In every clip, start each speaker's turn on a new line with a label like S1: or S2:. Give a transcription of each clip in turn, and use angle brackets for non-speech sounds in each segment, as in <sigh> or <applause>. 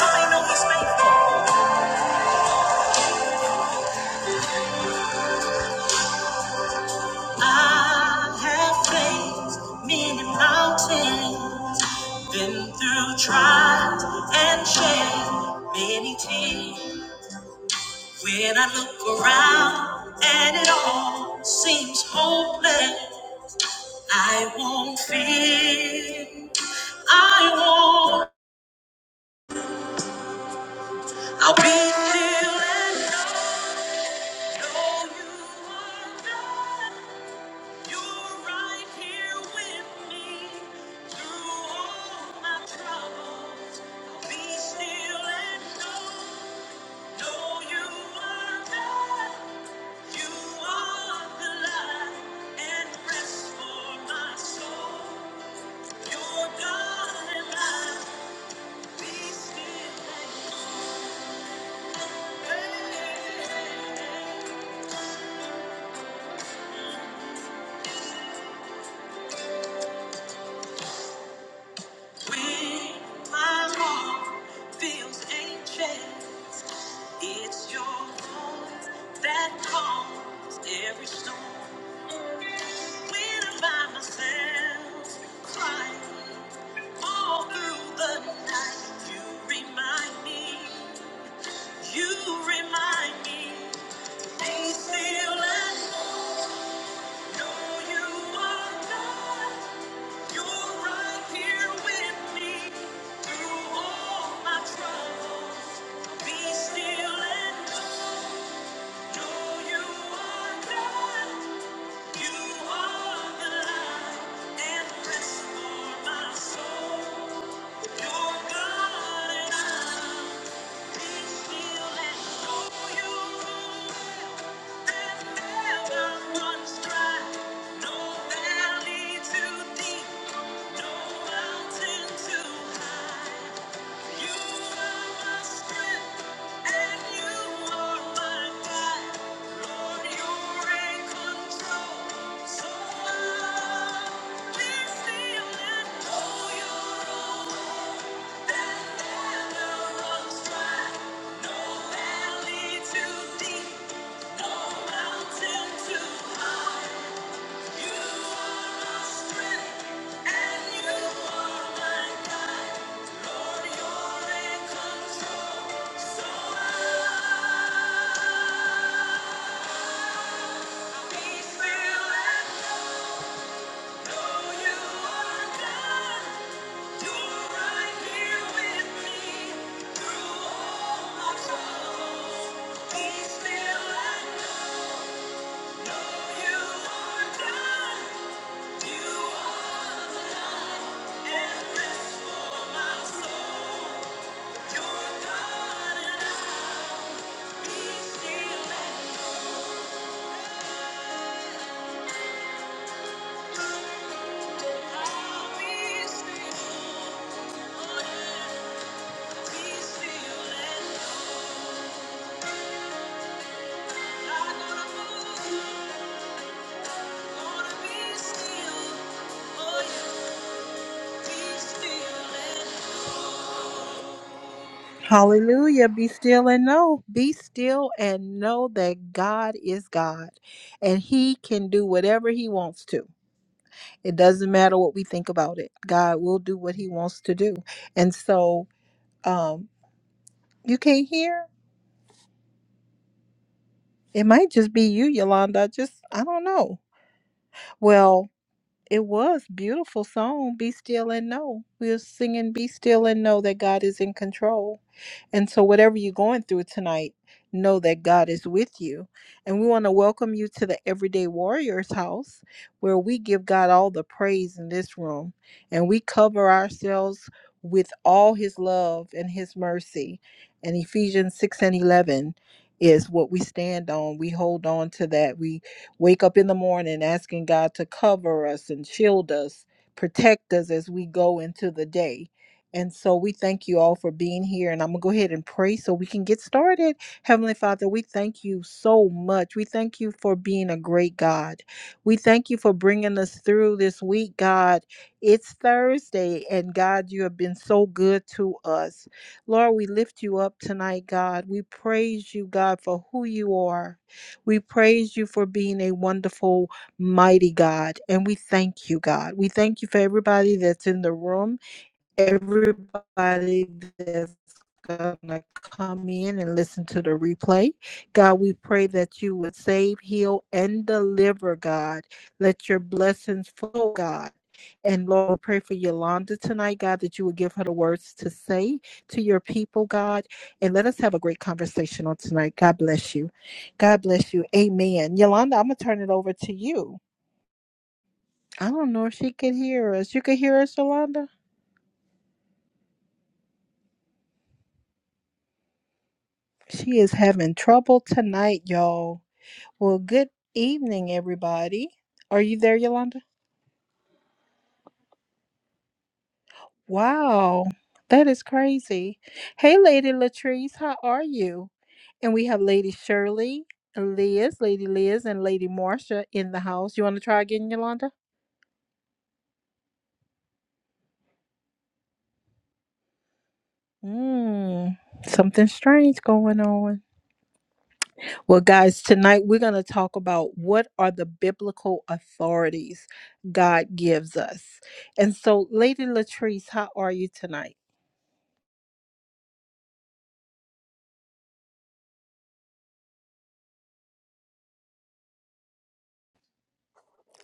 S1: I know he's faithful. I have faced many mountains, been through trials and shed many tears. When I look around and it all seems hopeless, I won't fear. I won't. I'll be still and know, know you are God. You're right here with me through all my troubles. Be still and know, know you are God. You are the light and rest for my soul. You're God and I. Be still and know. Hey, hey, hey. When my heart feels anxious. It's your voice that calms every storm. When I find myself crying all through the night, you remind me, you remind me. Be still and know you are God. You're right here with me through all my troubles. Be still and know No valley too deep, no mountain too high. Thank you Peace still and know you are God. You are. Hallelujah. Be still and know. Be still and know that God is God and He can do whatever He wants to. It doesn't matter what we think about it. God will do what he wants to do. And so um you can't hear? It might just be you, Yolanda. Just I don't know. Well, It was beautiful song, Be Still and Know. We were singing Be Still and Know that God is in control. And so whatever you're going through tonight, know that God is with you. And we want to welcome you to the Everyday Warriors house where we give God all the praise in this room and we cover ourselves with all his love and his mercy. And Ephesians 6 and 11 is what we stand on. We hold on to that wake up in the morning asking God to cover us and shield us, protect us as we go into the day. And so we thank you all for being here. And I'm going to go ahead and pray so we can get started. Heavenly Father, we thank you so much. We thank you for being a great God. We thank you for bringing us through this week, God. It's Thursday, and God, you have been so good to us. Lord, we lift you up tonight, God. We praise you, God, for who you are. We praise you for being a wonderful, mighty God. And we thank you, God. We thank you for everybody that's in the room everybody that's gonna come in and listen to the replay. God, we pray that you would save, heal, and deliver, God. Let your blessings flow, God. And Lord, we pray for Yolanda tonight, God, that you would give her the words to say to your people, God. And let us have a great conversation on tonight. God bless you. God bless you. Amen. Yolanda, I'm going to turn it over to you. I don't know if she could hear us. You could hear us, Yolanda? She is having trouble tonight, y'all. Well, good evening, everybody. Are you there, Yolanda? Wow, that is crazy. Hey, Lady Latrice, how are you? And we have Lady Shirley, Liz, Lady Liz, and Lady Marcia in the house. You want to try again, Yolanda? Mmm, something strange going on. Well, guys, tonight we're going to talk about what are the biblical authorities God gives us. And so, Lady Latrice, how are you tonight?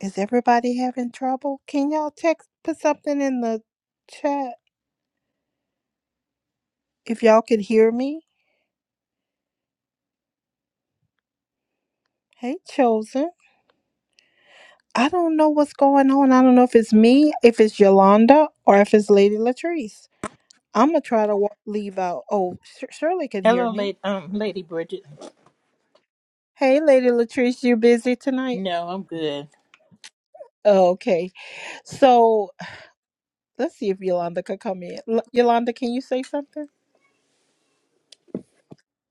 S1: Is everybody having trouble? Can y'all text, put something in the chat if y'all could hear me? Hey, Chosen. I don't know what's going on. I don't know if it's me, if it's Yolanda, or if it's Lady Latrice. I'm going to try to wa- leave out. Oh, Sh- Shirley can hear
S2: Hello,
S1: me.
S2: late, um, Lady Bridget.
S1: Hey, Lady Latrice, you busy tonight?
S2: No, I'm good.
S1: Oh, Okay. So let's see if Yolanda could come in. L- Yolanda, can you say something?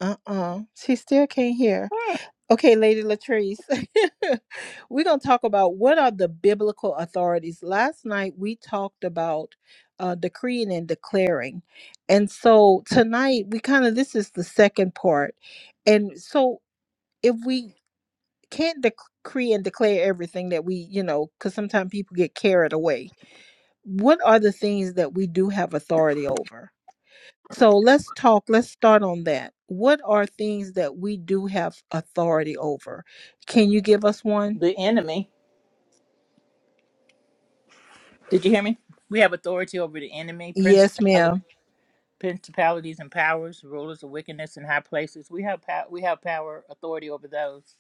S1: Uh uh She still can't hear.
S2: Hmm.
S1: Okay, Lady Latrice. <laughs> We're going to talk about what are the biblical authorities. Last night we talked about uh, decreeing and declaring. And so tonight we kind of, this is the second part. And so if we can't decree and declare everything that we, you know, because sometimes people get carried away, what are the things that we do have authority over? So let's talk, let's start on that. What are things that we do have authority over? Can you give us one?
S2: The enemy. Did you hear me? We have authority over the enemy,
S1: Yes,
S2: principalities,
S1: ma'am.
S2: principalities and powers, rulers of wickedness in high places. We have power. We have power, authority over those.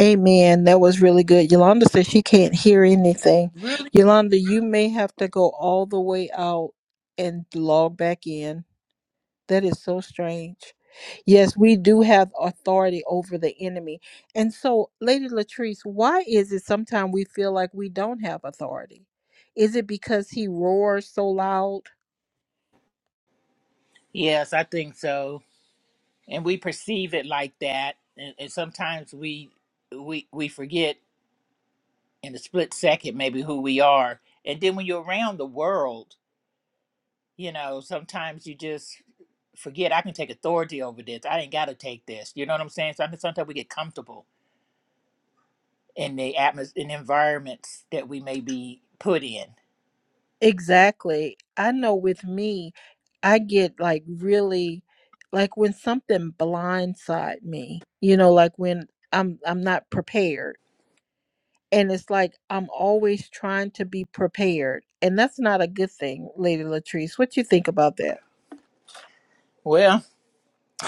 S1: Amen. That was really good. Yolanda says she can't hear anything.
S2: Really?
S1: Yolanda, you may have to go all the way out and log back in. That is so strange. Yes, we do have authority over the enemy. And so, Lady Latrice, why is it sometimes we feel like we don't have authority? Is it because he roars so loud?
S2: Yes, I think so. And we perceive it like that, and, and sometimes we we we forget in a split second maybe who we are. And then when you're around the world You know, sometimes you just forget I can take authority over this. I ain't got to take this. You know what I'm saying? So I think sometimes we get comfortable in the atmos in environments that we may be put in.
S1: Exactly. I know with me, I get like really like when something blindside me, you know, like when I'm I'm not prepared. And it's like I'm always trying to be prepared. And that's not a good thing, Lady Latrice. What you think about that?
S2: Well,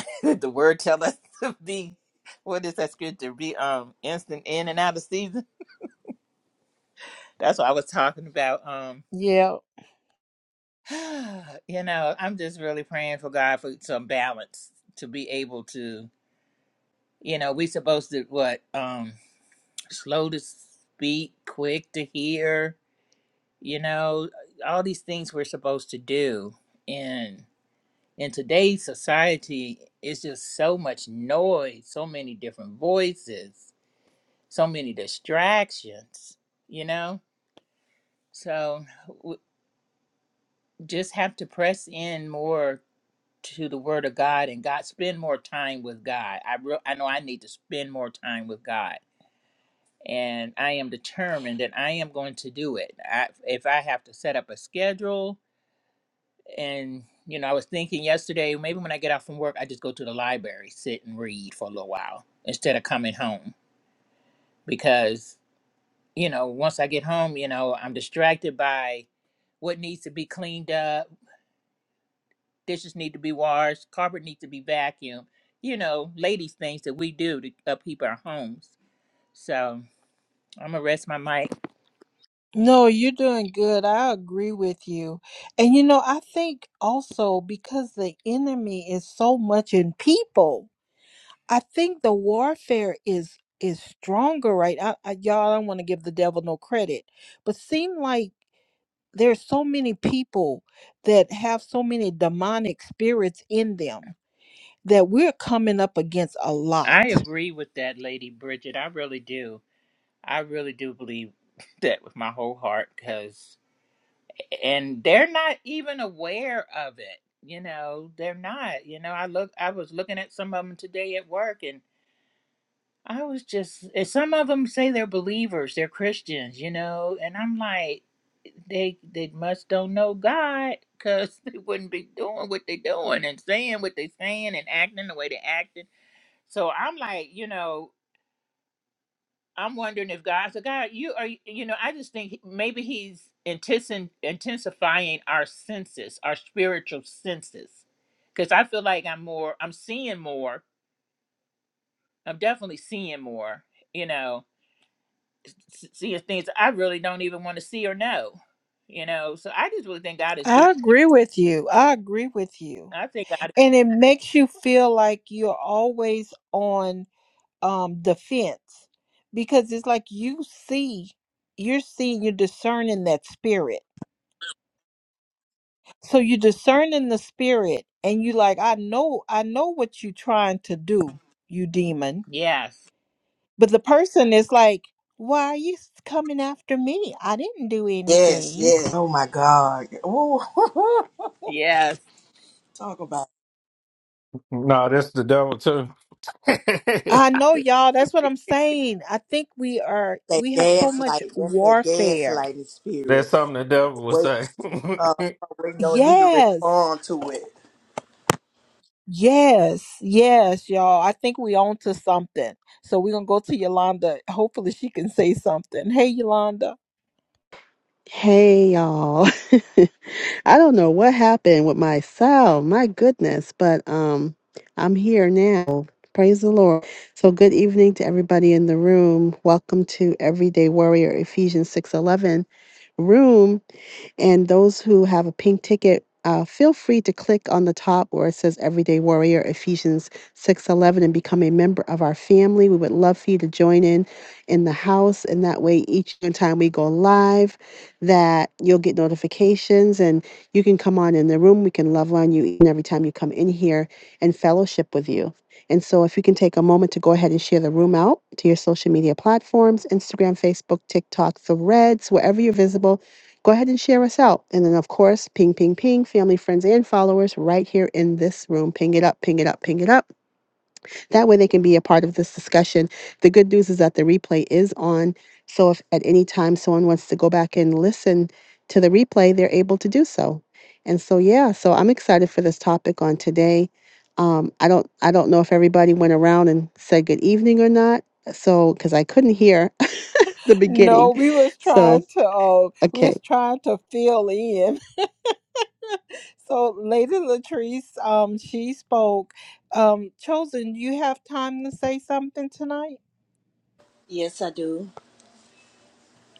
S2: <laughs> the word tell us to be what is that scripture? Be um instant in and out of season. That's what I was talking about. Um,
S1: Yeah.
S2: <sighs> you know, I'm just really praying for God for some balance to be able to. You know, we supposed to what um slow to speak, quick to hear you know all these things we're supposed to do and in today's society it's just so much noise so many different voices so many distractions you know so w- just have to press in more to the word of god and god spend more time with god i re- i know i need to spend more time with god and i am determined that i am going to do it I, if i have to set up a schedule And you know, I was thinking yesterday, maybe when I get out from work, I just go to the library, sit and read for a little while instead of coming home because you know, once I get home, you know, I'm distracted by what needs to be cleaned up, dishes need to be washed, carpet needs to be vacuumed, you know, ladies things that we do to upkeep our homes. So I'm gonna rest my mic.
S1: No, you're doing good. I agree with you. And you know, I think also because the enemy is so much in people I think the warfare is is stronger right I, I y'all I don't want to give the devil no credit but seem like there's so many people that have so many demonic spirits in them that we're coming up against a lot
S2: I agree with that, Lady Bridget. I really do. I really do believe <laughs> that with my whole heart, because. and they're not even aware of it you know they're not you know i look i was looking at some of them today at work and i was just and some of them say they're believers they're christians you know and i'm like they they must don't know god because <laughs> they wouldn't be doing what they're doing and saying what they're saying and acting the way they're acting so i'm like you know I'm wondering if God, so God, you are, you know, I just think he- maybe He's intensin- intensifying our senses, our spiritual senses, because I feel like I'm more, I'm seeing more, I'm definitely seeing more, you know, s- seeing things I really don't even want to see or know, you know. So I just really think God is doing.
S1: I agree with you I agree with you
S2: I think God,
S1: and it makes you feel like you're always on um the fence because it's like you see you're seeing you're discerning that spirit so you're discerning the spirit and you like i know i know what you're trying to do you demon
S2: yes,
S1: but the person is like why are you coming after me i didn't do
S3: Yes,
S1: anything
S3: yes. Oh my God. Oh,
S2: yes,
S3: <laughs> talk about
S4: No, that's the devil too. <laughs>
S1: i know y'all that's what i'm saying i think we are
S3: that
S1: we have so much
S3: gaslight. That's that
S1: warfare
S3: gaslighting
S4: that's
S3: spirit.
S4: something the devil would
S3: Wait,
S4: say.
S3: uh,
S4: <laughs>
S3: waiting on you to
S1: yes
S3: respond to it.
S1: Yes, yes, y'all. I think we on to something. So we're gonna go to Yolanda. Hopefully she can say something. Hey Yolanda.
S5: Hey y'all. <laughs> I don't know what happened with my sound. My goodness, but um I'm here now. Praise the Lord. So good evening to everybody in the room. Welcome to Everyday Warrior Ephesians 6:11 room. And those who have a pink ticket, uh, feel free to click on the top where it says Everyday Warrior Ephesians 6:11 and become a member of our family. We would love for you to join in in the house, and that way, each time we go live, that you'll get notifications and you can come on in the room. We can love on you each and every time you come in here and fellowship with you. And so, if you can take a moment to go ahead and share the room out to your social media platforms Instagram, Facebook, TikTok, threads, wherever you're visible Go ahead and share us out. And then, of course, ping, ping, ping, family, friends, and followers right here in this room. Ping it up, ping it up, ping it up. That way they can be a part of this discussion. The good news is that the replay is on. So if at any time someone wants to go back and listen to the replay, they're able to do so. And so, yeah, so I'm excited for this topic on today. Um, I don't, I don't know if everybody went around and said good evening or not. So, because I couldn't hear <laughs> the
S1: No,
S5: beginning.
S1: we was trying
S5: So,
S1: to uh we
S5: okay.
S1: was trying to fill in. <laughs> So Lady Latrice, um, she spoke. Um, Chosen, you have time to say something tonight?
S3: Yes, I do.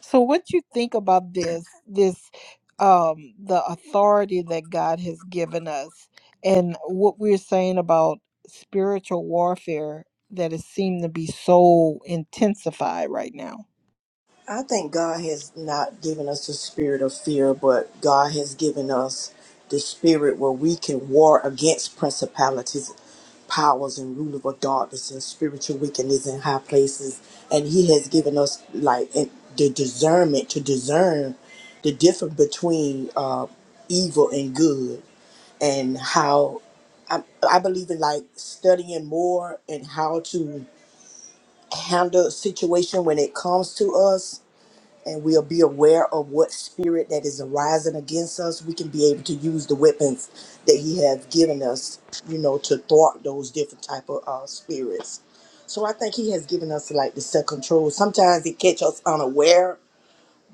S1: So what you think about this this um the authority that God has given us and what we're saying about spiritual warfare that is seemed to be so intensified right now.
S3: I think God has not given us the spirit of fear, but God has given us the spirit where we can war against principalities, powers, and rule of darkness and spiritual wickedness in high places. And He has given us like in- the discernment to discern the difference between uh, evil and good, and how I, I believe in like studying more and how to handle a situation when it comes to us and we'll be aware of what spirit that is arising against us, we can be able to use the weapons that He has given us, you know, to thwart those different type of uh, spirits. So I think He has given us like the self control. Sometimes it catch us unaware,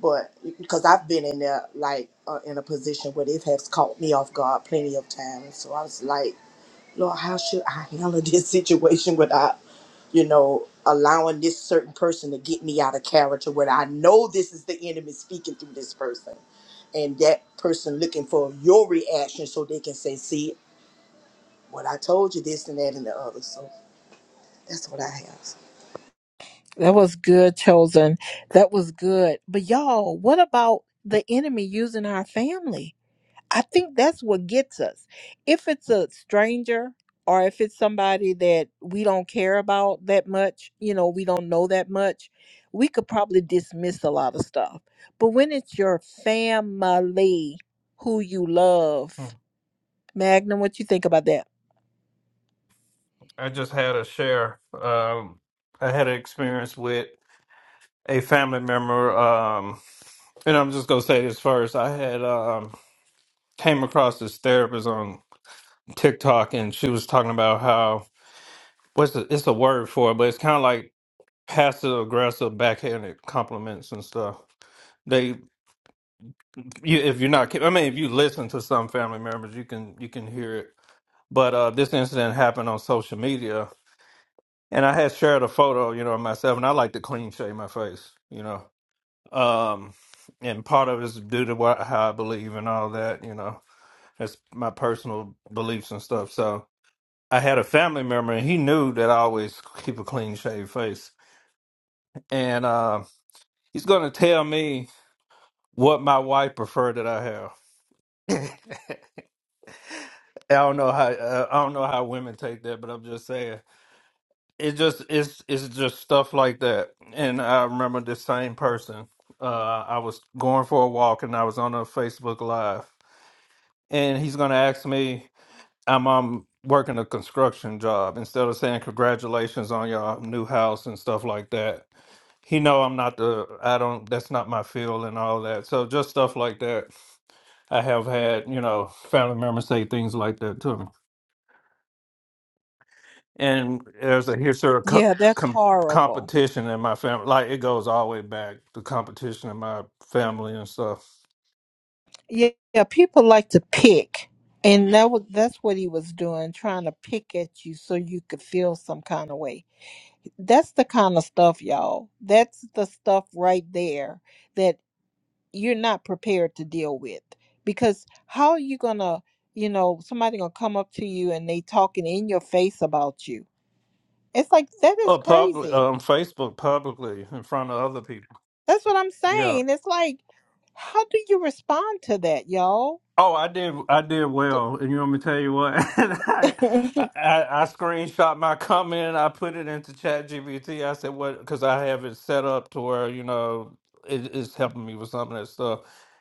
S3: but because I've been in there like uh, in a position where it has caught me off guard plenty of times. So I was like. Lord, how should I handle <laughs> this situation without, you know, allowing this certain person to get me out of character when I know this is the enemy speaking through this person and that person looking for your reaction so they can say, see, what I told you, this and that and the other. So that's what I have.
S1: That was good chosen. That was good. But y'all, what about the enemy using our family? I think that's what gets us. If it's a stranger or if it's somebody that we don't care about that much, you know, we don't know that much, we could probably dismiss a lot of stuff. But when it's your family who you love, Magnum, what you think about that?
S4: I just had a share. Um, I had an experience with a family member. Um, and I'm just gonna say this first. I had um came across this therapist on TikTok, and she was talking about how what's the, it's a word for it, but it's kind of like passive aggressive backhanded compliments and stuff. They, you, if you're not, I mean, if you listen to some family members, you can you can hear it But uh, this incident happened on social media, and I had shared a photo, you know, of myself, and I like to clean shave my face, you know. Um, and part of it is due to what, how I believe and all that, you know. That's my personal beliefs and stuff. So I had a family member, and he knew that I always keep a clean shaved face, and uh, he's going to tell me what my wife preferred that I have. <coughs> <laughs> I don't know how uh, I don't know how women take that, but I'm just saying it just it's it's just stuff like that and i remember this same person uh i was going for a walk and i was on a facebook live and he's gonna ask me i'm um working a construction job instead of saying congratulations on your new house and stuff like that he know i'm not the i don't that's not my field and all that so just stuff like that i have had you know family members say things like that to me and there's a here's sort of co-
S1: Yeah, that's
S4: com-
S1: horrible.
S4: competition in my family. Like it goes all the way back to competition in my family and stuff.
S1: Yeah, yeah, people like to pick. And that was that's what he was doing, trying to pick at you so you could feel some kind of way. That's the kind of stuff, y'all. That's the stuff right there you're not prepared to deal with because how are you gonna you know somebody gonna come up to you and they talking in your face about you it's like that
S4: Uh,
S1: is
S4: public
S1: crazy
S4: on Facebook publicly in front of other people.
S1: that's what i'm
S4: Yeah.
S1: saying it's like how do you respond to that y'all
S4: Oh, I did. I did
S1: so,
S4: well, and you want me to tell you what? <laughs> I,
S1: <laughs>
S4: I I screenshot my comment and I put it into ChatGPT. I said what because I have it set up to where you know it, it's helping me with some of that stuff.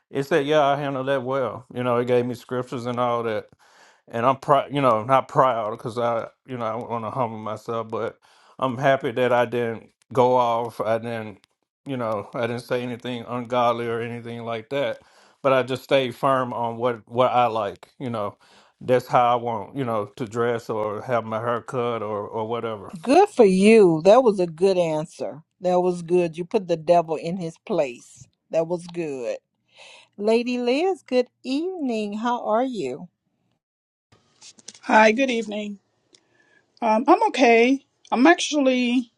S4: It said, "Yeah, I handled that well." You know, it gave me scriptures and all that. and I'm proud, you know, not proud because I, you know, I want to humble myself, but I'm happy that I didn't go off. I didn't, you know, I didn't say anything ungodly or anything like that. But I just stayed firm on what what I like. You know, that's how I want, you know, to dress or have my hair cut or or whatever.
S1: good for you that was a good answer that was good you put the devil in his place that was good lady liz good evening how are you
S6: Hi, good evening. Um, I'm okay. I'm actually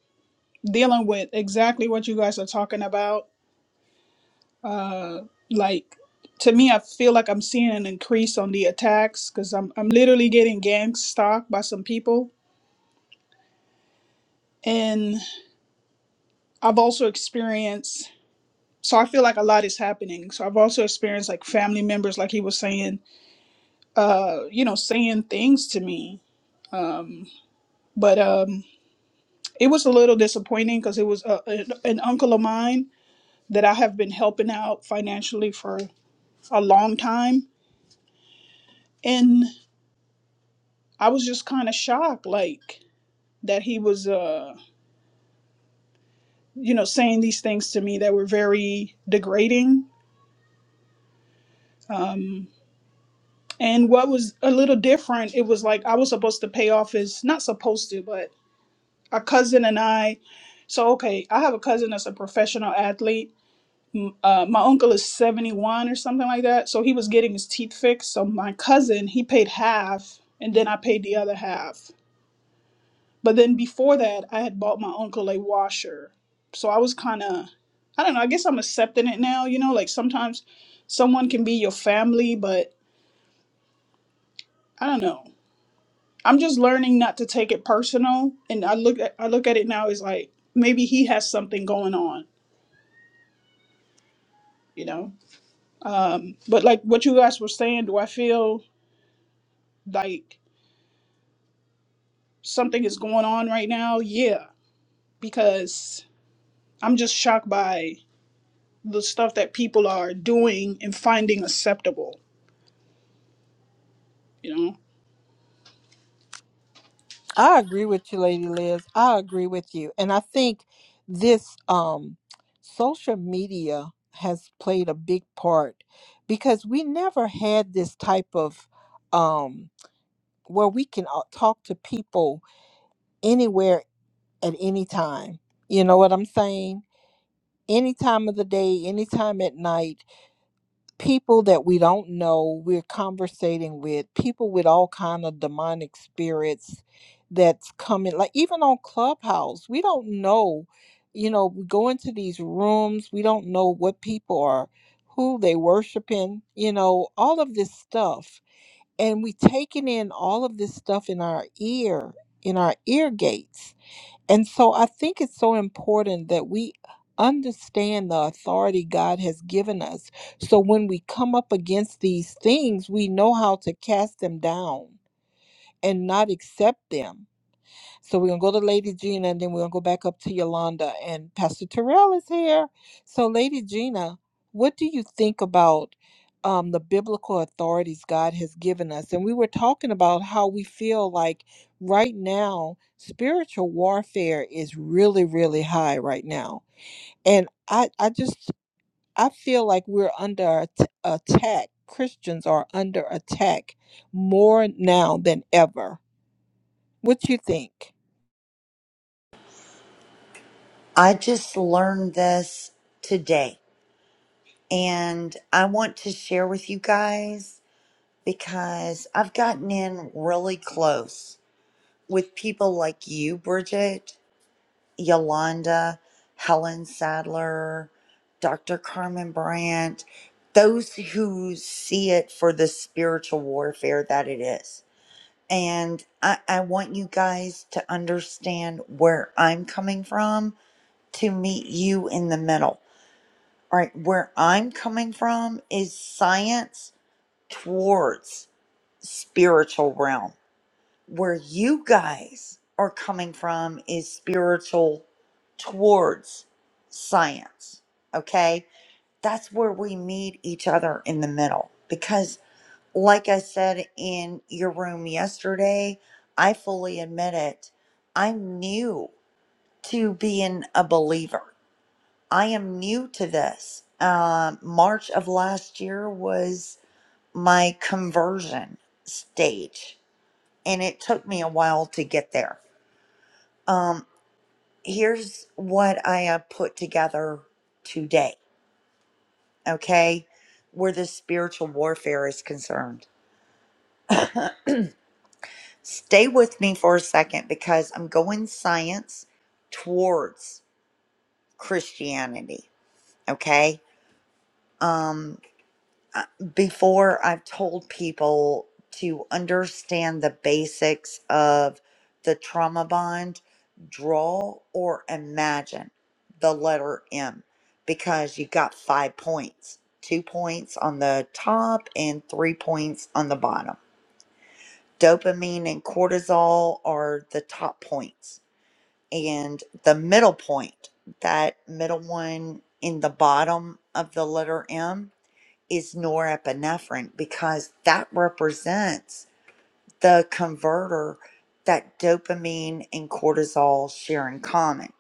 S6: dealing with exactly what you guys are talking about. Uh, like, to me, I feel like I'm seeing an increase on the attacks because I'm, I'm literally getting gang stalked by some people. And I've also experienced, so I feel like a lot is happening. So I've also experienced like family members, like he was saying, uh, you know, saying things to me. Um, but um, it was a little disappointing because it was a, an an uncle of mine that I have been helping out financially for a long time. And I was just kind of shocked, like that he was, uh, you know, saying these things to me that were very degrading. Um, and what was a little different, it was like I was supposed to pay off his, not supposed to, but a cousin and I. So, okay, I have a cousin that's a professional athlete uh, my uncle is 71 or something like that. So he was getting his teeth fixed. So my cousin, he paid half and then I paid the other half. But then before that, I had bought my uncle a washer. So I was kind of, I don't know, I guess I'm accepting it now. You know, like sometimes someone can be your family, but I don't know. I'm just learning not to take it personal. And I look at, I look at it now as like maybe he has something going on, you know? Um, but like what you guys were saying, do I feel like something is going on right now, yeah, because I'm just shocked by the stuff that people are doing and finding acceptable, you know?
S1: I agree with you, Lady Liz. I agree with you. And I think this um social media has played a big part because we never had this type of um where we can uh, talk to people anywhere at any time. You know what I'm saying? Any time of the day, any time at night people that we don't know we're conversating with people with all kind of demonic spirits that's coming like even on clubhouse we don't know you know we go into these rooms we don't know what people are who they worshiping you know all of this stuff and we taking in all of this stuff in our ear in our ear gates and so I think it's so important that we understand the authority God has given us. So when we come up against these things, we know how to cast them down and not accept them so we're gonna go to Lady Gina and then we're gonna go back up to Yolanda and Pastor Terrell is here. So Lady Gina, what do you think about um, the biblical authorities God has given us? And we were talking about how we feel like right now spiritual warfare is really, really high right now. And I, I just I feel like we're under at- attack. Christians are under attack more now than ever what you think?
S7: I just learned this today and I want to share with you guys because I've gotten in really close with people like you, Bridget, Yolanda, Helen Sadler, Dr. Carmen Brandt, those who see it for the spiritual warfare that it is. And I, I want you guys to understand where I'm coming from to meet you in the middle All right, where I'm coming from is science towards spiritual realm. Where you guys are coming from is spiritual towards science. Okay? That's where we meet each other in the middle. Because, like I said in your room yesterday, I fully admit it. I'm new to being a believer. I am new to this. Uh, March of last year was my conversion stage, and it took me a while to get there. Um, here's what I have put together today, okay, where the spiritual warfare is concerned. Stay with me for a second because I'm going science towards Christianity, okay? Um, uh, before I've told people to understand the basics of the trauma bond, draw or imagine the letter M because you got five points two points on the top and three points on the bottom. Dopamine and cortisol are the top points, and the middle point, that middle one in the bottom of the letter M is norepinephrine because that represents the converter that dopamine and cortisol share in common.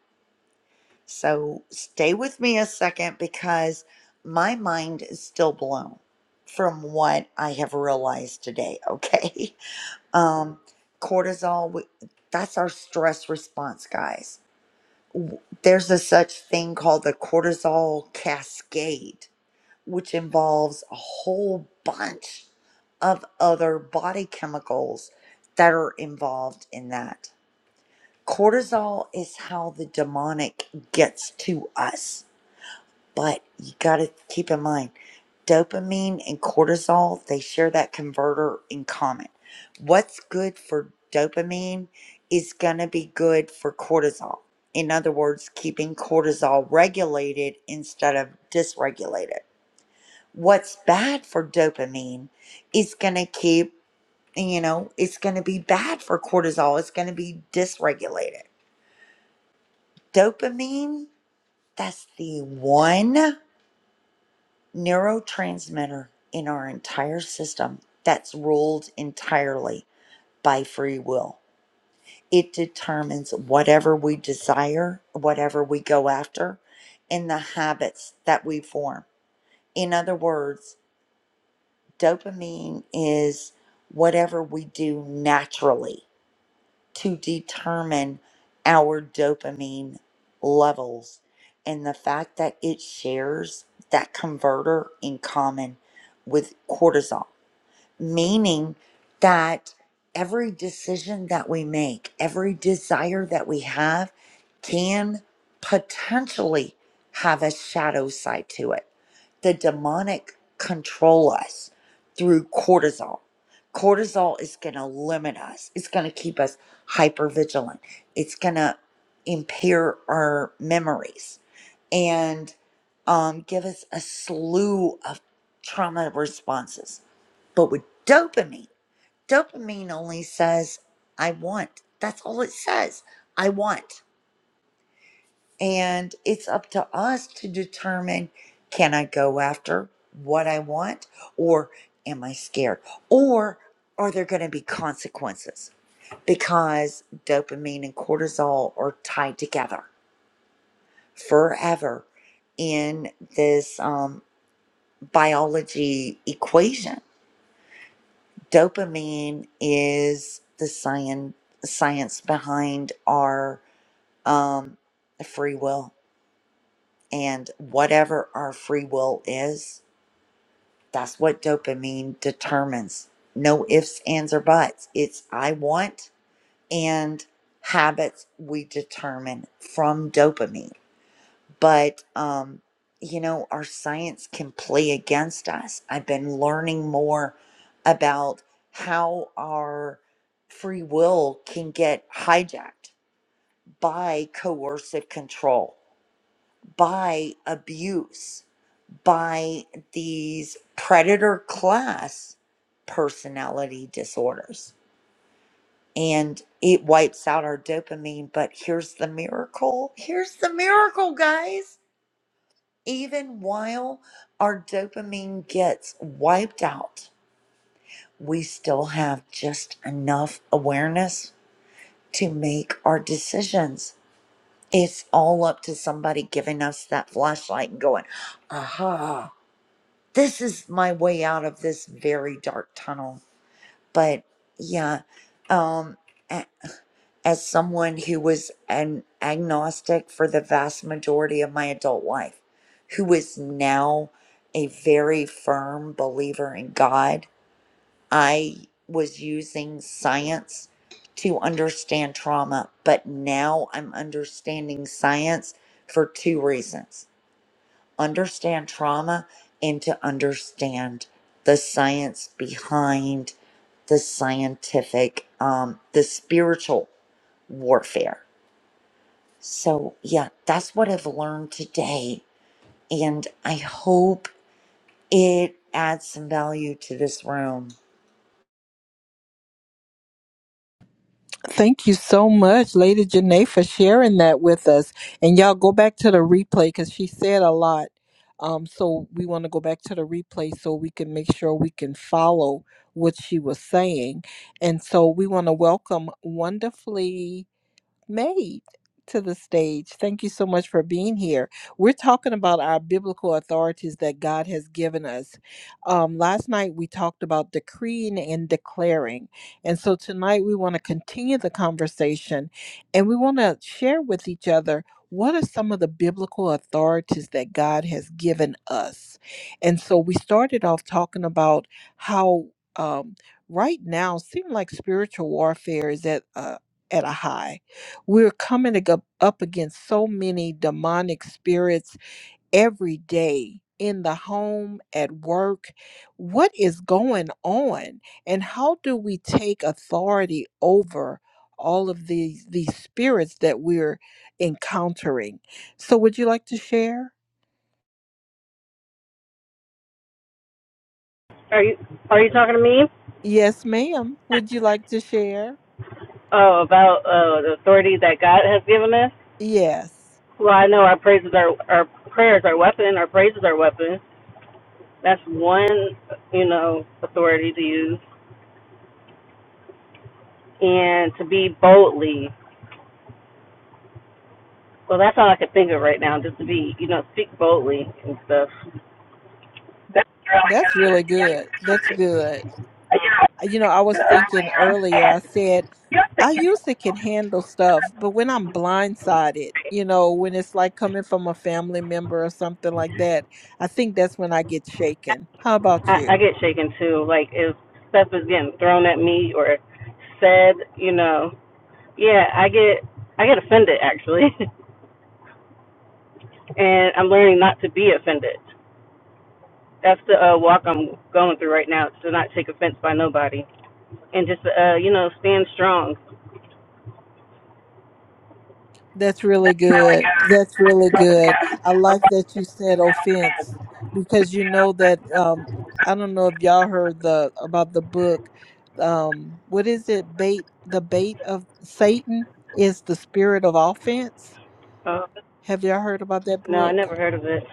S7: So stay with me a second because my mind is still blown from what I have realized today, okay? <laughs> Um cortisol w- that's our stress response, guys. W- There's a such thing called the cortisol cascade which involves a whole bunch of other body chemicals that are involved in that. Cortisol is how the demonic gets to us, but you got to keep in mind dopamine and cortisol, they share that converter in common. What's good for dopamine is going to be good for cortisol. In other words, keeping cortisol regulated instead of dysregulated what's bad for dopamine is going to keep, you know, it's going to be bad for cortisol. It's going to be dysregulated. Dopamine, that's the one neurotransmitter in our entire system that's ruled entirely by free will. It determines whatever we desire, whatever we go after, and the habits that we form. In other words, Dopamine is whatever we do naturally to determine our dopamine levels. And the fact that it shares that converter in common with cortisol meaning that every decision that we make, every desire that we have can potentially have a shadow side to it. The demonic control us through cortisol. Cortisol is going to limit us. It's going to keep us hyper vigilant. It's going to impair our memories and um, give us a slew of trauma responses but with dopamine, dopamine only says, I want. That's all it says. I want. And it's up to us to determine can I go after what I want or am I scared? Or are there going to be consequences? Because dopamine and cortisol are tied together forever in this um, biology equation dopamine is the science science behind our um, free will and whatever our free will is that's what dopamine determines no ifs ands or buts it's i want and habits we determine from dopamine but um, you know our science can play against us i've been learning more about how our free will can get hijacked by coercive control by abuse by these predator class personality disorders and it wipes out our dopamine but here's the miracle here's the miracle guys Even while our dopamine gets wiped out, we still have just enough awareness to make our decisions. It's all up to somebody giving us that flashlight and going, aha, this is my way out of this very dark tunnel. But yeah, um, as someone who was an agnostic for the vast majority of my adult life, who is now a very firm believer in God, I was using science to understand trauma, but now I'm understanding science for two reasons understand trauma and to understand the science behind the scientific, um, the spiritual warfare so, yeah, that's what I've learned today. And I hope it adds some value to this room.
S1: Thank you so much, Lady Janae, for sharing that with us. And y'all go back to the replay because she said a lot. Um, so we want to go back to the replay so we can make sure we can follow what she was saying. And so we want to welcome wonderfully. made to the stage. Thank you so much for being here. We're talking about our biblical authorities that God has given us. Um, last night we talked about decreeing and declaring. And so tonight we want to continue the conversation and we want to share with each other what are some of the biblical authorities that God has given us. And so we started off talking about how. Um, right now seem like spiritual warfare is at a, at a high we're coming ag- up against so many demonic spirits every day in the home, at work. What is going on? And how do we take authority over all of these, these spirits that we're encountering? So, would you like to share?
S8: Are you are you talking to me?
S1: Yes, ma'am. Would you like to share?
S8: Oh, about uh, the authority that God has given us.
S1: Yes.
S8: Well, I know our praises are our prayers are weapon. Our praises are weapons. That's one, you know, authority to use and to be boldly. Well, that's all I could think of right now. Just to be, you know, speak boldly and stuff.
S1: That's really good. That's good. You know, I was thinking earlier, I said, I usually can handle stuff, but when I'm blindsided, you know, when it's like coming from a family member or something like that, I think that's when I get shaken. How about
S8: I, I
S1: you?
S8: get shaken too. Like if stuff is getting thrown at me or said, you know, yeah, I get I get offended actually, <laughs> and I'm learning not to be offended. That's the uh, walk I'm going through right now. To not take offense by nobody, and just uh, you know, stand strong.
S1: That's really good. That's really good. I like that you said offense because you know that um I don't know if y'all heard the about the book um what is it bait the bait of Satan is the spirit of offense.
S8: Oh
S1: Have y'all heard about that
S8: no, I
S1: book?
S8: never heard of it.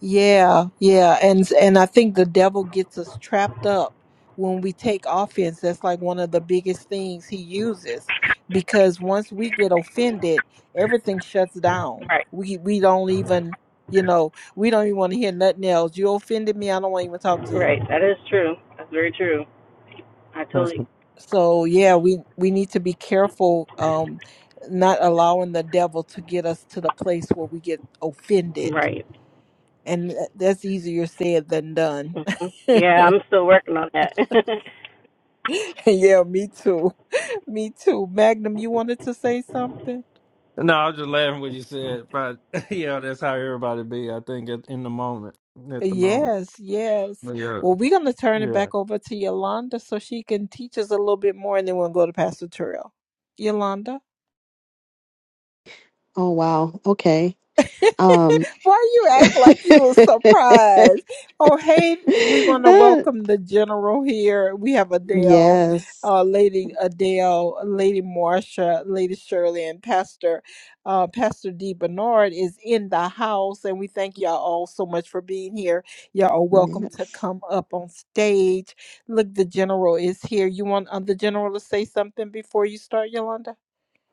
S1: Yeah, yeah, and and I think the devil gets us trapped up when we take offense. That's like one of the biggest things he uses because once we get offended, everything shuts down.
S8: Right,
S1: We we don't even, you know, we don't even want to hear nothing else. You offended me, I don't want to even talk to you.
S8: right. That is true. That's very true. I
S4: That's-
S8: totally
S1: So yeah, we we need to be careful um not allowing the devil to get us to the place where we get offended.
S8: right.
S1: And uh, that's easier said than done.
S8: hmm Yeah, I'm still working on that.
S1: <laughs> yeah, me too. <laughs> Me too. Magnum, you wanted to say something?
S4: no, I was just laughing what you said, but <laughs> yeah, that's how everybody be. I think at, in the moment, at the moment.
S1: Yes, yes.
S4: Yeah,
S1: Well, we're going to turn it
S4: yeah.
S1: back over to Yolanda so she can teach us a little bit more, and then we'll go to Pastor Terrell. Yolanda?
S5: Oh, wow. Okay.
S1: <laughs>
S5: Um,
S1: Why you act like you were surprised? Oh, hey, we want
S5: <laughs>
S1: to
S5: uh,
S1: welcome the general here. We have Adele,
S5: yes,
S1: uh, Lady Adele, Lady Marsha, Lady Shirley, and Pastor uh, Pastor D. Bernard is in the house, and we thank y'all all so much for being here. Y'all are welcome to
S5: yes.
S1: come up on stage. Look, the general is here. You want uh, the general to say something before you start, Yolanda?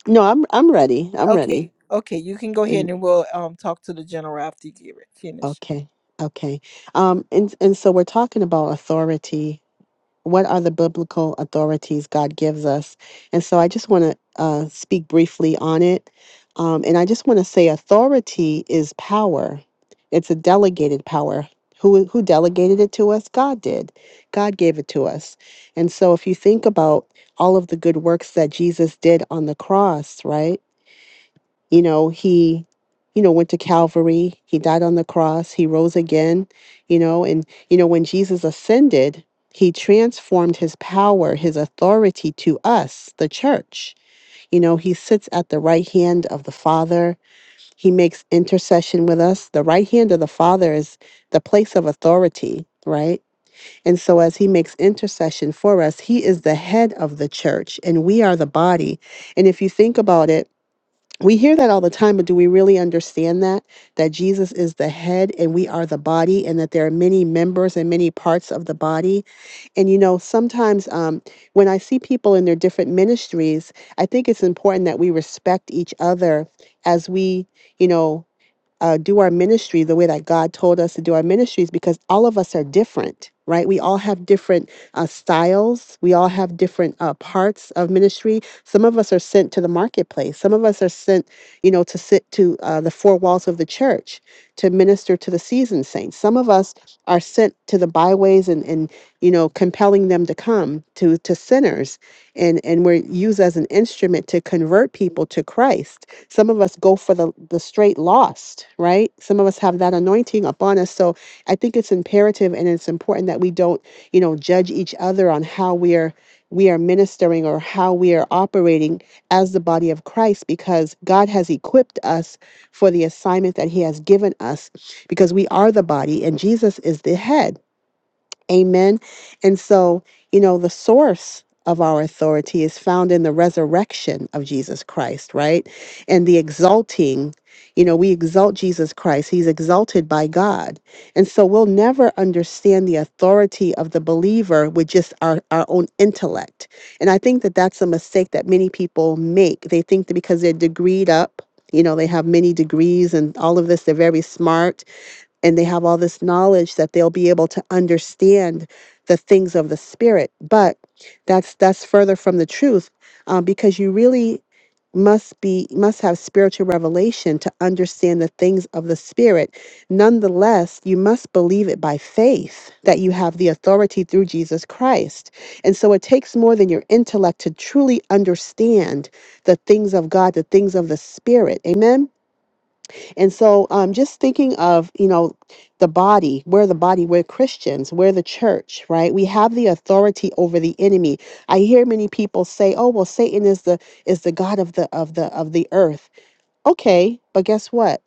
S5: No, I'm I'm ready. I'm ready.
S1: Okay, okay, you can go
S5: Am-
S1: ahead and we'll um talk to the general after you get it finished.
S5: Okay, okay. Um, and and so we're talking about authority what are the biblical authorities God gives us? And so I just want to uh, speak briefly on it. Um, and I just want to say authority is power, it's a delegated power. Who, who delegated it to us? God did. God gave it to us. And so if you think about all of the good works that Jesus did on the cross, right? you know he you know went to calvary he died on the cross he rose again you know and you know when jesus ascended he transformed his power his authority to us the church you know he sits at the right hand of the father he makes intercession with us the right hand of the father is the place of authority right and so as he makes intercession for us he is the head of the church and we are the body and if you think about it we hear that all the time, but do we really understand that? That Jesus is the head and we are the body, and that there are many members and many parts of the body. And you know, sometimes um, when I see people in their different ministries, I think it's important that we respect each other as we, you know, uh, do our ministry the way that God told us to do our ministries because all of us are different, right? We all have different uh, styles. We all have different uh, parts of ministry. Some of us are sent to the marketplace. Some of us are sent, you know, to sit to uh, the four walls of the church to minister to the seasoned saints. Some of us are sent to the byways and, and you know, compelling them to come to to sinners, and and we're used as an instrument to convert people to Christ some of us go for the, the straight lost, right? Some of us have that anointing upon us. So I think it's imperative and it's important that we don't, you know, judge each other on how we are we are ministering or how we are operating as the body of Christ because God has equipped us for the assignment that he has given us because we are the body and Jesus is the head. Amen. And so, you know, the source of our authority is found in the resurrection of Jesus Christ, right? And the exalting, you know, we exalt Jesus Christ. He's exalted by God. And so we'll never understand the authority of the believer with just our, our own intellect. And I think that that's a mistake that many people make. They think that because they're degreed up, you know, they have many degrees and all of this, they're very smart and they have all this knowledge that they'll be able to understand the things of the spirit but that's that's further from the truth um, because you really must be must have spiritual revelation to understand the things of the spirit nonetheless you must believe it by faith that you have the authority through jesus christ and so it takes more than your intellect to truly understand the things of god the things of the spirit amen and so, um, just thinking of, you know, the body, we're the body, we're Christians, we're the church, right? We have the authority over the enemy. I hear many people say, "Oh, well, Satan is the is the god of the of the of the earth." Okay, but guess what?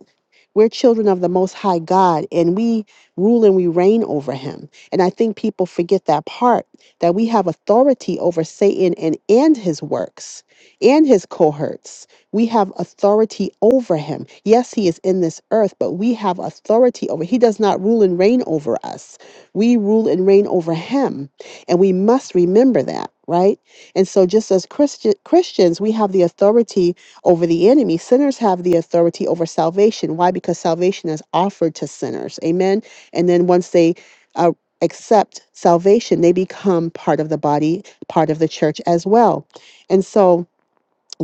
S5: We're children of the Most High God, and we rule and we reign over Him. And I think people forget that part that we have authority over Satan and, and his works and his cohorts. We have authority over him. Yes, he is in this earth, but we have authority over. He does not rule and reign over us. We rule and reign over him. And we must remember that, right? And so just as Christi- Christians, we have the authority over the enemy. Sinners have the authority over salvation. Why? Because salvation is offered to sinners. Amen. And then once they uh, accept salvation, they become part of the body, part of the church as well. And so,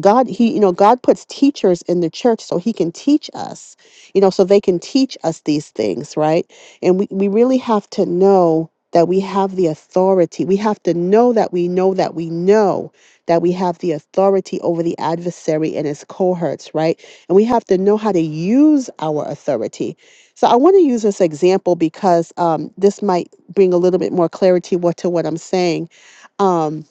S5: God, he, you know, God puts teachers in the church so he can teach us, you know, so they can teach us these things, right? And we, we really have to know that we have the authority. We have to know that we know that we know that we have the authority over the adversary and his cohorts, right? And we have to know how to use our authority. So I want to use this example because um, this might bring a little bit more clarity what, to what I'm saying. Um,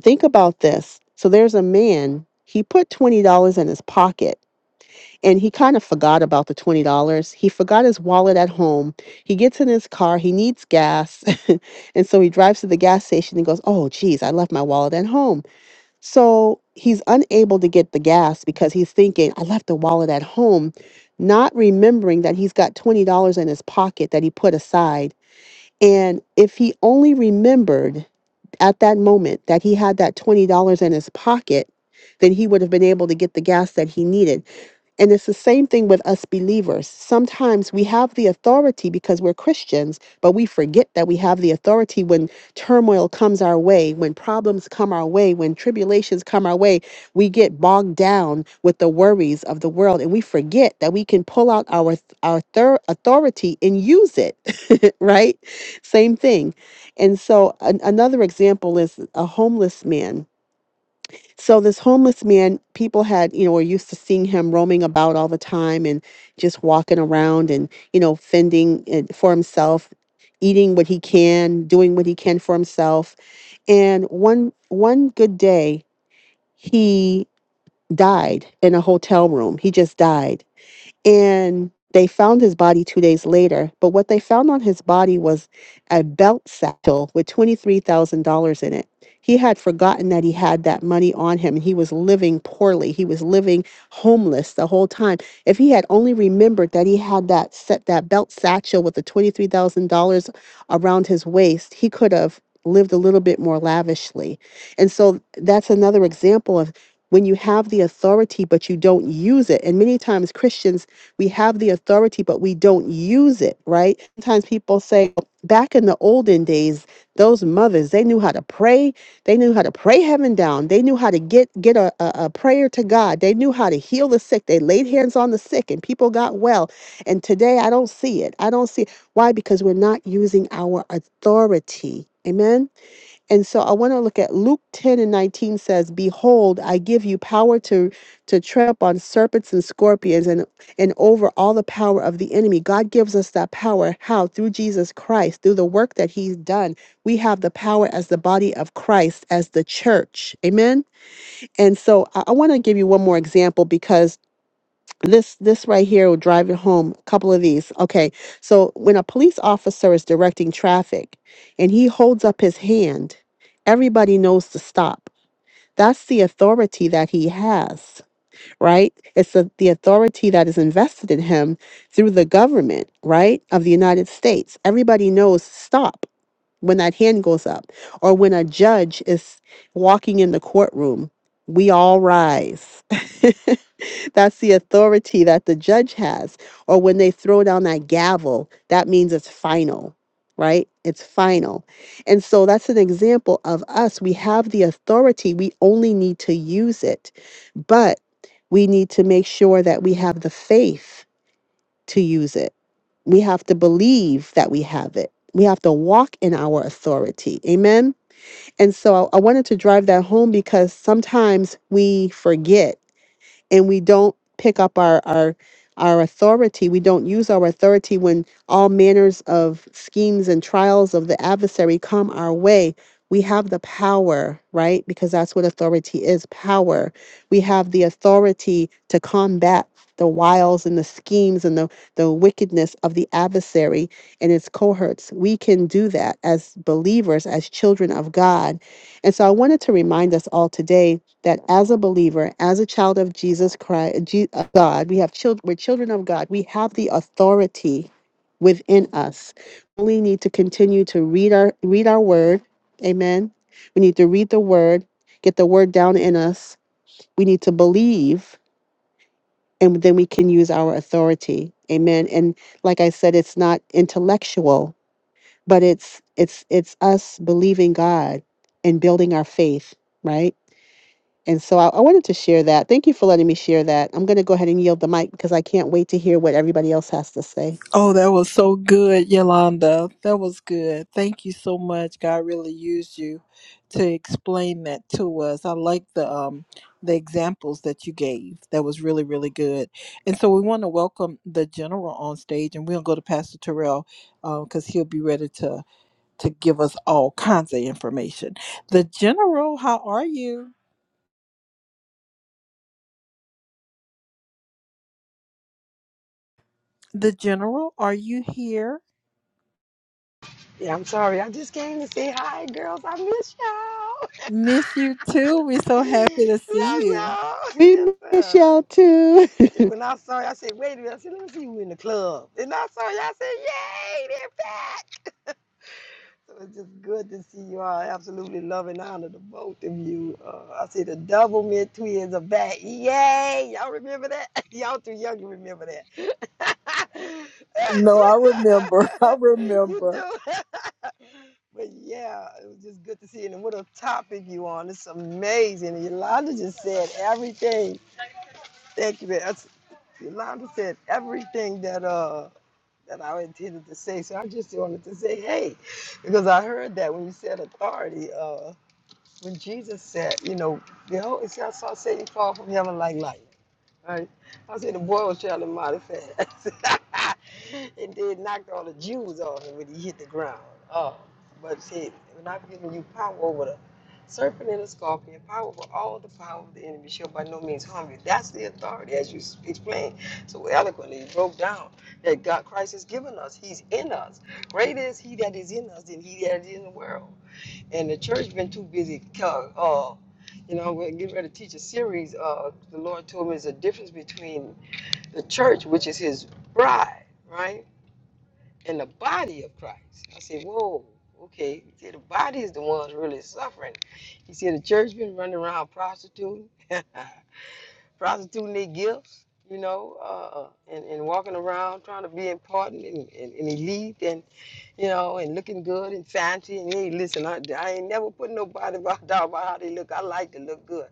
S5: think about this. So there's a man, he put $20 in his pocket and he kind of forgot about the $20. He forgot his wallet at home. He gets in his car, he needs gas. <laughs> and so he drives to the gas station and goes, Oh, geez, I left my wallet at home. So he's unable to get the gas because he's thinking, I left the wallet at home, not remembering that he's got $20 in his pocket that he put aside. And if he only remembered at that moment that he had that $20 in his pocket, then he would have been able to get the gas that he needed. And it's the same thing with us believers. Sometimes we have the authority because we're Christians, but we forget that we have the authority when turmoil comes our way, when problems come our way, when tribulations come our way. We get bogged down with the worries of the world and we forget that we can pull out our, our thir- authority and use it, <laughs> right? Same thing. And so an- another example is a homeless man so this homeless man, people had, you know, were used to seeing him roaming about all the time and just walking around and, you know, fending it for himself, eating what he can, doing what he can for himself. And one one good day, he died in a hotel room. He just died and they found his body two days later. But what they found on his body was a belt satchel with $23,000 in it. He had forgotten that he had that money on him and he was living poorly. He was living homeless the whole time. If he had only remembered that he had that set that belt satchel with the $23,000 around his waist, he could have lived a little bit more lavishly. And so that's another example of when you have the authority but you don't use it. And many times Christians we have the authority, but we don't use it, right? Sometimes people say, back in the olden days, those mothers, they knew how to pray. They knew how to pray heaven down. They knew how to get, get a, a, a prayer to God. They knew how to heal the sick. They laid hands on the sick and people got well. And today I don't see it. I don't see it. Why? Because we're not using our authority. Amen. And so I want to look at Luke 10 and 19 says, Behold, I give you power to, to tread upon serpents and scorpions and, and over all the power of the enemy. God gives us that power. How? Through Jesus Christ, through the work that he's done. We have the power as the body of Christ, as the church. Amen. And so I, I want to give you one more example because this this right here will drive it home a couple of these okay so when a police officer is directing traffic and he holds up his hand everybody knows to stop that's the authority that he has right it's the, the authority that is invested in him through the government right of the united states everybody knows stop when that hand goes up or when a judge is walking in the courtroom we all rise <laughs> That's the authority that the judge has. Or when they throw down that gavel, that means it's final, right? It's final. And so that's an example of us. We have the authority, we only need to use it. But we need to make sure that we have the faith to use it. We have to believe that we have it. We have to walk in our authority. Amen. And so I I wanted to drive that home because sometimes we forget and we don't pick up our our our authority we don't use our authority when all manners of schemes and trials of the adversary come our way we have the power right because that's what authority is power we have the authority to combat the wiles and the schemes and the, the wickedness of the adversary and its cohorts we can do that as believers as children of god and so i wanted to remind us all today that as a believer, as a child of Jesus Christ, Je- uh, God, we have children, we're children of God. We have the authority within us. We need to continue to read our read our word. Amen. We need to read the word, get the word down in us. We need to believe, and then we can use our authority. Amen. And like I said, it's not intellectual, but it's it's it's us believing God and building our faith, right? And so I, I wanted to share that. Thank you for letting me share that. I'm going to go ahead and yield the mic because I can't wait to hear what everybody else has to say.
S1: Oh, that was so good, Yolanda. That was good. Thank you so much. God really used you to explain that to us. I like the um the examples that you gave. That was really, really good. And so we want to welcome the general on stage and we'll go to Pastor Terrell because he'll be ready to to give us all kinds of information. The general, how are you? The general, are you here?
S9: Yeah, I'm sorry. I just came to say hi, girls. I miss
S1: Miss you too. We're so
S9: y'all.
S1: happy to
S9: <laughs>
S1: see
S9: Love
S1: you.
S9: y'all.
S5: We miss
S9: <laughs>
S5: y'all too.
S9: Listen.
S5: <laughs>
S9: When I saw you, I said, wait a minute. I said, let me see you in the club. And I saw you, I said, yay, they're back. So it's just good to see you all. I absolutely love and honor the both of you. Uh, I see the double mid twins are back. Yay. Y'all remember that? <laughs> Y'all too young to remember that.
S1: No, I remember. <laughs> I
S9: <laughs> you
S1: remember.
S9: do. <laughs> But yeah, it was just good to see you. And what a topic you on. It's amazing. Yolanda just said everything. Thank you, man. That's, Yolanda said everything that uh that I intended to say. So I just wanted to say, hey, because I heard that when you said authority, uh, when Jesus said, you know, the whole Holy I saw Satan fall from heaven like light. I, I said the boy was traveling mighty fast. <laughs> and then knocked all the Jews off him when he hit the ground. Oh, but see, when I've given you power over the serpent and the scorpion, power over all the power of the enemy shall by no means harm you. That's the authority, as you s- explained so eloquently, You broke down that God Christ has given us. He's in us. Greater is he that is in us than he that is in the world and the church been too busy. Uh, uh, you know, we're getting ready to teach a series. Uh, the Lord told me there's a difference between the church, which is His bride, right, and the body of Christ. I said, whoa, okay. He said the body is the ones really suffering. He said the church been running around prostituting, <laughs> prostituting their gifts. You know, uh, and, and walking around trying to be important and, and, and elite, and you know, and looking good and fancy. And hey, listen, I, I ain't never put nobody <laughs> about down about how they look. I like to look good.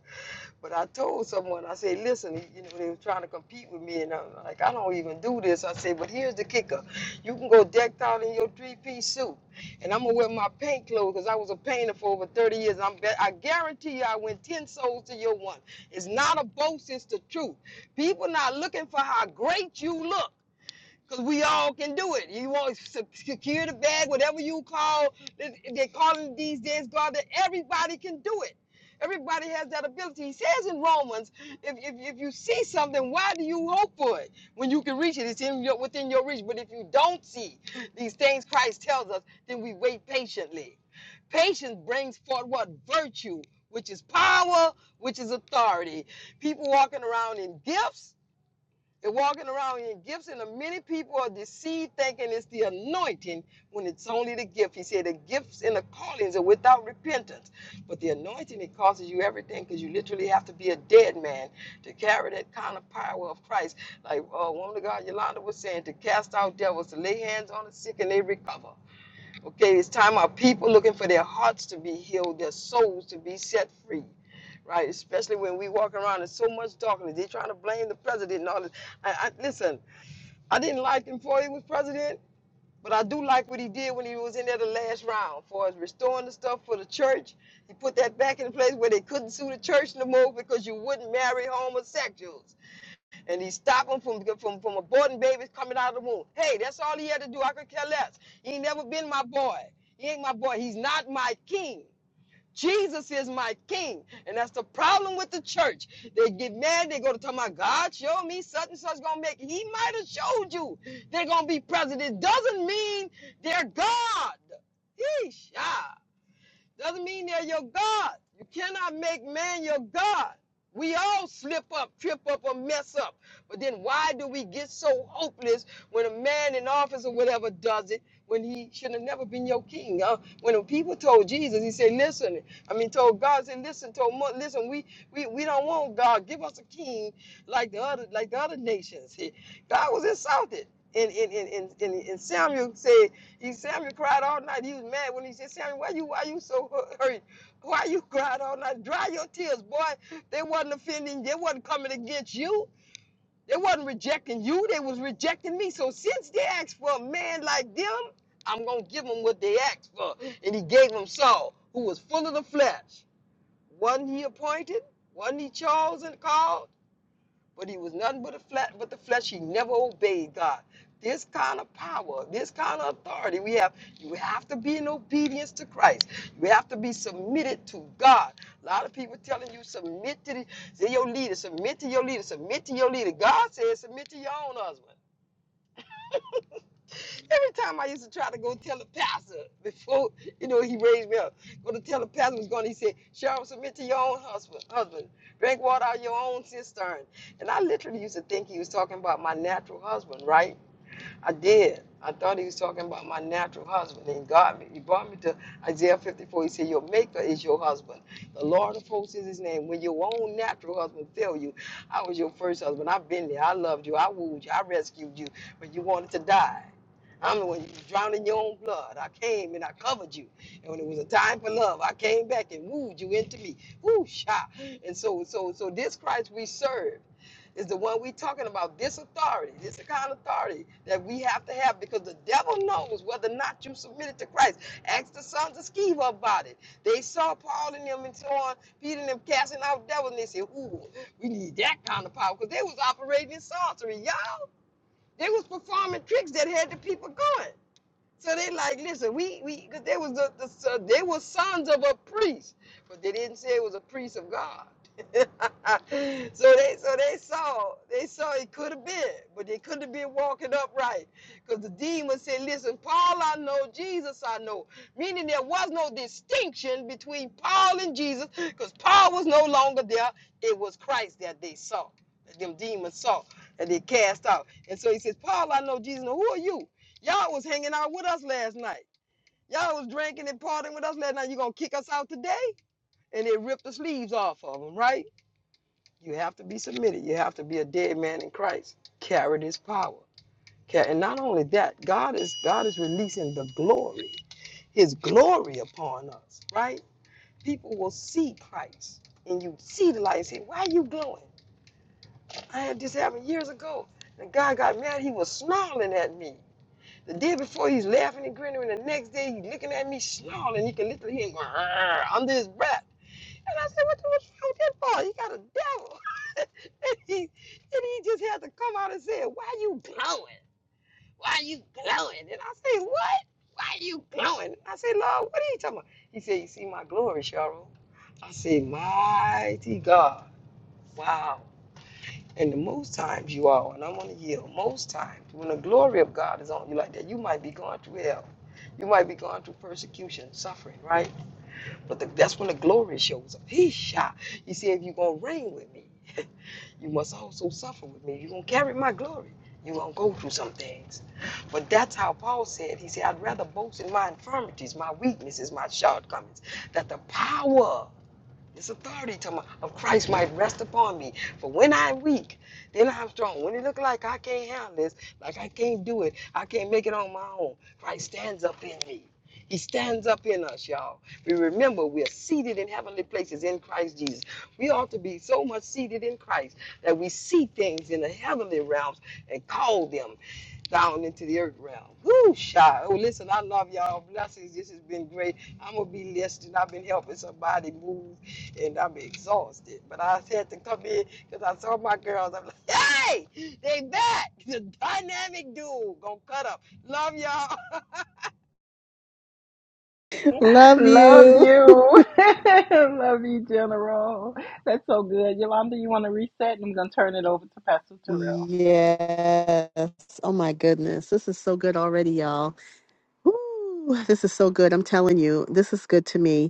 S9: But I told someone, I said, listen, you know, they were trying to compete with me, and I'm like, I don't even do this. I said, but here's the kicker: you can go decked out in your three-piece suit, and I'm gonna wear my paint clothes because I was a painter for over 30 years. And I'm, bet- I guarantee you, I went 10 souls to your one. It's not a boast; it's the truth. People not looking for how great you look. Cause we all can do it. You want to secure the bag, whatever you call. They they call it these days, God. That everybody can do it. Everybody has that ability. He says in Romans, if, if, if you see something, why do you hope for it? When you can reach it, it's in your, within your reach. But if you don't see these things Christ tells us, then we wait patiently. Patience brings forth what? Virtue, which is power, which is authority. People walking around in gifts they're walking around in gifts, and many people are deceived thinking it's the anointing when it's only the gift. He said the gifts and the callings are without repentance. But the anointing, it costs you everything because you literally have to be a dead man to carry that kind of power of Christ. Like uh, woman of God Yolanda was saying, to cast out devils, to lay hands on the sick and they recover. Okay, it's time our people looking for their hearts to be healed, their souls to be set free, right? Especially when we walk around in so much darkness. They're trying to blame the president and all this. I, I, listen, I didn't like him before he was president, but I do like what he did when he was in there the last round for us restoring the stuff for the church. He put that back in place where they couldn't sue the church no more because you wouldn't marry homosexuals and he stopped him from, from, from aborting babies coming out of the womb. Hey, that's all he had to do. I could care less. He ain't never been my boy. He ain't my boy. He's not my king. Jesus is my king. And that's the problem with the church. They get mad. They go to tell my God, show me such and such going to make. it." He might have showed you they're going to be president. It doesn't mean they're God. Yeesh. ah. Doesn't mean they're your God. You cannot make man your God. We all slip up, trip up, or mess up. But then why do we get so hopeless when a man in office or whatever does it when he should have never been your king? Uh, when the people told Jesus, he said, listen, I mean, told God, said, listen, told Mo, listen, we, we, we don't want God. Give us a king like the other, like the other nations. <laughs> He- God was insulted. And, and, and, and, and and Samuel said, he Sammy cried all night. He was mad when he said, Sammy, why you why you so hurt? Why you cried all night? Dry your tears, boy. They wasn't offending, they wasn't coming against you. They wasn't rejecting you, they was rejecting me. So since they asked for a man like them, I'm gonna give them what they asked for. And he gave them Saul, who was full of the flesh. Wasn't he appointed? Wasn't he chosen, called? but he was nothing but a flesh. but the flesh. He never obeyed God. This kind of power, this kind of authority we have, you have to be in obedience to Christ. You have to be submitted to God. A lot of people telling you submit to the, say your leader, submit to your leader, submit to your leader. God says submit to your own husband. Every time I used to try to go tell the pastor before, you know, he raised me up, go to tell the pastor was going, he said, Cheryl, submit to your own husband, husband. Drink water out of your own cistern. And I literally used to think he was talking about my natural husband, right? I did. I thought he was talking about my natural husband. And God, he brought me to Isaiah 54. He said, Your maker is your husband. The Lord of hosts is his name. When your own natural husband failed you, I was your first husband. I've been there. I loved you. I wooed you. I rescued you But you wanted to die. I'm the one you drowned in your own blood. I came and I covered you. And when it was a time for love, I came back and wooed you into me. Woo sha. And so so so this Christ we serve is the one we talking about. This authority, this the kind of authority that we have to have because the devil knows whether or not you submitted to Christ. Ask the sons of Sceva about it. They saw Paul and them and so on, Peter and them casting out devils, and they said, Ooh, we need that kind of power. Because they was operating in sorcery, y'all. They was performing tricks that had the people going. So they like, listen, we we because they was the, the so they were sons of a priest, but they didn't say it was a priest of God. <laughs> so they so they saw they saw it could have been, but they couldn't have been walking upright because the demon said, listen, Paul I know, Jesus I know, meaning there was no distinction between Paul and Jesus because Paul was no longer there. It was Christ that they saw, that them demons saw, and they cast out. And so he says, Paul I know, Jesus, I know. who are you? Y'all was hanging out with us last night. Y'all was drinking and partying with us last night. You gonna kick us out today? And they ripped the sleeves off of them, right? You have to be submitted. You have to be a dead man in Christ. Carry this power. Ca- And not only that, God is God is releasing the glory, His glory upon us, right? People will see Christ, and you see the light. And say, why are you glowing? I had this happen years ago. The guy got mad. He was snarling at me. The day before he's laughing and grinning, and the next day he's looking at me snarling. You can literally hear him going, under his breath. And I said, "What the what's wrong with that boy? He got a devil." <laughs> and, he, and he just had to come out and say, "Why you glowing? Why you glowing?" And I say, "What? Why you glowing?" I say, "Lord, what are you talking about?" He said, "You see my glory, Cheryl." I said, "Mighty God, wow." And the most times you are, and I'm gonna yield, most times when the glory of God is on you like that, you might be going through hell. You might be going through persecution, suffering, right? But the, that's when the glory shows up. He shot. You see, if you're going to reign with me, you must also suffer with me. You're going to carry my glory. You're going to go through some things. But that's how Paul said, he said, I'd rather boast in my infirmities, my weaknesses, my shortcomings, that the power this authority of Christ might rest upon me. For when I'm weak, then I'm strong. When it look like I can't handle this, like I can't do it, I can't make it on my own, Christ stands up in me. He stands up in us, y'all. We remember we are seated in heavenly places in Christ Jesus. We ought to be so much seated in Christ that we see things in the heavenly realms and call them down into the earth realm. Whoo, shy. Oh, listen, I love y'all. Blessings. This has been great. I'm gonna be listening. I've been helping somebody move, and I'm exhausted. But I had to come in because I saw my girls. I'm like, hey, they back. <laughs> The dynamic duo gonna cut up. Love y'all.
S5: Love
S1: Love
S5: you.
S1: you. <laughs> Love you, General. That's so good. Yolanda, you want to reset? and I'm going to turn it over to Pastor Terrell.
S5: Yes. Oh my goodness. This is so good already, y'all. Woo. This is so good. I'm telling you, this is good to me.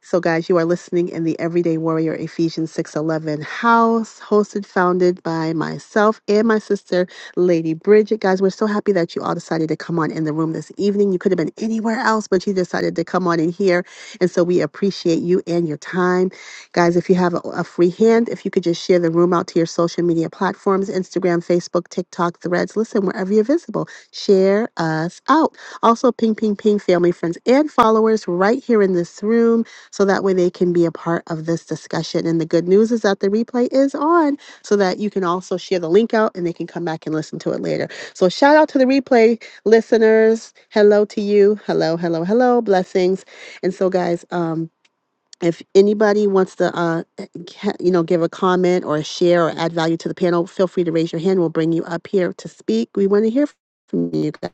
S5: So, guys, you are listening in the Everyday Warrior Ephesians 6:11 house, hosted, founded by myself and my sister, Lady Bridget. Guys, we're so happy that you all decided to come on in the room this evening. You could have been anywhere else, but you decided to come on in here, and so we appreciate you and your time, guys. If you have a, a free hand, if you could just share the room out to your social media platforms, Instagram, Facebook, TikTok, Threads. Listen, wherever you're visible, share us out. Also, ping, ping, ping, family, friends, and followers right here in this room so that way they can be a part of this discussion. And the good news is that the replay is on so that you can also share the link out and they can come back and listen to it later. So, shout out to the replay listeners. Hello to you. Hello, hello, hello. Blessings. And so, guys, um, if anybody wants to, uh, ca- you know, give a comment or share or add value to the panel, feel free to raise your hand. We'll bring you up here to speak. We want to hear from you guys.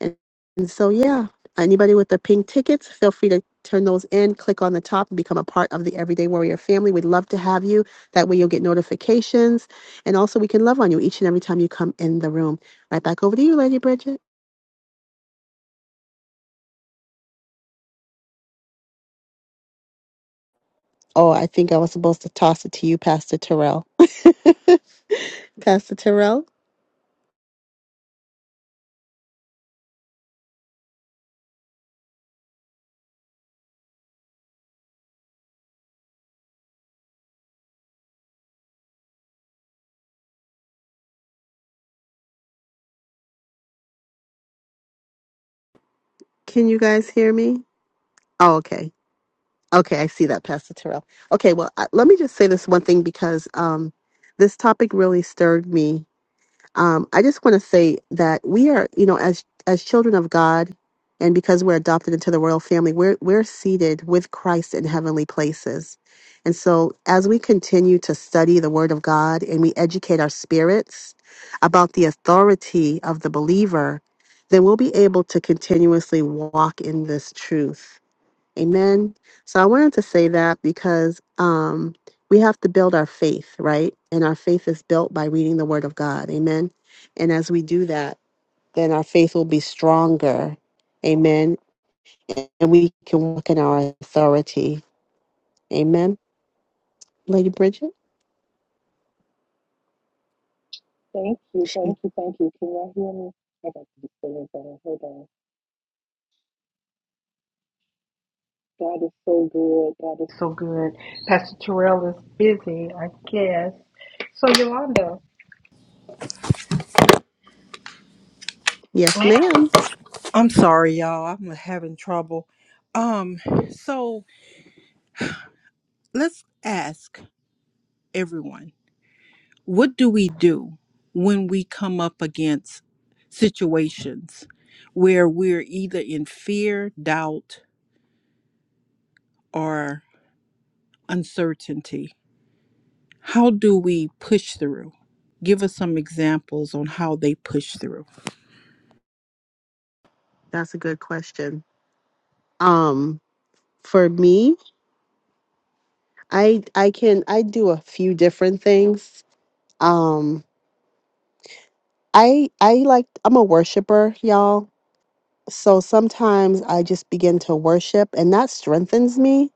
S5: And, and so, yeah, anybody with the pink tickets, feel free to turn those in, click on the top, and become a part of the Everyday Warrior family. We'd love to have you. That way, you'll get notifications. And also, we can love on you each and every time you come in the room. Right back over to you, Lady Bridget. Oh, I think I was supposed to toss it to you, Pastor Terrell. <laughs> Pastor Terrell, can you guys hear me? Oh, okay. Okay, I see that, Pastor Terrell. Okay, well, I, let me just say this one thing because um, this topic really stirred me Um, I just want to say that we are, you know, as as children of God, and because we're adopted into the royal family, we're we're seated with Christ in heavenly places. And so, as we continue to study the Word of God and we educate our spirits about the authority of the believer, then we'll be able to continuously walk in this truth Amen. So I wanted to say that because um, we have to build our faith, right? And our faith is built by reading the Word of God. Amen. And as we do that, then our faith will be stronger. Amen. And we can walk in our authority. Amen. Lady Bridget?
S1: Thank you.
S5: She-
S1: Thank you. Thank you. Can y'all hear me? I got to be still down. Hold on. God is so good. God is so good. Pastor Terrell is busy, I guess. So Yolanda,
S5: Yes, ma'am.
S1: I'm sorry, y'all. I'm having trouble. Um, so let's ask everyone, what do we do when we come up against situations where we're either in fear, doubt, or uncertainty? How do we push through? Give us some examples on how they push through.
S5: That's a good question. Um, for me, I I can I do a few different things. Um, I I like I'm a worshiper, y'all So sometimes I just begin to worship, and that strengthens me.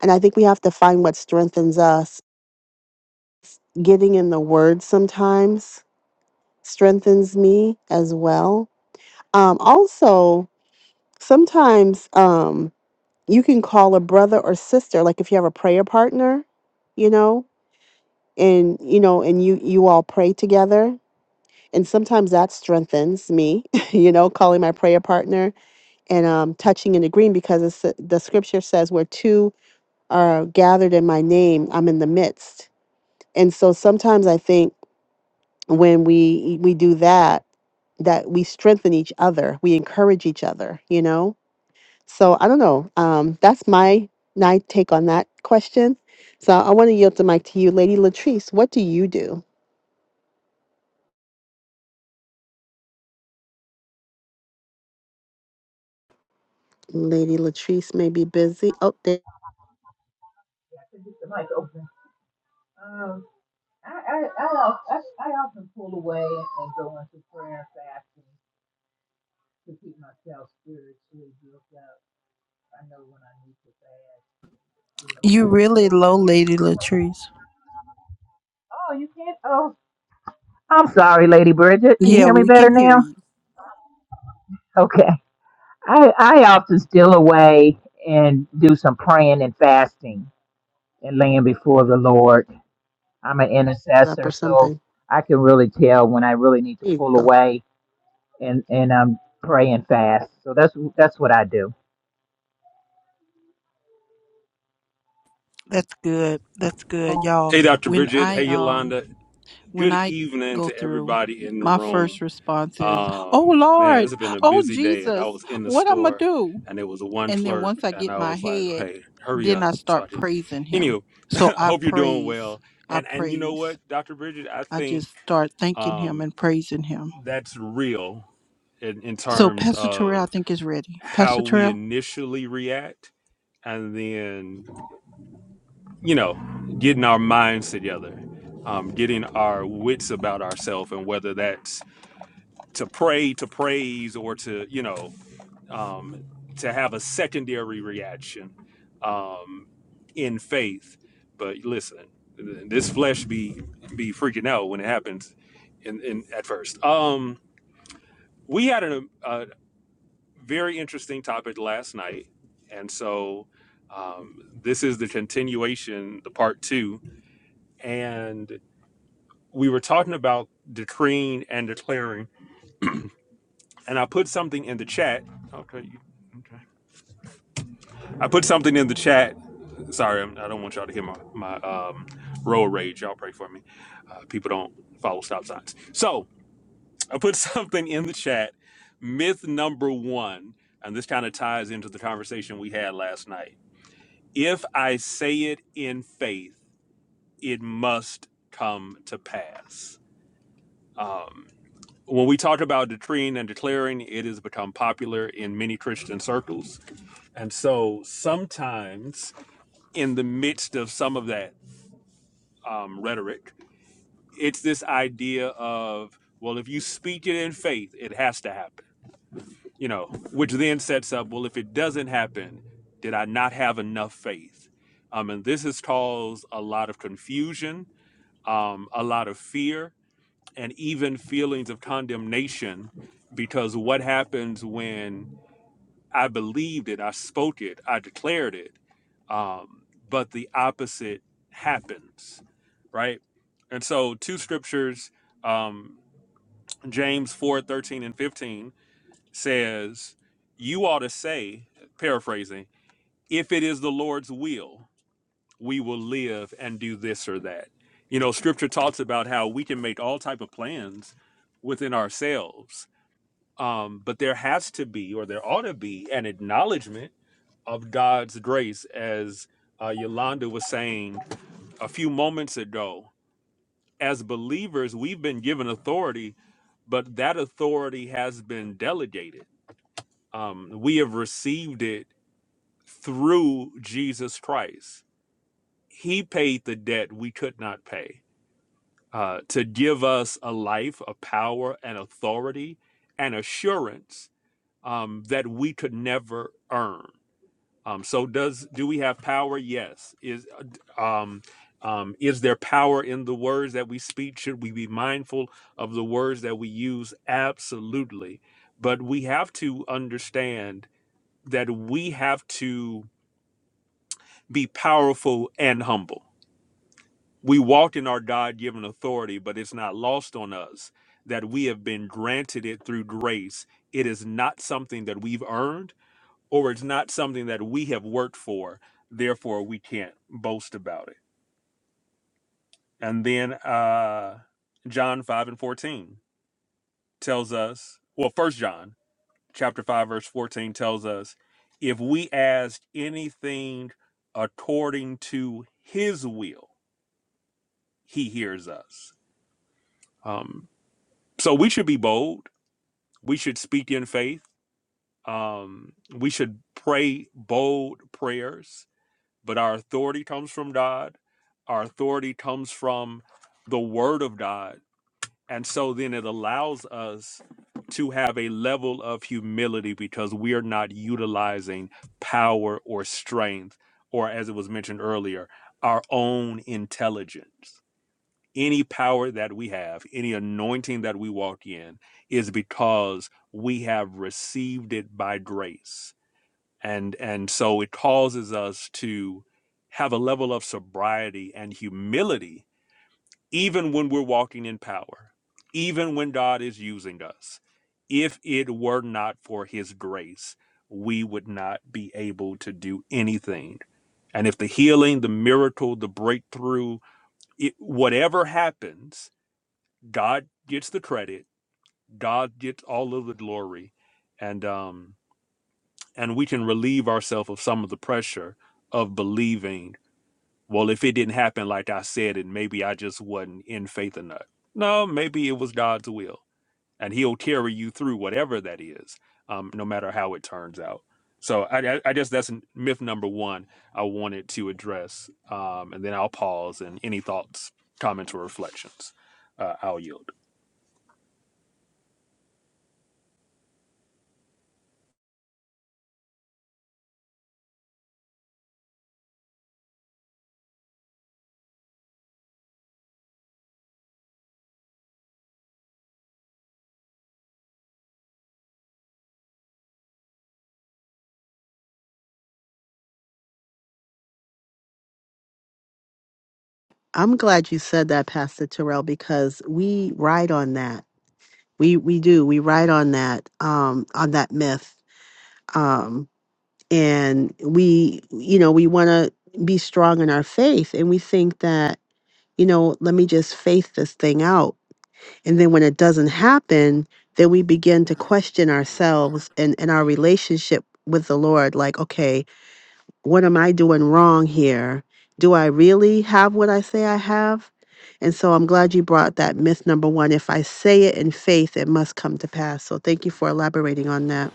S5: And I think we have to find what strengthens us. Getting in the word sometimes strengthens me as well. Um, also, sometimes um, you can call a brother or sister, like if you have a prayer partner, you know, and you know, and you you all pray together. And sometimes that strengthens me, <laughs> you know, calling my prayer partner and um, touching and agreeing because it's, the scripture says we're two are gathered in my name i'm in the midst and so sometimes i think when we we do that that we strengthen each other we encourage each other you know so i don't know um that's my my take on that question so i want to yield the mic to you lady latrice what do you do lady latrice may be busy oh there
S2: I should get the mic open. Um, I, I, I, al- I, I often pull away and go into prayer and fasting. to keep myself spiritually built up. I know when I need to fast, things are
S1: You
S2: like get
S1: really low, Lady
S2: overwhelming.
S1: Latrice.
S2: Oh, you can't. Oh, I'm sorry, Lady Bridget. Can you
S1: Yeah,
S2: hear me
S1: we can
S2: better
S1: hear
S2: now?
S1: you.
S2: Okay. I I often steal away and do some praying, and I'm
S5: up or something. There you go.
S2: I and I'm doing.
S1: That's good. That's good, y'all.
S10: Hey, Dr.
S1: When
S10: Bridget. Hey,
S1: I um
S10: Yolanda.
S1: when
S10: Good
S1: I
S10: evening
S1: go
S10: to
S1: through,
S10: everybody in the
S1: my first
S10: room.
S1: response is, "Oh
S10: Um, man,
S1: Lord,
S10: it's been a
S1: oh
S10: busy day, and I
S1: Jesus,
S10: was in the
S1: what I'm gonna
S10: store,
S1: do?"
S10: and it was one
S1: And then
S10: clerk,
S1: once I
S10: and
S1: get
S10: I
S1: my
S10: was like,
S1: head,
S10: "Hey, hurry
S1: then
S10: up!"
S1: I
S10: So I
S1: start
S10: can.
S1: praising him.
S10: Anywho,
S1: So
S10: <laughs>
S1: I
S10: hope you're doing
S1: praise,
S10: well.
S1: I
S10: And and you know
S1: praise.
S10: what, Dr. Bridget, I
S1: I
S10: think
S1: just start thanking him
S10: um,
S1: and praising him.
S10: that's real in, in
S1: So
S10: terms
S1: Pastor Terrell, I
S10: of
S1: think is ready.
S10: how
S1: Pastor
S10: we
S1: Terrell.
S10: initially react, and then you know, getting our minds together, um, getting our wits about ourselves, and whether that's to pray, to praise, or to, you know, um, to have a secondary reaction um, in faith. But listen, this flesh be be freaking out when it happens. In, in at first, um, we had a, a very interesting topic last night, and so um, this is the continuation, the part two, and we were talking about decreeing and declaring, and I put something in the chat. Okay, you, okay. I put something in the chat. Sorry, I'm, I don't want y'all to hear my my um, road rage. Y'all pray for me. Uh, people don't follow stop signs. So I put <laughs> something in the chat. Myth number one, and this kind of ties into the conversation we had last night. If I say it in faith, it must come to pass. when we talk about decreeing and declaring, it has become popular in many Christian circles. And so sometimes, in the midst of some of that um, rhetoric, it's this idea of, well, if you speak it in faith, it has to happen, you know, which then sets up, well, if it doesn't happen, did I not have enough faith? Um, and this has caused a lot of confusion, um, a lot of fear, and even feelings of condemnation because what happens when I believed it, I spoke it, I declared it, um, but the opposite happens, right? And so, two scriptures, um, James 4:13 and 15 says, You ought to say, paraphrasing, if it is the Lord's will we will live and do this or that you know scripture talks about how we can make all type of plans within ourselves um, but there has to be or there ought to be an acknowledgement of god's grace as uh, yolanda was saying a few moments ago as believers we've been given authority but that authority has been delegated um, we have received it through jesus christ he paid the debt we could not pay uh, to give us a life of power and authority and assurance um, that we could never earn. Um, so, does do we have power? Yes. Is um, um, is there power in the words that we speak? Should we be mindful of the words that we use? Absolutely. But we have to understand that we have to be powerful and humble we walked in our god-given authority but it's not lost on us that we have been granted it through grace it is not something that we've earned or it's not something that we have worked for therefore we can't boast about it and then uh john 5 and 14 tells us well first john chapter 5 verse 14 tells us if we ask anything according to his will he hears us um so we should be bold We should speak in faith. Um, we should pray bold prayers, but our authority comes from God. Our authority comes from the Word of God. And so then it allows us to have a level of humility because we are not utilizing power or strength, or as it was mentioned earlier, our own intelligence any power that we have, any anointing that we walk in is because we have received it by grace. And and so it causes us to have a level of sobriety and humility even when we're walking in power, even when God is using us. If it were not for his grace, we would not be able to do anything. And if the healing, the miracle, the breakthrough, it, whatever happens, God gets the credit. God gets all of the glory, and um, and we can relieve ourselves of some of the pressure of believing. Well, if it didn't happen like I said, and maybe I just wasn't in faith enough. No, maybe it was God's will, and He'll carry you through whatever that is, um, no matter how it turns out. So I, I I guess that's myth number one I wanted to address, um, and then I'll pause and any thoughts, comments, or reflections, uh, I'll yield.
S5: I'm glad you said that, Pastor Terrell, because we ride on that. We we do. We write on that um on that myth. Um and we you know, we want to be strong in our faith and we think that you know, let me just faith this thing out. And then when it doesn't happen, then we begin to question ourselves and and our relationship with the Lord like, okay, what am I doing wrong here? Do I really have what I say I have? And so I'm glad you brought that myth number one. If I say it in faith, it must come to pass. So thank you for elaborating on that.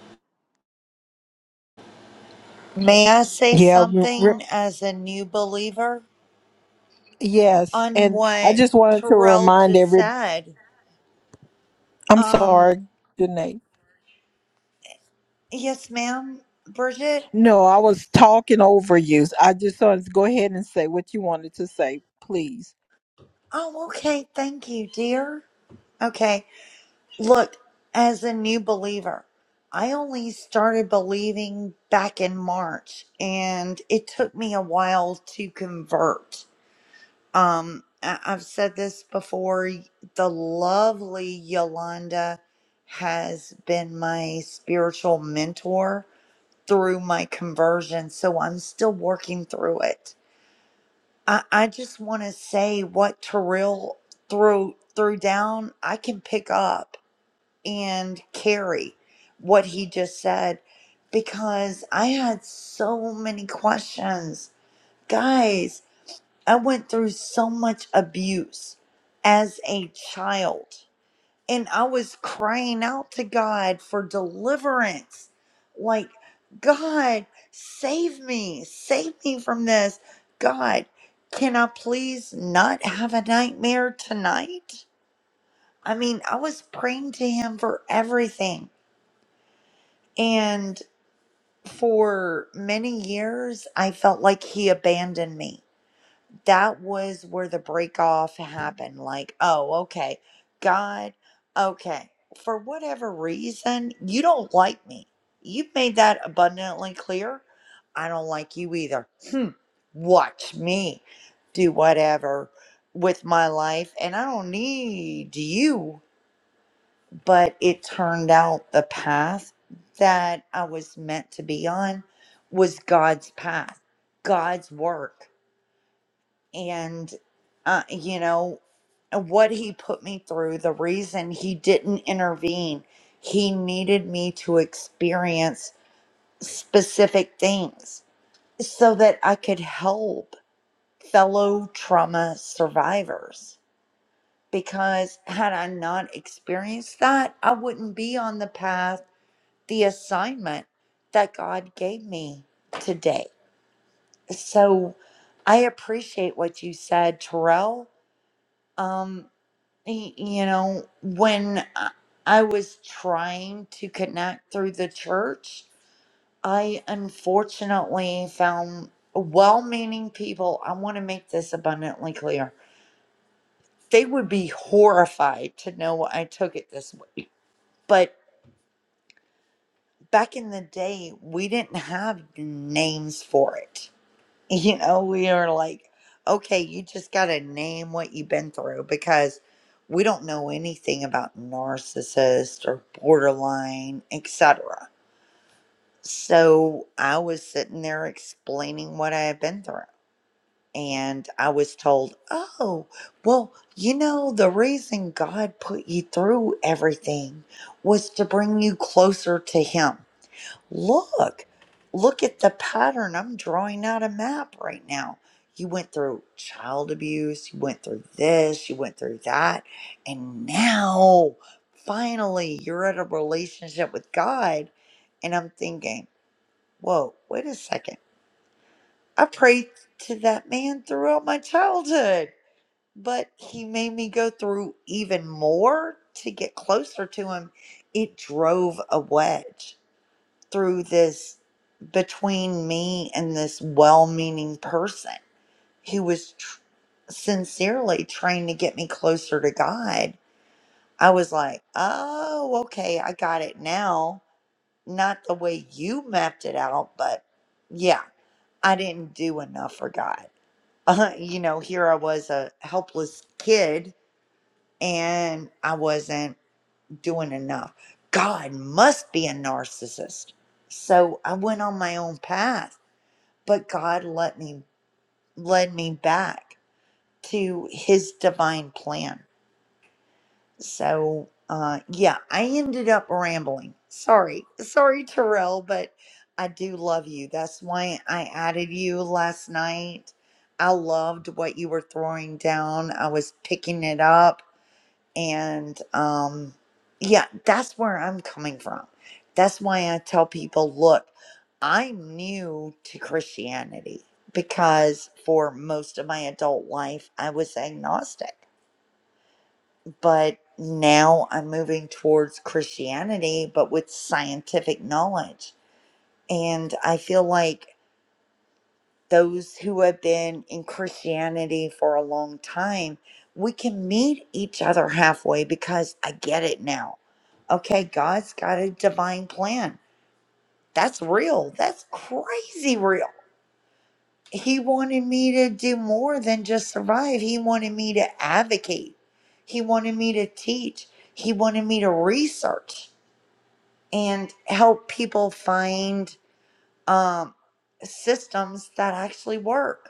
S7: May I say
S1: Yeah, we
S7: something as a new believer
S1: yes.
S7: on
S1: And I
S7: what
S1: just wanted to
S7: Terrell
S1: remind
S7: just
S1: every
S7: said?
S1: I'm
S7: Um,
S1: sorry, good
S7: yes, ma'am, Bridget.
S1: No, I was talking over you. I just wanted to go ahead and say what you wanted to say, please.
S7: Oh, okay. Thank you, dear. Okay. Look, as a new believer, I only started believing back in March, and it took me a while to convert. Um, I- I've said this before. The lovely Yolanda has been my spiritual mentor through my conversion, so I'm still working through it. I, I just want to say what Terrell threw threw down. I can pick up and carry what he just said because I had so many questions, guys. I went through so much abuse as a child, and I was crying out to God for deliverance. Like, God, save me, save me from this. God, can I please not have a nightmare tonight? I mean, I was praying to Him for everything. And for many years, I felt like He abandoned me. that was where the break off happened. Like, oh, okay, God, okay, for whatever reason, you don't like me. You've made that abundantly clear. I don't like you either. Hmm. Watch me do whatever with my life, and I don't need you. But it turned out the path that I was meant to be on was God's path, God's work and uh, you know what he put me through the reason he didn't intervene he needed me to experience specific things so that i could help fellow trauma survivors because had i not experienced that i wouldn't be on the path the assignment that god gave me today so i appreciate what you said terrell Um. y- you know, when I I was trying to connect through the church, I unfortunately found well meaning people. I want to make this abundantly clear. They would be horrified to know I took it this way. But back in the day, we didn't have names for it you know, we are like, okay, you just got to name what you've been through because we don't know anything about narcissist or borderline, etc. So I was sitting there explaining what I had been through. And I was told, oh, well, you know, the reason God put you through everything was to bring you closer to Him. Look, look at the pattern. I'm drawing out a map right now. You went through child abuse, you went through this, you went through that, and now finally you're at a relationship with God. And I'm thinking, whoa, wait a second. I prayed to that man throughout my childhood, but he made me go through even more to get closer to him. It drove a wedge through this between me and this well-meaning person who was tr- sincerely trying to get me closer to God. I was like, "Oh, okay, I got it now." Not the way you mapped it out, but yeah, I didn't do enough for God. <laughs> Uh, you know, here I was a helpless kid and I wasn't doing enough. God must be a narcissist. So I went on my own path but God let me led me back to his divine plan. So uh yeah, I ended up rambling. Sorry. Sorry Terrell, but I do love you. That's why I added you last night. I loved what you were throwing down. I was picking it up and um, yeah, that's where I'm coming from. That's why I tell people look, I'm new to Christianity because for most of my adult life, I was agnostic. But now I'm moving towards Christianity, but with scientific knowledge. And I feel like those who have been in Christianity for a long time, we can meet each other halfway because I get it now. Okay, God's got a divine plan. That's real. That's crazy real. He wanted me to do more than just survive. He wanted me to advocate. He wanted me to teach. He wanted me to research and help people find um, systems that actually work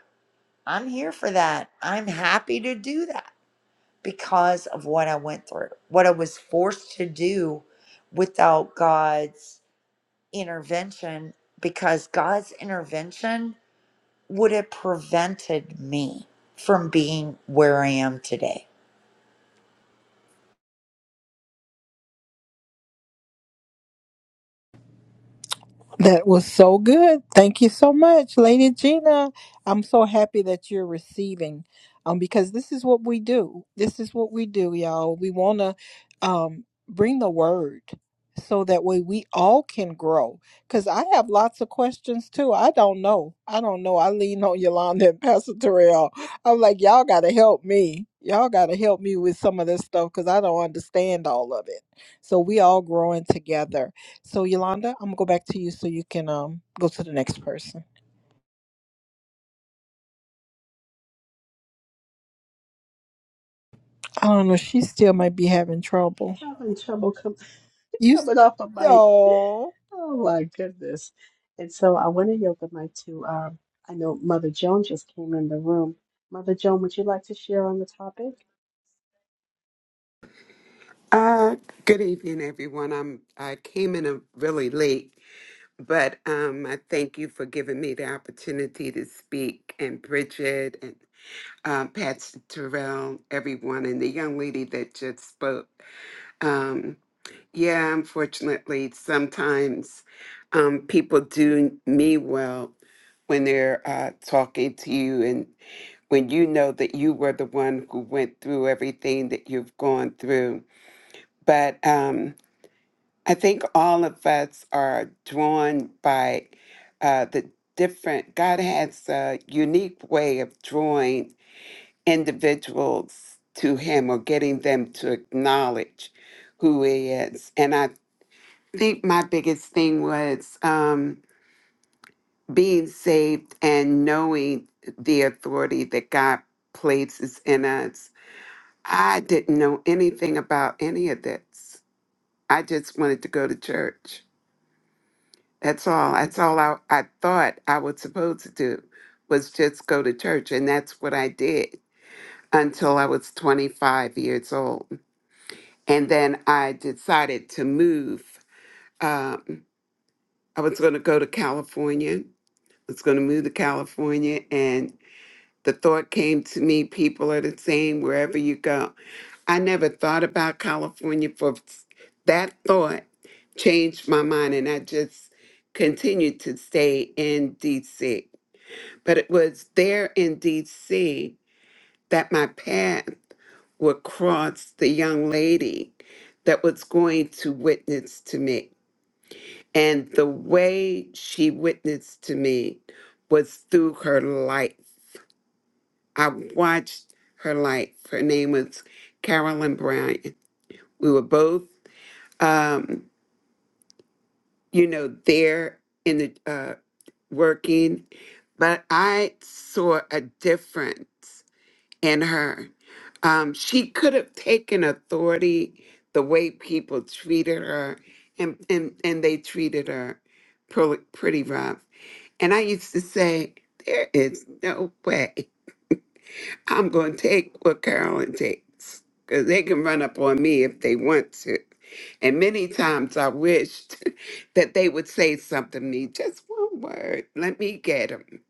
S7: I'm here for that. I'm happy to do that because of what I went through, what I was forced to do without God's intervention, because God's intervention would have prevented me from being where I am today.
S1: That was so good. Thank you so much, Lady Gina. I'm so happy that you're receiving um, because this is what we do. This is what we do, y'all. We want to um, bring the word so that way we all can grow. Because I have lots of questions too. I don't know. I don't know. I lean on Yolanda and Pastor Terrell. I'm like, y'all got to help me. Y'all got to help me with some of this stuff because I don't understand all of it. So we all growing together. So Yolanda, I'm gonna go back to you so you can um go to the next person. I don't know. She still might be having trouble.
S5: Having trouble com- <laughs>
S1: You. s-
S5: coming off a mic.
S1: Oh.
S5: Oh my goodness. And so I want to yield the mic to, um, I know Mother Joan just came in the room. Mother Joan, would you like to share on the topic?
S11: Uh, good evening, everyone. I'm I came in a really late, but um, I thank you for giving me the opportunity to speak. And Bridget and um, Patsy Terrell, everyone, and the young lady that just spoke. Um, yeah, unfortunately, sometimes um, people do me well when they're uh, talking to you, and when you know that you were the one who went through everything that you've gone through, but. Um, I think all of us are drawn by uh, the different, God has a unique way of drawing individuals to Him or getting them to acknowledge who He is. And I think my biggest thing was um, being saved and knowing the authority that God places in us. I didn't know anything about any of this. I just wanted to go to church. That's all. That's all I, I thought I was supposed to do was just go to church. And that's what I did until I was 25 years old. And then I decided to move. Um, I was going to go to California. I was going to move to California. And the thought came to me people are the same wherever you go. I never thought about California for that thought changed my mind. And I just continued to stay in DC but it was there in DC that my path would cross the young lady that was going to witness to me. And the way she witnessed to me was through her life. I watched her life. Her name was Carolyn Bryant. We were both, um, you know, there in the uh, working, but I saw a difference in her. Um, she could have taken authority the way people treated her, and, and, and they treated her pretty, pretty rough. And I used to say, There is no way I'm going to take what Carolyn takes because they can run up on me if they want to. And many times I wished <laughs> that they would say something to me, just one word, let me get him.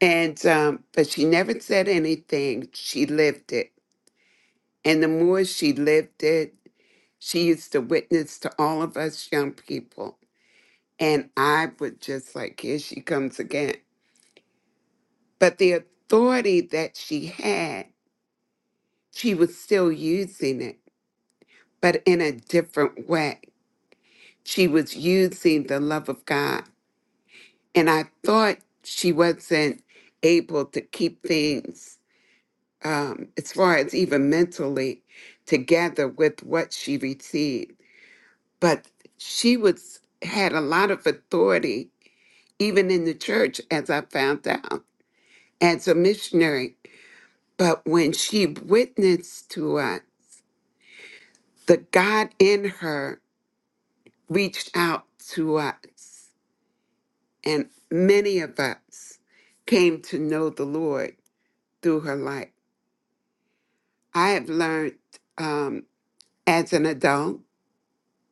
S11: And, um, but she never said anything. She lived it and the more she lived it, she used to witness to all of us young people. And I would just like, here she comes again. But the authority that she had, she was still using it, but in a different way. She was using the love of God. And I thought she wasn't able to keep things, um, as far as even mentally, together with what she received but she was had a lot of authority even in the church as i found out as a missionary but when she witnessed to us the god in her reached out to us and many of us came to know the lord through her life i have learned um, as an adult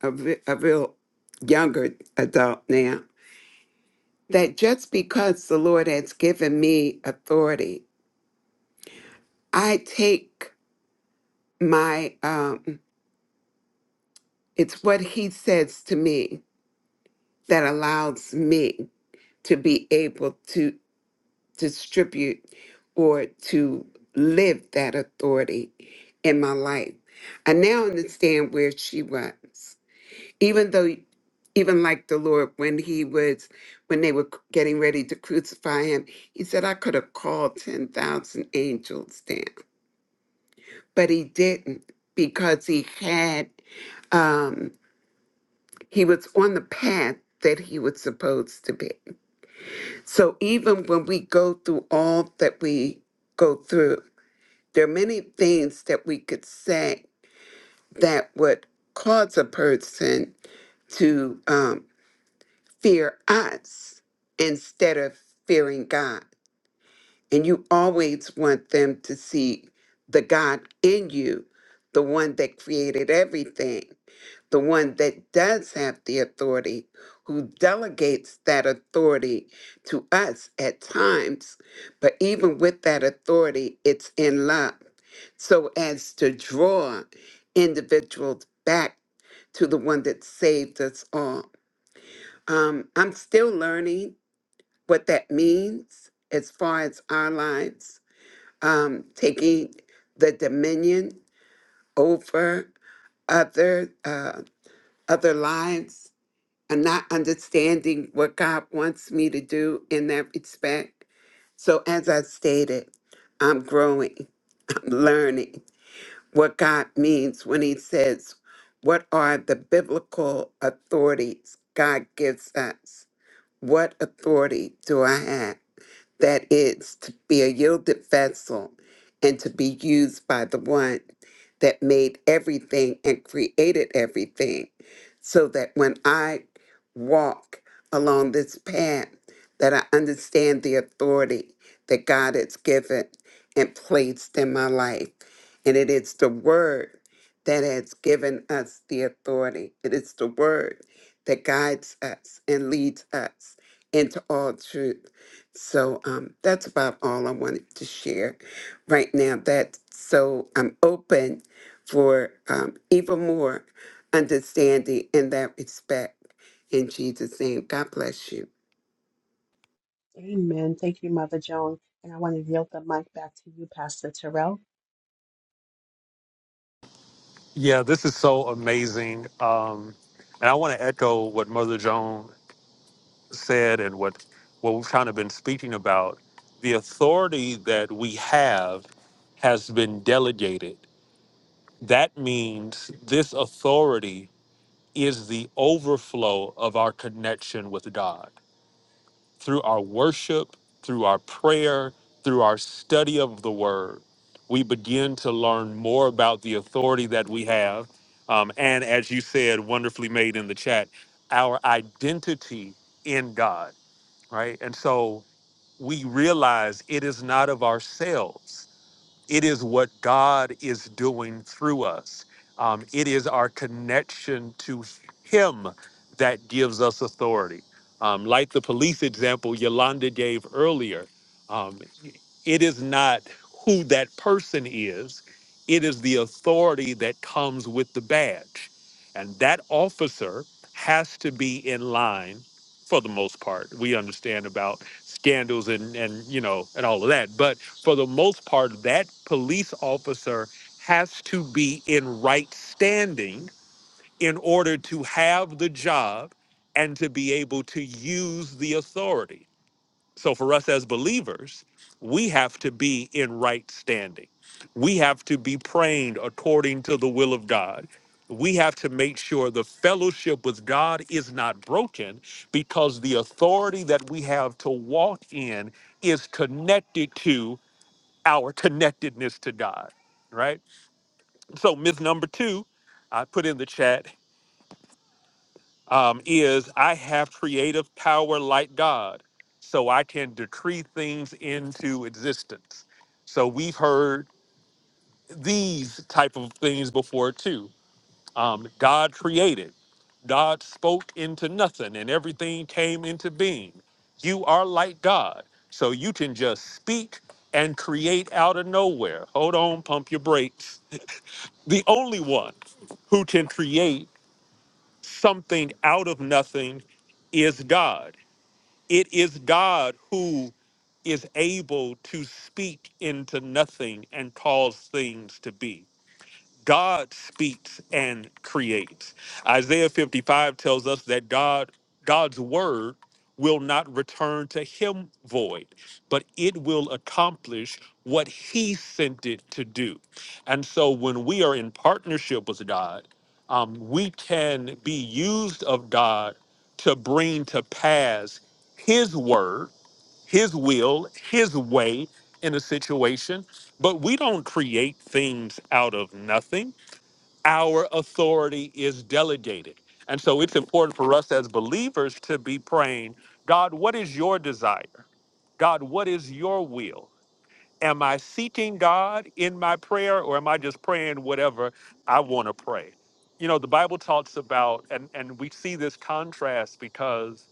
S11: a, re- a real younger adult now that just because the lord has given me authority I take my, um, it's what he says to me that allows me to be able to distribute or to live that authority in my life. I now understand where she was. Even though, even like the Lord, when he was, when they were getting ready to crucify him, he said, I could have called 10,000 angels down, but he didn't because he had. Um, He was on the path that he was supposed to be. So even when we go through all that we go through, there are many things that we could say that would cause a person to um, fear us instead of fearing God. And you always want them to see the God in you, the one that created everything, the one that does have the authority, who delegates that authority to us at times. But even with that authority, it's in love, so as to draw individuals back to the one that saved us all. Um, I'm still learning what that means as far as our lives, um, taking the dominion over other uh, other lives I'm not understanding what God wants me to do in that respect. So, as I stated, I'm growing, I'm learning what God means when He says, What are the biblical authorities God gives us? What authority do I have? that is to be a yielded vessel and to be used by the one that made everything and created everything so that when i walk along this path that i understand the authority that god has given and placed in my life and it is the word that has given us the authority it is the word that guides us and leads us into all truth so um, that's about all I wanted to share right now. That so I'm open for um, even more understanding in that respect. In Jesus' name, God bless you.
S5: Amen. Thank you, Mother Joan. And I want to yield the mic back to you, Pastor Terrell.
S10: Yeah, this is so amazing. Um, and I want to echo what Mother Joan said and what, what we've kind of been speaking about. The authority that we have has been delegated. That means this authority is the overflow of our connection with God through our worship, through our prayer, through our study of the word, we begin to learn more about the authority that we have. Um, and as you said, wonderfully made in the chat, our identity in God, right? And so we realize it is not of ourselves it is what God is doing through us. Um, it is our connection to Him that gives us authority. Um, like the police example Yolanda gave earlier, um, it is not who that person is, it is the authority that comes with the badge. And that officer has to be in line for the most part. We understand about scandals and and you know and all of that but for the most part that police officer has to be in right standing in order to have the job and to be able to use the authority so for us as believers, we have to be in right standing. We have to be praying according to the will of God. We have to make sure the fellowship with God is not broken because the authority that we have to walk in is connected to our connectedness to God, right? So, myth number two, I put in the chat um, is I have creative power like God, so I can decree things into existence. So we've heard these type of things before too. Um, God created, God spoke into nothing, and everything came into being. You are like God, so you can just speak and create out of nowhere. Hold on, pump your brakes. The only one who can create something out of nothing is God. It is God who is able to speak into nothing and cause things to be. God speaks and creates. Isaiah 55 tells us that God God's word will not return to him void, but it will accomplish what he sent it to do. And so when we are in partnership with God, um, we can be used of God to bring to pass his word, his will, his way in a situation. But we don't create things out of nothing our authority is delegated. And so it's important for us as believers to be praying, God, what is your desire? God, what is your will? Am I seeking God in my prayer or am I just praying whatever I want to pray? You know, the Bible talks about, and, and we see this contrast because,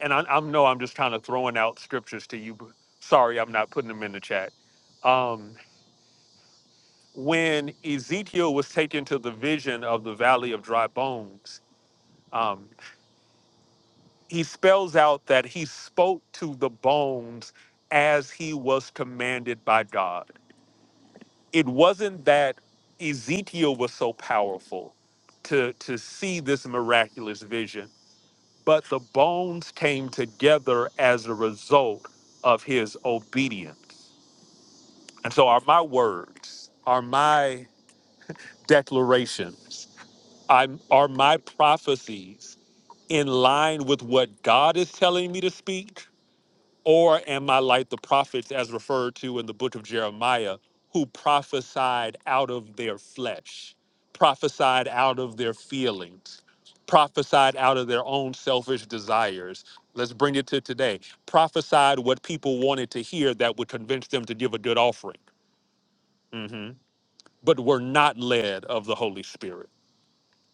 S10: and I, I know I'm just kind of throwing out scriptures to you. but Sorry, I'm not putting them in the chat. Um, when Ezekiel was taken to the vision of the valley of dry bones, um, he spells out that he spoke to the bones as he was commanded by God. It wasn't that Ezekiel was so powerful to, to see this miraculous vision, but the bones came together as a result of his obedience. And so are my words, are my declarations I'm, are my prophecies in line with what God is telling me to speak? Or am I like the prophets as referred to in the book of Jeremiah who prophesied out of their flesh, prophesied out of their feelings, prophesied out of their own selfish desires? Let's bring it to today. Prophesied what people wanted to hear that would convince them to give a good offering, Mhm. but were not led of the Holy Spirit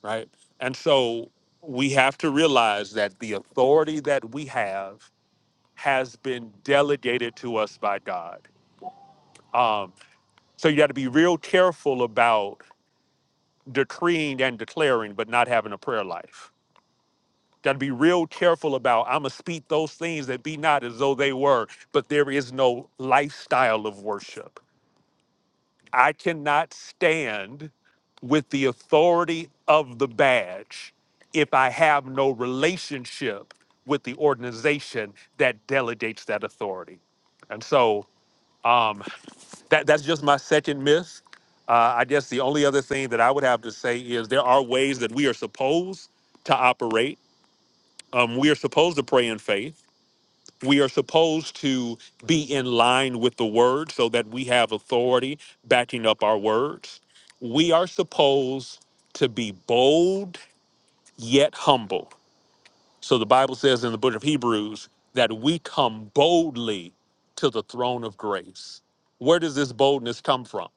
S10: right? And so we have to realize that the authority that we have has been delegated to us by God. Um, so you got to be real careful about decreeing and declaring, but not having a prayer life. Got to be real careful about, I'm going to speak those things that be not as though they were, but there is no lifestyle of worship I cannot stand with the authority of the badge if I have no relationship with the organization that delegates that authority. And so um, that, that's just my second myth. Uh, I guess the only other thing that I would have to say is there are ways that we are supposed to operate. Um, we are supposed to pray in faith we are supposed to be in line with the word so that we have authority backing up our words. We are supposed to be bold yet humble. So the Bible says in the book of Hebrews that we come boldly to the throne of grace. Where does this boldness come from?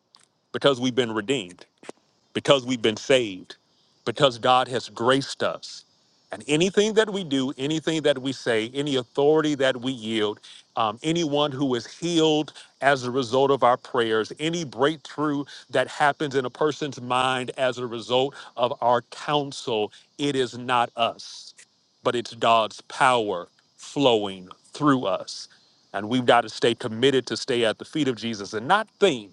S10: Because we've been redeemed because we've been saved, because God has graced us. And anything that we do, anything that we say, any authority that we yield, um, anyone who is healed as a result of our prayers, any breakthrough that happens in a person's mind as a result of our counsel, it is not us, but it's God's power flowing through us. And we've got to stay committed to stay at the feet of Jesus and not think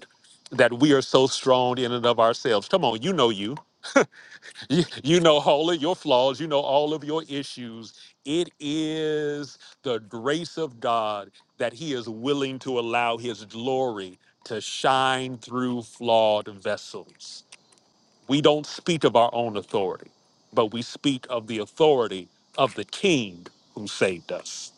S10: that we are so strong in and of ourselves. Come on, you know you. You, you know all of your flaws, you know all of your issues. It is the grace of God that He is willing to allow His glory to shine through flawed vessels. We don't speak of our own authority, but we speak of the authority of the King who saved us.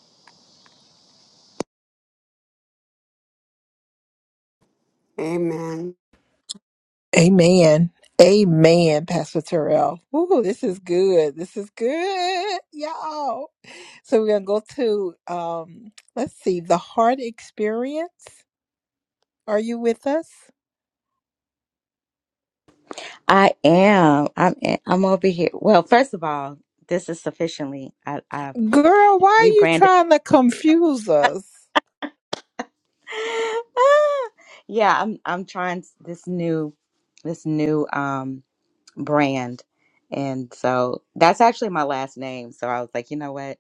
S11: Amen.
S1: Amen. Amen, Pastor Terrell. Ooh, this is good. This is good, y'all. So we're gonna go to um. Let's see. The heart experience. Are you with us,
S12: I am. I'm. I'm over here. Well, first of all, this is sufficiently. I, I
S1: girl? Why are you
S12: rebranded.
S1: trying to confuse us?
S12: <laughs> Ah, yeah, I'm. I'm trying this new, this new um brand, and so that's actually my last name. So I was like, you know what?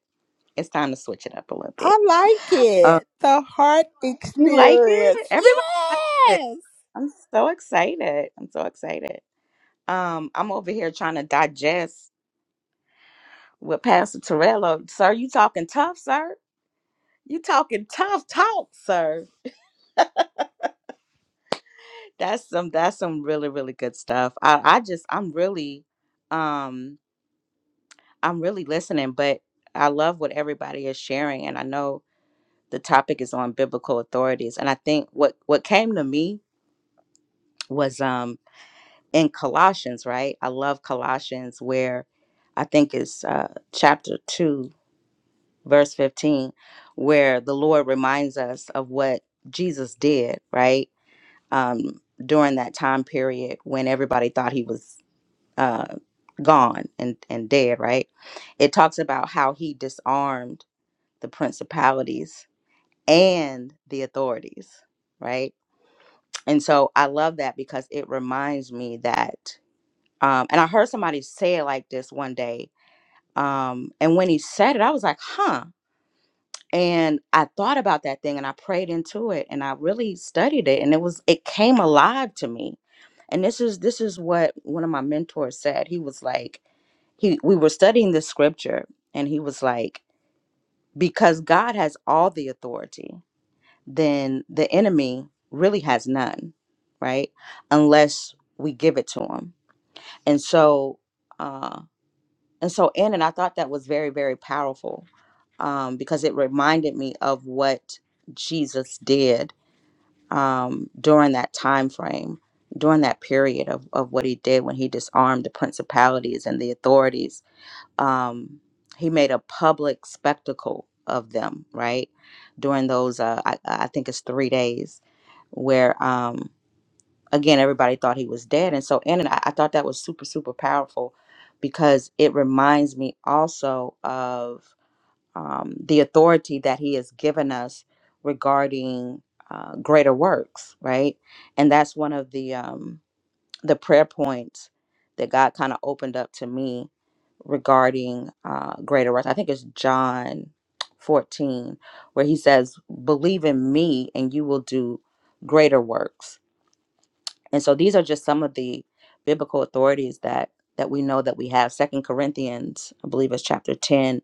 S12: It's time to switch it up a little bit.
S1: I like
S12: Uh,
S1: it. The heart
S12: you like it?
S1: experience.
S12: Everybody likes it.
S1: Yes.
S12: I'm so excited. I'm so excited. Um, I'm over here trying to digest what Pastor Torello. Sir, you talking tough, sir? You talking tough talk, sir. That's some that's some really, really good stuff. I, I just I'm really um I'm really listening, but I love what everybody is sharing and I know the topic is on biblical authorities. And I think what what came to me was um in Colossians, right? I love Colossians where I think it's uh chapter two, verse fifteen, where the Lord reminds us of what Jesus did, right? um, during that time period when everybody thought he was uh, gone and, and dead, right? It talks about how he disarmed the principalities and the authorities, right? And so I love that because it reminds me that, um, and I heard somebody say it like this one day. Um, and when he said it, I was like, huh, and I thought about that thing and I prayed into it and I really studied it and it was it came alive to me. And this is this is what one of my mentors said. He was like he we were studying this scripture and he was like because God has all the authority, then the enemy really has none, right? Unless we give it to him. And so uh and so in and I thought that was very very powerful um, because it reminded me of what Jesus did um, during that time frame, during that period of, of what he did when he disarmed the principalities and the authorities. Um, he made a public spectacle of them, right? During those, uh, I, I think it's three days, where um, again, everybody thought he was dead. And so, and I, I thought that was super, super powerful because it reminds me also of um, the authority that he has given us regarding uh, greater works right and that's one of the um, the prayer points that god kind of opened up to me regarding uh, greater works i think it's john 14 where he says believe in me and you will do greater works and so these are just some of the biblical authorities that that we know that we have second corinthians i believe is chapter 10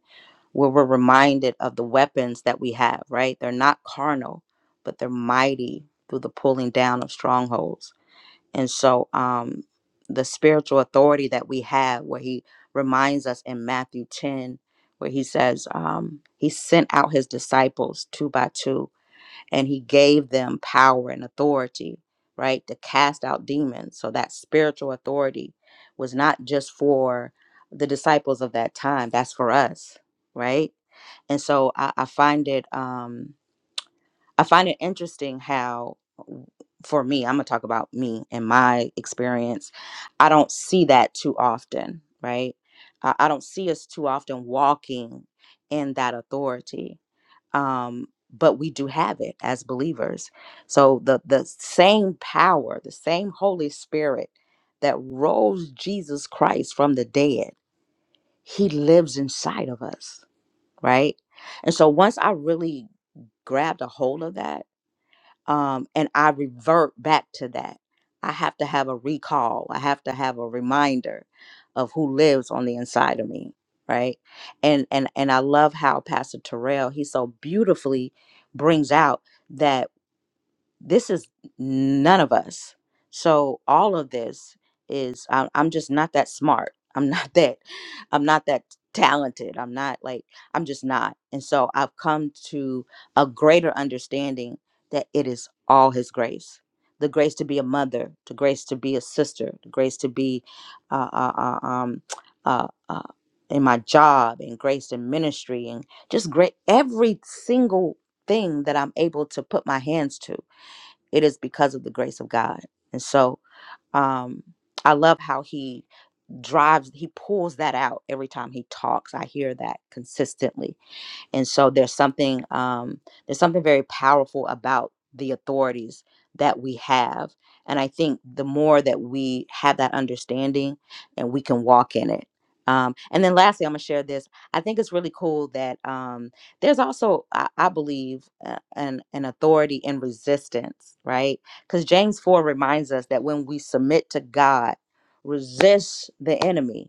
S12: where we're reminded of the weapons that we have, right? They're not carnal, but they're mighty through the pulling down of strongholds. And so um the spiritual authority that we have where he reminds us in Matthew 10 where he says um he sent out his disciples two by two and he gave them power and authority, right? To cast out demons. So that spiritual authority was not just for the disciples of that time, that's for us, right? and so I, I find it um I find it interesting how w- for me I'm gonna talk about me and my experience I don't see that too often right I, I don't see us too often walking in that authority um but we do have it as believers so the the same power the same Holy Spirit that rose Jesus Christ from the dead he lives inside of us right and so once I really grabbed a hold of that um, and I revert back to that. I have to have a recall, I have to have a reminder of who lives on the inside of me right and and and i love how pastor terrell he so beautifully brings out that this is none of us. So all of this is I, I'm just not that smart. <laughs> I'm not that. I'm not that talented. I'm not like I'm just not. And so I've come to a greater understanding that it is all His grace. The grace to be a mother, the grace to be a sister, the grace to be uh, uh, uh, um, uh, uh, in my job, and grace in ministry, and just great every single thing that I'm able to put my hands to it is because of the grace of God. And so um, I love how he drives, he pulls that out every time he talks. I hear that consistently and so there's something um, there's something very powerful about the authorities that we have and i think the more that we have that understanding and we can walk in it um, and then lastly i'm going to share this i think it's really cool that um, there's also i, I believe uh, an, an authority in resistance right because james 4 reminds us that when we submit to god resist the enemy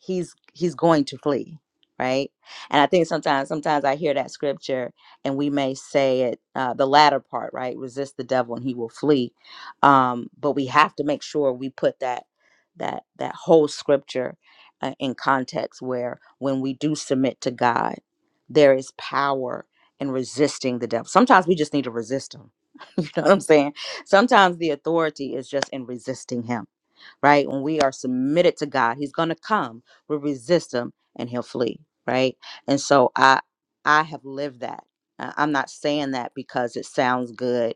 S12: he's he's going to flee right and i think sometimes sometimes i hear that scripture and we may say it uh, the latter part right resist the devil and he will flee um, but we have to make sure we put that that that whole scripture uh, in context where when we do submit to god there is power in resisting the devil sometimes we just need to resist him <laughs> you know what i'm saying sometimes the authority is just in resisting him right? When we are submitted to God, He's going to come. We'll resist Him and He'll flee, right? And so I, I have lived that. I- I'm not saying that because it sounds good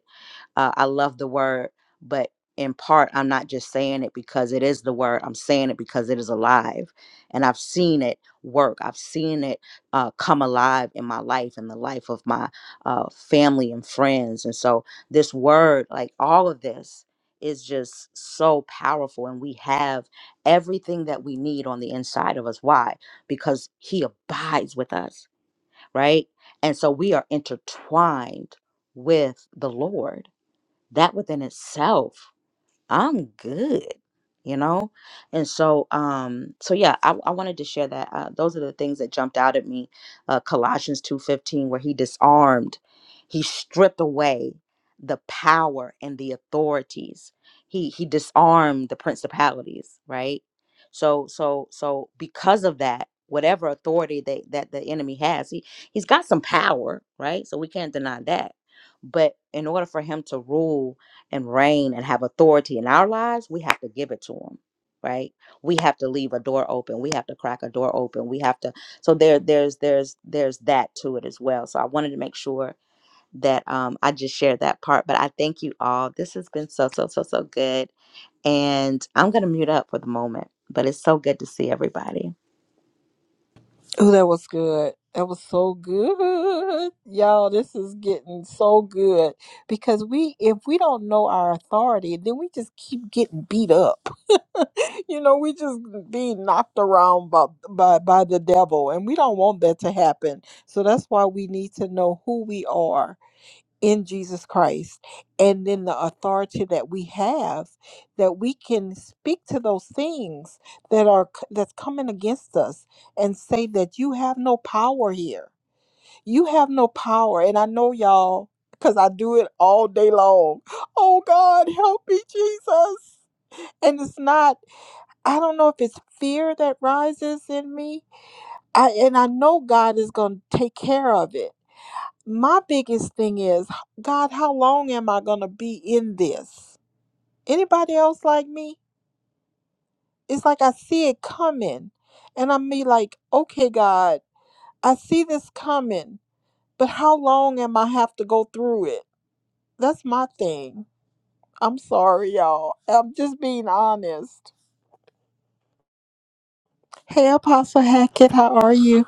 S12: uh, I love the word, but in part, I'm not just saying it because it is the word. I'm saying it because it is alive. And I've seen it work. I've seen it uh, come alive in my life and the life of my uh, family and friends. And so, this word, like all of this, is just so powerful. And we have everything that we need on the inside of us. Why? Because He abides with us, right? And so, we are intertwined with the Lord that within itself i'm good you know and so um so yeah i, I wanted to share that uh, those are the things that jumped out at me uh colossians 2.15 where he disarmed he stripped away the power and the authorities he he disarmed the principalities right so so so because of that whatever authority they, that the enemy has he he's got some power right so we can't deny that but in order for him to rule and reign and have authority in our lives, we have to give it to him, right? We have to leave a door open. We have to crack a door open. We have to. So there, there's, there's, there's that to it as well. So I wanted to make sure that um, I just shared that part. But I thank you all. This has been so, so, so, so good. And I'm gonna mute up for the moment. But it's so good to see everybody.
S1: Oh, that was good. That was so good. <laughs> Y'all, this is getting so good because we if we don't know our authority, then we just keep getting beat up. <laughs> you know, we just being knocked around by, by by the devil and we don't want that to happen. So that's why we need to know who we are in Jesus Christ and then the authority that we have that we can speak to those things that are c- that's coming against us and say that you have no power here. You have no power and I know y'all cuz I do it all day long. <laughs> Oh God, help me Jesus. And it's not I don't know if it's fear that rises in me. I and I know God is going to take care of it my biggest thing is god how long am i going to be in this anybody else like me it's like i see it coming and i'm be like okay god i see this coming but how long am i have to go through it that's my thing i'm sorry y'all i'm just being honest hey apostle hackett how are you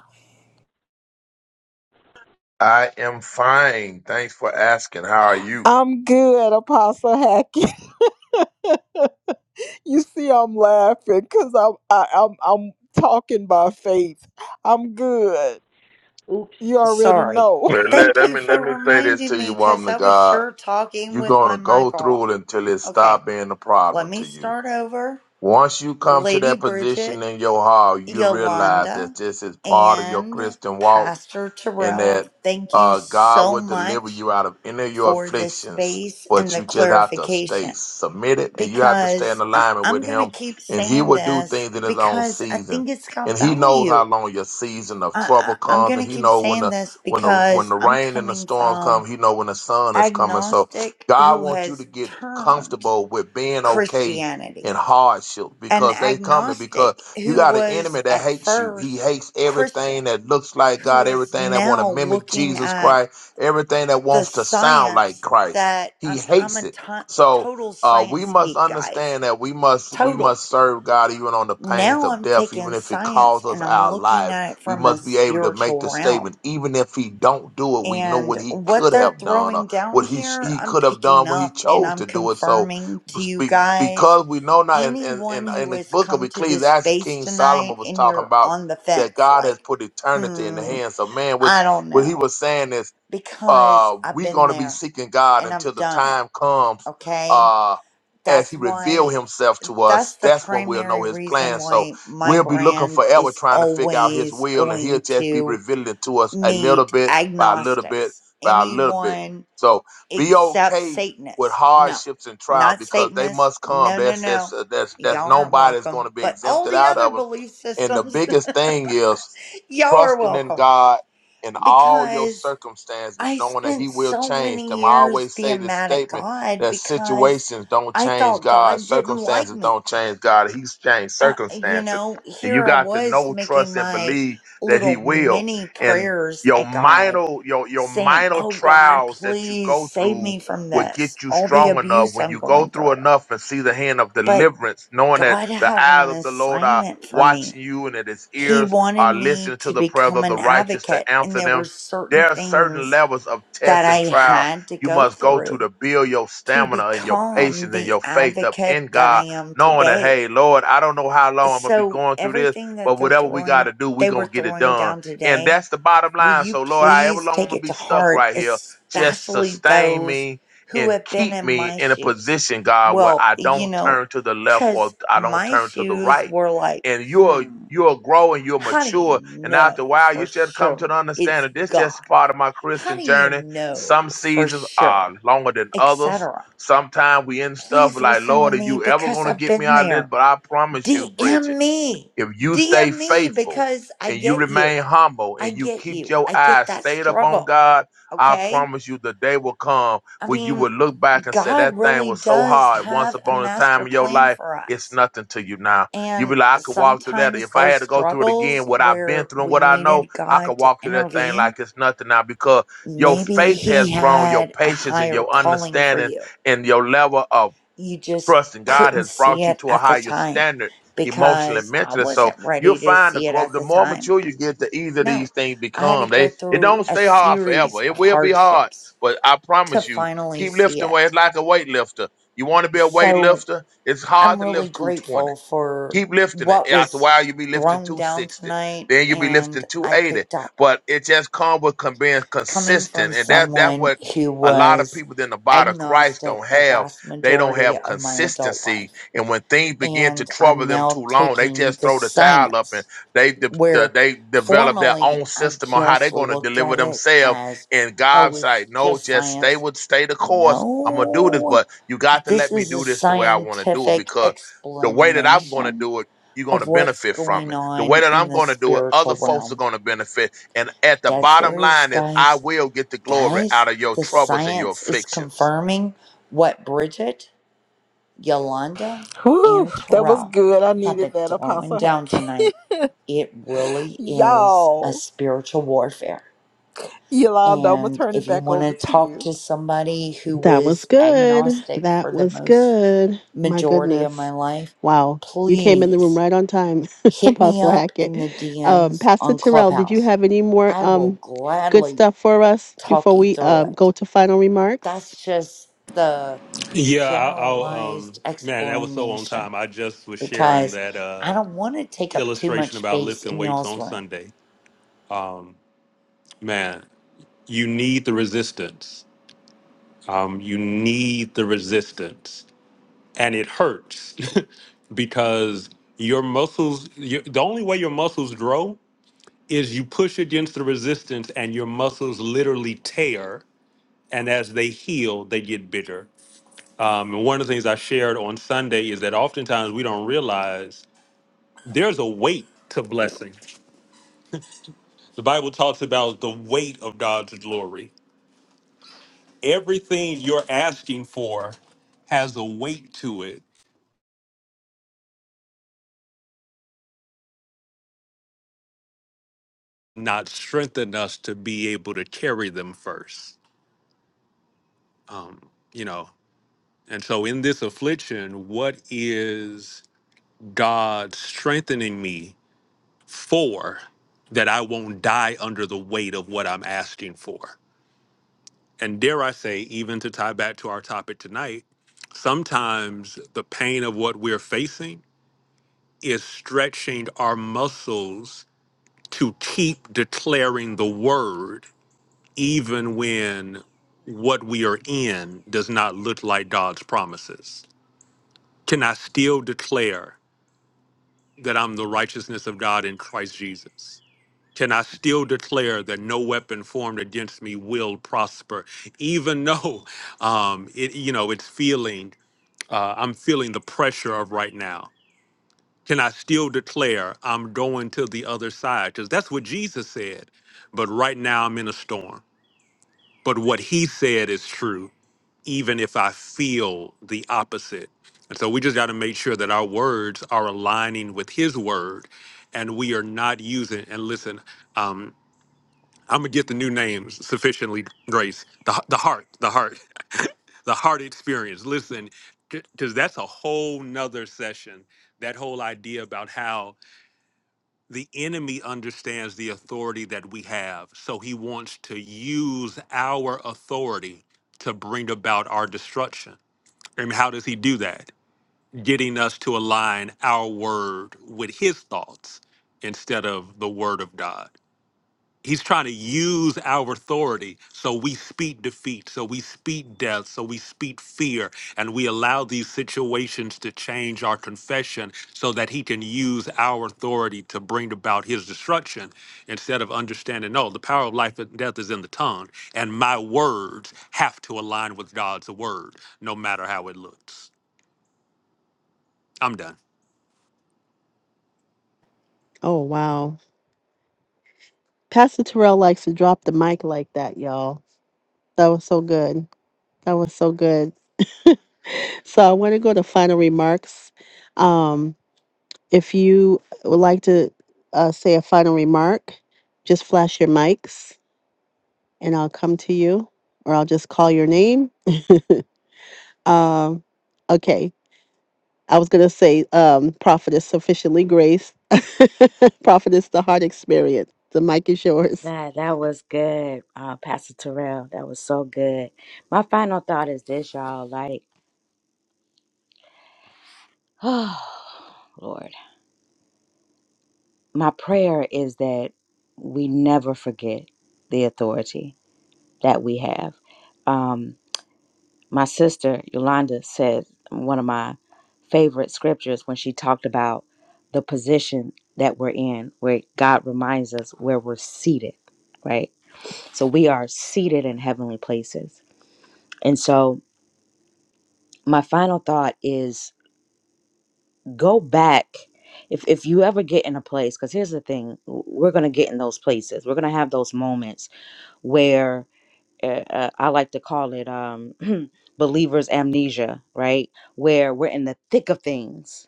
S13: I am fine. Thanks for asking. How are you? <laughs>
S1: i'm good apostle hackett <laughs> You see, I'm laughing because I'm I, I'm I'm talking by faith. I'm good.
S7: Oops,
S1: You already
S7: sorry.
S1: know.
S13: Well, let,
S7: Thank
S13: let
S7: you
S13: me let
S7: for
S13: me say this
S7: reminding
S13: to you,
S7: me because
S13: woman of
S7: I was
S13: God.
S7: sure talking
S13: You're
S7: with my
S13: gonna go
S7: mic off.
S13: through it until it
S7: Okay,
S13: stop being a
S7: let
S13: problem to
S7: me
S13: you.
S7: start over.
S13: Once you come to
S7: Lady
S13: that position
S7: Bridget,
S13: in your heart, you realize that
S7: Yolanda
S13: this is part of your
S7: and
S13: Christian walk.
S7: Pastor
S13: and
S7: Terrell,
S13: that
S7: thank you
S13: uh, God
S7: so
S13: will deliver
S7: much
S13: you out of any of your
S7: for this
S13: afflictions.
S7: space and
S13: But
S7: the
S13: you just have to stay
S7: clarification
S13: submitted and you have to stay in
S7: because I-
S13: alignment
S7: I'm
S13: with
S7: going to
S13: Him,
S7: keep
S13: and He
S7: saying
S13: will do
S7: this
S13: things in His own
S7: because I
S13: season.
S7: think it's
S13: And
S7: got
S13: He knows how
S7: value.
S13: long your season of
S7: I,
S13: trouble
S7: I- I'm
S13: comes, and
S7: going to
S13: He
S7: keep
S13: knows when
S7: saying
S13: the
S7: this
S13: when the when
S7: because
S13: the
S7: I'm
S13: rain and the
S7: coming
S13: storms come.
S7: from
S13: He knows when the sun is coming. So
S7: agnostic
S13: God
S7: who
S13: wants you to
S7: has
S13: get
S7: turned
S13: comfortable with being okay
S7: Christianity,
S13: in hardship
S7: an
S13: because they coming. Because
S7: agnostic
S13: you
S7: who
S13: got an
S7: was
S13: enemy that
S7: at
S13: hates you. He
S7: first
S13: hates
S7: Christian
S13: everything that looks like
S7: who
S13: God,
S7: is
S13: everything that want to
S7: now
S13: mimic
S7: looking
S13: Jesus
S7: at
S13: Christ, everything that
S7: the
S13: wants to sound like
S7: science
S13: Christ.
S7: that
S13: He
S7: I'm, I'm
S13: hates
S7: a
S13: it.
S7: to-
S13: So
S7: total
S13: uh, we
S7: science
S13: must
S7: geek, guys.
S13: understand that we must we
S7: Total.
S13: must serve God even on the pains
S7: Now
S13: of
S7: I'm
S13: death, even
S7: taking
S13: if it
S7: science
S13: costs us
S7: and I'm
S13: our
S7: looking
S13: life.
S7: at it
S13: We
S7: from a
S13: must be able to make the
S7: spiritual realm.
S13: statement, even if He don't do it, we know
S7: And
S13: what He
S7: what
S13: could
S7: they're
S13: have done
S7: throwing
S13: or
S7: down
S13: what He sh-
S7: here,
S13: He
S7: I'm
S13: could have
S7: picking
S13: done when He
S7: up and
S13: chose
S7: I'm
S13: to do it. So
S7: confirming to you
S13: be-
S7: guys.
S13: because we know now in, in, in,
S7: Anyone
S13: in
S7: who
S13: the
S7: has
S13: book of
S7: come to this
S13: Ecclesiastes,
S7: space
S13: King Solomon
S7: tonight
S13: was
S7: and
S13: talking
S7: you're
S13: about
S7: on the
S13: that
S7: fence,
S13: God has
S7: like,
S13: put eternity in the
S7: hmm,
S13: hands of man, which
S7: I don't
S13: what he
S7: know,
S13: was saying is
S7: because
S13: uh,
S7: I've
S13: we're
S7: been
S13: going to be
S7: there.
S13: seeking God
S7: and
S13: until
S7: I've
S13: the
S7: done it.
S13: time comes
S7: Okay.
S13: uh, as
S7: That's
S13: He reveal
S7: why,
S13: Himself to
S7: that's
S13: us.
S7: the
S13: That's when we'll know
S7: primary
S13: His
S7: reason
S13: plan. So
S7: why my
S13: we'll be looking
S7: brand
S13: forever
S7: is
S13: trying to figure out His
S7: always
S13: will, and He'll
S7: going
S13: just be
S7: to
S13: revealing it to us a little
S7: meet
S13: bit by a little bit
S7: agnostics.
S13: by a little bit.
S7: Anyone
S13: So be
S7: except
S13: okay with
S7: Satanists. No,
S13: hardships and trial
S7: not
S13: because they
S7: Satanists.
S13: must come.
S7: No, no,
S13: That's that's
S7: no.
S13: uh, that's that's
S7: Y'all aren't
S13: nobody's going
S7: welcome.
S13: to be
S7: But all
S13: exempted
S7: the
S13: out
S7: other
S13: of them.
S7: belief
S13: And the
S7: systems,
S13: biggest thing is
S7: <laughs> y'all are
S13: trusting in
S7: welcome
S13: God in all your
S7: because.
S13: circumstances,
S7: I
S13: knowing that
S7: spent
S13: He will
S7: so
S13: change
S7: many
S13: them. I
S7: years
S13: always say
S7: being
S13: this
S7: mad at
S13: statement
S7: God
S13: that
S7: because
S13: situations don't
S7: I
S13: change
S7: thought
S13: God,
S7: God didn't like
S13: circumstances
S7: me.
S13: don't change God. He's changed
S7: Uh, you
S13: circumstances.
S7: know,
S13: And you
S7: here I
S13: got to
S7: was
S13: know,
S7: making
S13: trust, and
S7: my
S13: believe that He
S7: little
S13: will.
S7: mini
S13: And
S7: prayers
S13: your
S7: at God,
S13: minor, your your
S7: saying,
S13: minor
S7: Oh God,
S13: trials that you
S7: please
S13: go
S7: save
S13: through
S7: me from
S13: will get
S7: this,
S13: you
S7: all the
S13: strong enough
S7: abuse
S13: when
S7: I'm
S13: you go
S7: going through.
S13: through enough and see the hand of
S7: But
S13: deliverance, knowing that
S7: God
S13: the
S7: had
S13: eyes
S7: an
S13: of the Lord are
S7: assignment for me.
S13: watching you and that his
S7: He
S13: ears
S7: wanted
S13: are
S7: me
S13: listening to
S7: to
S13: the prayers
S7: become
S13: of the
S7: an
S13: righteous
S7: advocate,
S13: to
S7: and
S13: answer
S7: there were
S13: them.
S7: certain
S13: There are certain
S7: things
S13: levels of
S7: that
S13: test and
S7: I
S13: trial
S7: had to
S13: you
S7: go
S13: must go to
S7: through
S13: to build your
S7: to
S13: stamina and your
S7: become
S13: patience and
S7: the
S13: your faith up
S7: advocate
S13: in
S7: that I
S13: God,
S7: am
S13: knowing that,
S7: today.
S13: hey, Lord, I don't know how long I'm going to be
S7: So
S13: going through this,
S7: everything that
S13: but
S7: they're
S13: whatever we got
S7: throwing
S13: to do, we're
S7: they were
S13: going to get it
S7: throwing
S13: done.
S7: down
S13: And
S7: today,
S13: that's the bottom
S7: will
S13: line.
S7: you
S13: So, Lord, however
S7: please
S13: long I'm
S7: take
S13: going
S7: it
S13: to be
S7: to
S13: stuck
S7: heart,
S13: right here, just
S7: especially
S13: sustain
S7: those
S13: me
S7: who
S13: and
S7: have been
S13: keep
S7: in
S13: me
S7: my
S13: in a
S7: shoes?
S13: position, God, where
S7: Well,
S13: I
S7: you
S13: don't
S7: know,
S13: turn to the left or
S7: cuz
S13: I don't
S7: my
S13: turn to the
S7: shoes
S13: right
S7: were like,
S13: and you're
S7: hmm,
S13: you're growing, you're
S7: how do you
S13: mature, and
S7: know
S13: after a while,
S7: for
S13: you just come
S7: sure
S13: to the
S7: it's
S13: understanding. This
S7: God?
S13: just part of my
S7: How
S13: Christian
S7: do you
S13: journey.
S7: know
S13: Some
S7: for
S13: seasons are
S7: sure?
S13: longer than others.
S7: Etc.
S13: Sometimes we in stuff
S7: please
S13: like,
S7: listen to
S13: Lord, are
S7: me
S13: you ever
S7: because
S13: gonna
S7: I've
S13: get me
S7: been
S13: out of this?
S7: there.
S13: But I promise you, Bridget.
S7: DM me.
S13: If you stay
S7: DM me
S13: faithful
S7: because I
S13: and you
S7: get you.
S13: remain humble
S7: I
S13: and you
S7: get
S13: keep
S7: you.
S13: your
S7: I get
S13: eyes
S7: that
S13: stayed up on
S7: struggle.
S13: God, I
S7: Okay?
S13: promise you the day will come
S7: I
S13: when you
S7: mean,
S13: will look back and say,
S7: God
S13: That thing
S7: really
S13: was so
S7: does
S13: hard once
S7: have a
S13: upon a
S7: master
S13: time in your
S7: plan
S13: life.
S7: for
S13: It's
S7: us.
S13: nothing to you now. You
S7: And
S13: be like, I could walk through that.
S7: sometimes
S13: If I
S7: those
S13: had to go through it again,
S7: struggles
S13: what I've been
S7: where
S13: through and
S7: we
S13: what I know,
S7: needed
S13: I could
S7: God to
S13: walk through that thing
S7: intervene,
S13: like it's nothing now because your
S7: maybe
S13: faith has
S7: He
S13: grown, your
S7: had a
S13: patience and
S7: higher
S13: your
S7: calling for
S13: understanding
S7: you
S13: and your level of
S7: you just
S13: trust and God
S7: couldn't
S13: has
S7: see
S13: brought you
S7: it
S13: to a
S7: at the
S13: higher
S7: time
S13: standard emotionally and
S7: because I
S13: mentally. So
S7: wasn't
S13: you'll
S7: ready to
S13: find the
S7: see it
S13: growth.
S7: at
S13: The
S7: the
S13: more
S7: time.
S13: mature you get, the easier
S7: No,
S13: these things
S7: I had to
S13: become.
S7: go
S13: They it
S7: through
S13: don't
S7: a
S13: stay hard forever.
S7: series
S13: It
S7: of
S13: will be hard.
S7: hardships
S13: But I
S7: to
S13: promise you,
S7: finally
S13: keep
S7: see
S13: lifting weight It's
S7: it.
S13: like a weightlifter. You want to be a
S7: So
S13: weightlifter? It's hard
S7: I'm
S13: to
S7: really
S13: lift 220.
S7: grateful for
S13: Keep lifting it.
S7: what
S13: After a
S7: was
S13: while, you'll be lifting
S7: thrown down
S13: 260.
S7: tonight
S13: Then you'll be
S7: and
S13: lifting
S7: I
S13: 280.
S7: picked up.
S13: But it just comes with con- being
S7: Coming from
S13: consistent. And that that's
S7: someone
S13: what
S7: who
S13: a lot of
S7: was
S13: people in the body of Christ
S7: agnostic
S13: don't
S7: the
S13: have.
S7: vast
S13: They don't
S7: majority
S13: have
S7: of my adult
S13: consistency.
S7: life
S13: And when things begin to
S7: and
S13: trouble
S7: I'm
S13: them too
S7: now
S13: long, they
S7: taking
S13: just
S7: the
S13: throw the towel up and
S7: science
S13: they de- de-
S7: where
S13: they develop their own
S7: formerly I
S13: system on how they're
S7: just
S13: going to
S7: looked
S13: deliver
S7: at it
S13: themselves.
S7: as
S13: And
S7: oh
S13: God's
S7: it's
S13: like, no,
S7: just
S13: just stay
S7: science.
S13: with stay the course. I'm gonna do this,
S7: No,
S13: but you got to
S7: this
S13: let me
S7: is a
S13: do this the way I want to do it
S7: scientific
S13: because the way that I'm going to
S7: explanation
S13: do it, you're going to
S7: of what's
S13: benefit from
S7: going
S13: it. The way
S7: on
S13: that
S7: in
S13: I'm
S7: the
S13: going to do it, other
S7: spiritual
S13: folks are
S7: realm.
S13: going to benefit. And at the
S7: Dead
S13: bottom
S7: serious,
S13: line is, I
S7: guys.
S13: will get the glory
S7: Guys,
S13: out of your
S7: the
S13: troubles and your
S7: science is
S13: afflictions.
S7: confirming what Bridget Yolanda
S1: <laughs> Whew,
S7: and
S1: that was
S7: Terrell
S1: good. I
S7: have
S1: needed
S7: been
S1: that,
S7: throwing
S1: Apostle
S7: down
S1: Hack.
S7: tonight. It really
S1: <laughs>
S7: is a
S1: Y'all,
S7: spiritual warfare.
S1: Yolanda, I'm gonna
S7: And
S1: turn it
S7: if you
S1: back
S7: want to
S1: over to
S7: talk
S1: you.
S7: to somebody who
S5: That was
S7: was
S5: good.
S7: agnostic
S5: That
S7: for the
S5: was
S7: most
S5: good. My
S7: majority of my
S5: goodness.
S7: life,
S5: Wow. You came in the room
S7: please
S5: right on time, <laughs>
S7: hit me
S5: Apostle
S7: up
S5: Hackett.
S7: in the
S5: Um,
S7: DMs
S5: Pastor
S7: on
S5: Terrell, did you
S7: Clubhouse.
S5: have any more
S7: I will
S5: um, good
S7: gladly
S5: stuff for us
S7: talk
S5: before
S7: you
S5: we
S7: through
S5: uh,
S7: it.
S5: go to final remarks?
S7: That's just the
S10: Yeah, I, I'll, um,
S7: generalized
S10: man, that was so on
S7: explanation
S10: time. I just was sharing
S7: because
S10: that.
S7: I don't want to take up too much
S10: illustration about
S7: space
S10: lifting
S7: in
S10: weights
S7: y'all's
S10: on
S7: room.
S10: Sunday. Man, you need the resistance. Um, you need the resistance, and it hurts <laughs> because your muscles. Your, the only way your muscles grow is you push against the resistance, and your muscles literally tear. And as they heal, they get bigger. Um, and one of the things I shared on Sunday is that oftentimes we don't realize there's a weight to blessing. The Bible talks about the weight of God's glory everything you're asking for has a weight to it, not strengthen us to be able to carry them first, you know. And so in this affliction, what is God strengthening me for that I won't die under the weight of what I'm asking for? And dare I say, even to tie back to our topic tonight, sometimes the pain of what we're facing is stretching our muscles to keep declaring the word even when what we are in does not look like God's promises? Can I still declare that I'm the righteousness of God in Christ Jesus? Can I still declare that no weapon formed against me will prosper, even <laughs> though um, it, you know, it's feeling, uh, I'm feeling the pressure of right now. Can I still declare I'm going to the other side? Because that's what Jesus said. But right now I'm in a storm but what he said is true, even if I feel the opposite. And so we just got to make sure that our words are aligning with his word and we are not using, and listen, um, I'm going to get the new names sufficiently, Grace. The, the heart, the heart, the heart experience. Listen, because that's a whole nother session. That whole idea about how the enemy understands the authority that we have. So he wants to use our authority to bring about our destruction. And how does he do that? Getting us to align our word with his thoughts instead of the word of God. He's trying to use our authority. So we speak defeat. So we speak death. So we speak fear. And we allow these situations to change our confession so that he can use our authority to bring about his destruction instead of understanding, no, the power of life and death is in the tongue. And my words have to align with God's word, no matter how it looks. I'm done.
S5: Oh, wow. Pastor Terrell likes to drop the mic like that, y'all. That was so good. That was so good. So I want to go to final remarks. Um, if you would like to uh, say a final remark, just flash your mics. and I'll come to you, or I'll just call your name. Um, okay, I was gonna say, um, prophetess sufficiently grace, <laughs> prophetess the heart experience. The mic is yours.
S12: That that was good, uh, Pastor Terrell. That was so good. My final thought is this, y'all. Like, <sighs> oh Lord. my prayer is that we never forget the authority that we have. Um, my sister Yolanda said one of my favorite scriptures when she talked about the position that we're in, where God reminds us where we're seated, right? So we are seated in heavenly places. And so my final thought is go back. If, if you ever get in a place, because here's the thing, we're going to get in those places. We're going to have those moments where uh, uh, I like to call it um, <clears throat> believers' amnesia, right? Where we're in the thick of things.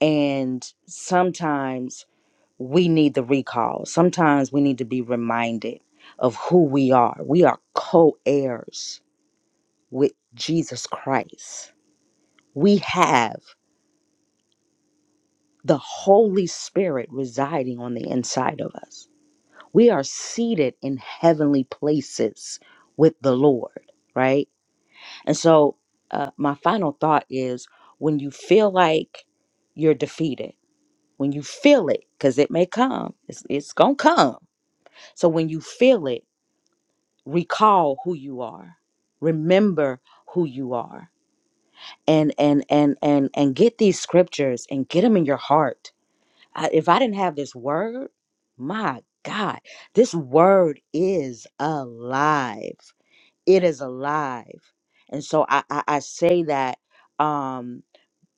S12: And sometimes we need the recall. Sometimes we need to be reminded of who we are. We are co heirs with Jesus Christ. We have the Holy Spirit residing on the inside of us. We are seated in heavenly places with the Lord, right? And so, uh, my final thought is when you feel like you're defeated, when you feel it, because it may come, it's, it's going to come. So, when you feel it, recall who you are, remember who you are. And, and and and and get these scriptures and get them in your heart. I, if I didn't have this word, my God, this word is alive. It is alive, and so I I, I say that um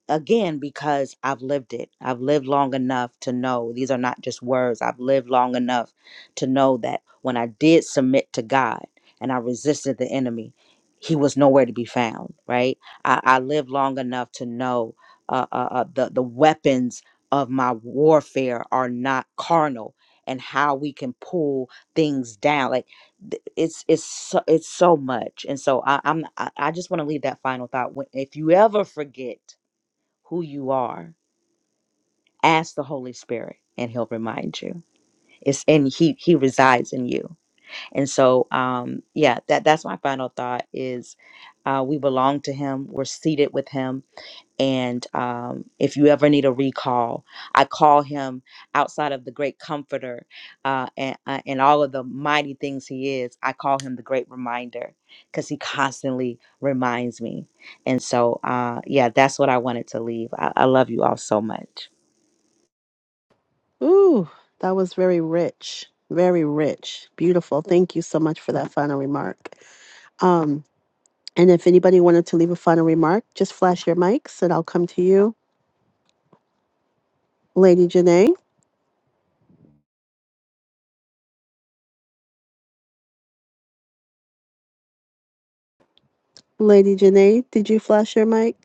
S12: again because I've lived it. I've lived long enough to know these are not just words. I've lived long enough to know that when I did submit to God and I resisted the enemy, he was nowhere to be found, right? I, I lived long enough to know uh, uh, uh, the, the weapons of my warfare are not carnal and how we can pull things down like th- it's it's so, it's so much and so I, i'm i, I just want to leave that final thought When- if you ever forget who you are, ask the Holy Spirit and he'll remind you. It's and he he resides in you. And so um yeah, that that's my final thought is uh we belong to him, we're seated with him. And um, if you ever need a recall, I call him outside of the great comforter uh, and, uh, and all of the mighty things he is. I call him the great reminder because he constantly reminds me. And so, uh, yeah, that's what I wanted to leave. I, I love you all so much.
S5: Ooh, that was very rich, very rich, beautiful. Thank you so much for that final remark. Um, and if anybody wanted to leave a final remark, just flash your mics, and I'll come to you, Lady Janae. Lady Janae, did you flash your mic?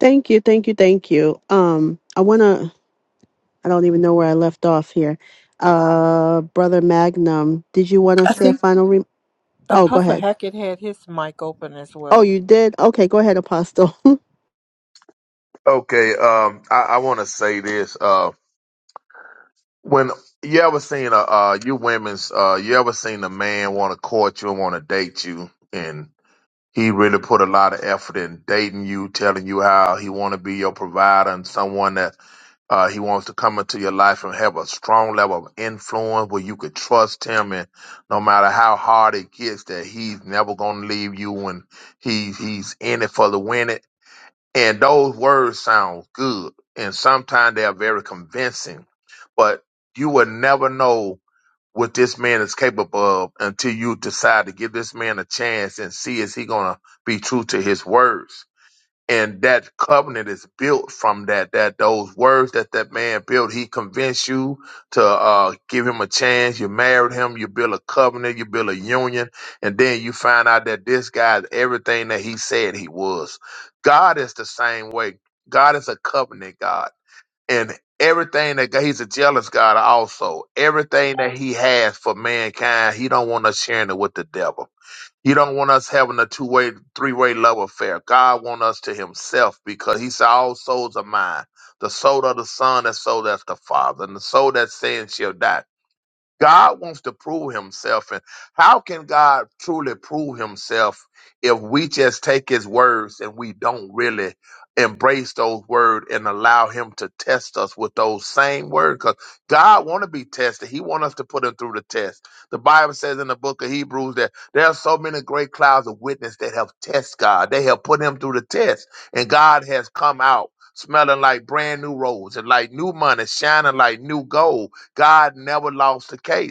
S5: Thank you, thank you, thank you. Um, I wanna I don't even know where I left off here. Uh, Brother Magnum, did you want to
S1: I
S5: say a
S1: think
S5: final? Re- oh, go
S1: Apostle
S5: ahead.
S1: Hackett had his mic open as
S5: Oh,
S1: well.
S5: you did? Okay, go ahead, Apostle. <laughs>
S13: Okay, um, I, I want to say this. Uh, when you ever seen a uh, you women's, uh, you ever seen a man want to court you and want to date you, and he really put a lot of effort in dating you, telling you how he want to be your provider and someone that Uh, he wants to come into your life and have a strong level of influence where you could trust him, and no matter how hard it gets, that he's never going to leave you, and he he's in it for the winning. And those words sound good, and sometimes they are very convincing, but you will never know what this man is capable of until you decide to give this man a chance and see is he going to be true to his words and that covenant is built from that that those words that that man built he convinced you to uh give him a chance you married him you build a covenant you build a union and then you find out that this guy is everything that he said he was god is the same way god is a covenant god and everything that God- he's a jealous god also everything that he has for mankind he don't want us sharing it with the devil he don't want us having a two way, three way love affair. God want us to Himself because He said, "All souls are mine." The soul of the Son, that soul that's the Father, and the soul that's saying shall die. God wants to prove himself. And how can God truly prove himself if we just take his words and we don't really embrace those words and allow him to test us with those same words? Because God want to be tested. He want us to put him through the test. The Bible says in the book of Hebrews that there are so many great clouds of witness that have tested God. They have put him through the test. And God has come out smelling like brand new rose and like new money, shining like new gold God never lost a case.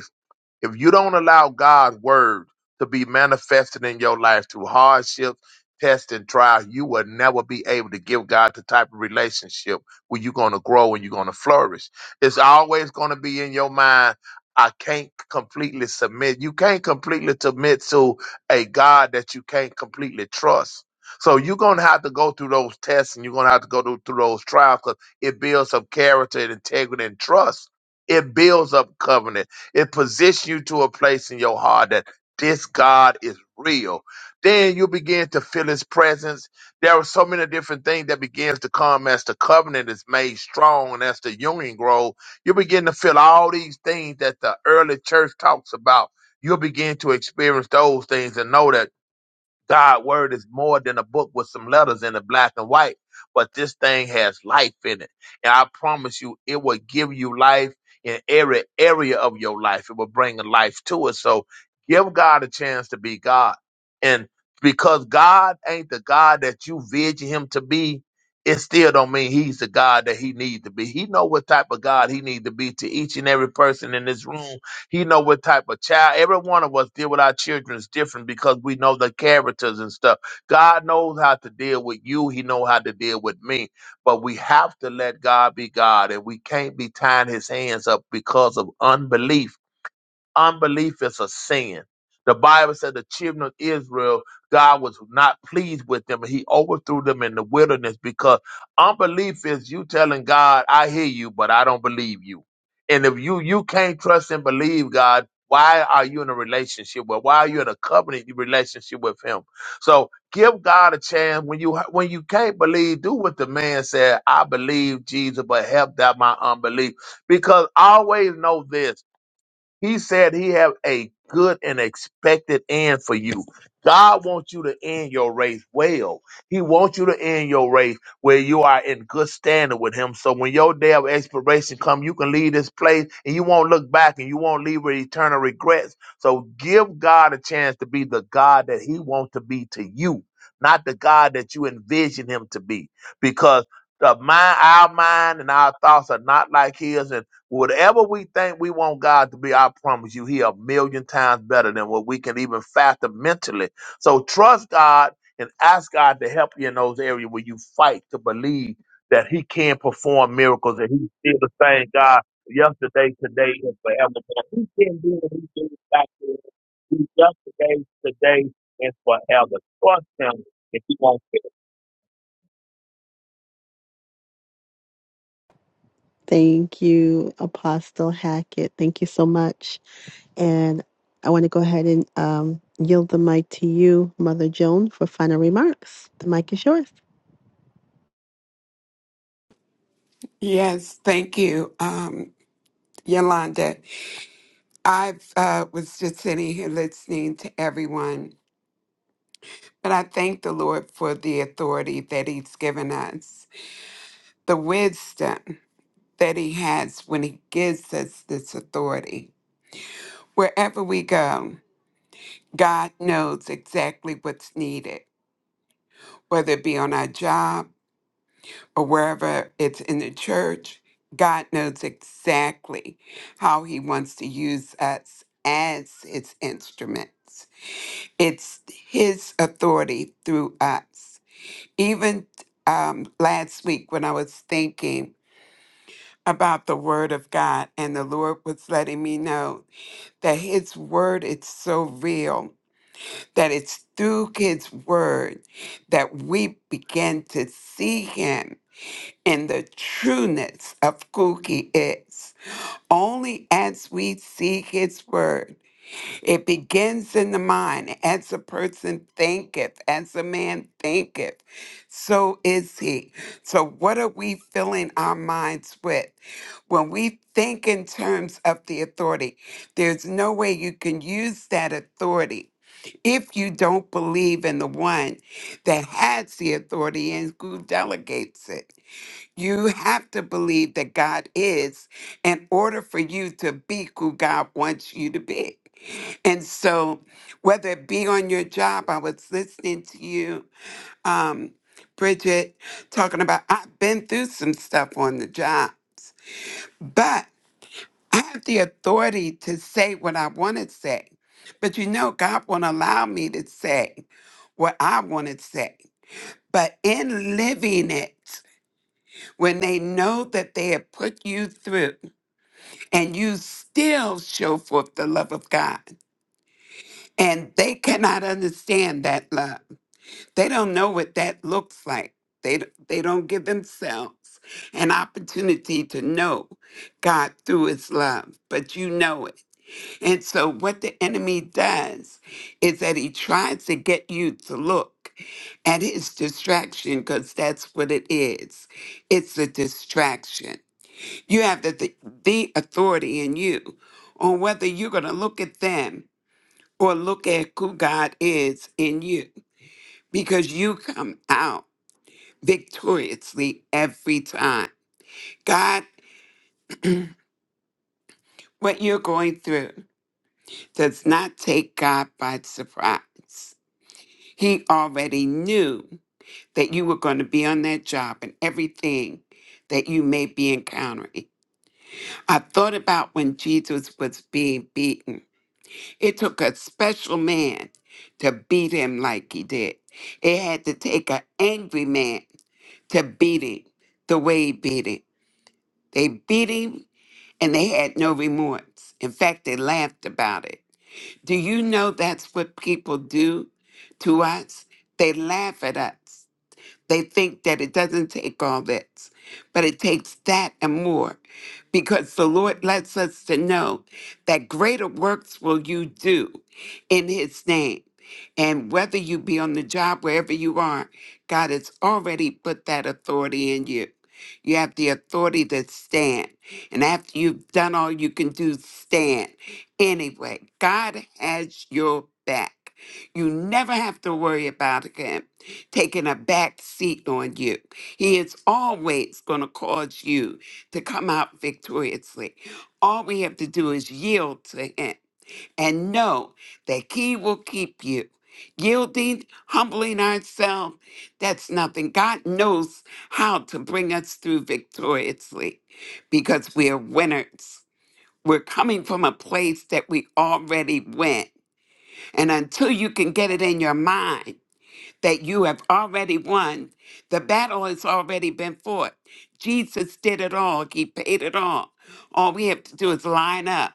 S13: If you don't allow God's word to be manifested in your life through hardships, tests, and trials, you will never be able to give God the type of relationship where you're going to grow and you're going to flourish. It's always going to be in your mind. I can't completely submit. You can't completely submit to a God that you can't completely trust. So you're going to have to go through those tests and you're going to have to go through, through those trials because it builds up character and integrity and trust. It builds up covenant. It positions you to a place in your heart that this God is real. Then you begin to feel his presence. There are so many different things that begins to come as the covenant is made strong and as the union grows. You begin to feel all these things that the early church talks about. You'll begin to experience those things and know that God word is more than a book with some letters in it, black and white. But this thing has life in it. And I promise you, it will give you life in every area of your life. It will bring a life to it. So give God a chance to be God. And because God ain't the God that you vision him to be, it still don't mean he's the God that he needs to be. He know what type of God he needs to be to each and every person in this room he know what type of child. Every one of us deal with our children is different because we know the characters and stuff. God knows how to deal with you. He know how to deal with me. But we have to let God be God, and we can't be tying His hands up because of unbelief Unbelief is a sin. The Bible said the children of Israel, God was not pleased with them. He overthrew them in the wilderness because unbelief is you telling God, I hear you, but I don't believe you. And if you you can't trust and believe God, why are you in a relationship with? Why are you in a covenant relationship with Him? So give God a chance when you when you can't believe. Do what the man said. I believe Jesus, but help that my unbelief. Because always know this. He said he have a good and expected end for you. God wants you to end your race well. He wants you to end your race where you are in good standing with him. So when your day of expiration come, you can leave this place and you won't look back and you won't leave with eternal regrets. So give God a chance to be the God that he wants to be to you, not the God that you envision him to be. Because the mind, our mind and our thoughts are not like his. and Whatever we think we want God to be, I promise you, He a million times better than what we can even fathom mentally. So trust God and ask God to help you in those areas where you fight to believe that He can perform miracles That He's still the same God yesterday, today, and forever. But He can do what He did back then. He's yesterday, today, and forever. Trust Him if you want.
S5: Thank you, Apostle Hackett. Thank you so much. And I want to go ahead and um, yield the mic to you, Mother Joan, for final remarks. The mic is yours.
S11: Yes, thank you, um, Yolanda. I uh, was just sitting here listening to everyone, but I thank the Lord for the authority that He's given us, the wisdom. that He has when He gives us this authority. Wherever we go, God knows exactly what's needed, whether it be on our job or wherever it's in the church. God knows exactly how He wants to use us as His instruments. It's His authority through us. Even um, last week, when I was thinking about the Word of God, and the Lord was letting me know that his word is so real that it's through his word that we begin to see him in the trueness of who he is. Only as we see his word it begins in the mind. As a person thinketh, as a man thinketh, so is he. So, what are we filling our minds with? When we think in terms of the authority, there's no way you can use that authority if you don't believe in the one that has the authority and who delegates it. You have to believe that God is in order for you to be who God wants you to be. And so, whether it be on your job, I was listening to you, um, Bridget, talking about I've been through some stuff on the jobs, but I have the authority to say what I want to say. But you know, God won't allow me to say what I want to say. But in living it, when they know that they have put you through and you still show forth the love of God, and they cannot understand that love. They don't know what that looks like. They, d- they don't give themselves an opportunity to know God through his love, but you know it. And so, what the enemy does is that he tries to get you to look at his distraction because that's what it is it's a distraction. You have the, the, the authority in you on whether you're going to look at them or look at who God is in you because you come out victoriously every time. God, what you're going through does not take God by surprise. He already knew that you were going to be on that job and everything that you may be encountering. I thought about when Jesus was being beaten. It took a special man to beat him like he did. It had to take an angry man to beat him the way he beat him. They beat him and they had no remorse. In fact, they laughed about it. Do you know that's what people do to us? They laugh at us. They think that it doesn't take all this, but it takes that and more because the Lord lets us to know that greater works will you do in his name. And whether you be on the job, wherever you are, God has already put that authority in you. You have the authority to stand. And after you've done all you can do, stand. Anyway, God has your back. You never have to worry about him taking a back seat on you. He is always going to cause you to come out victoriously. All we have to do is yield to Him and know that He will keep you. Yielding, humbling ourselves, that's nothing. God knows how to bring us through victoriously because we are winners. We're coming from a place that we already went. And until you can get it in your mind, that you have already won. The battle has already been fought. Jesus did it all, He paid it all. All we have to do is line up,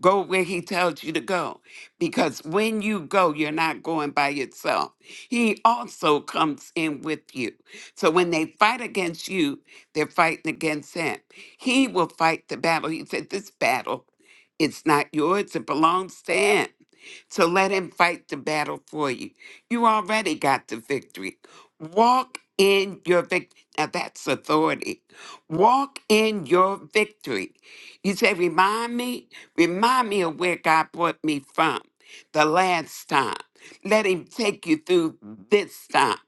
S11: go where He tells you to go. Because when you go, you're not going by yourself. He also comes in with you. So when they fight against you, they're fighting against Him. He will fight the battle. He said, This battle it's not yours, it belongs to him. So let him fight the battle for you. You already got the victory. Walk in your victory. Now that's authority. Walk in your victory. You say, remind me, remind me of where God brought me from the last time. Let him take you through this time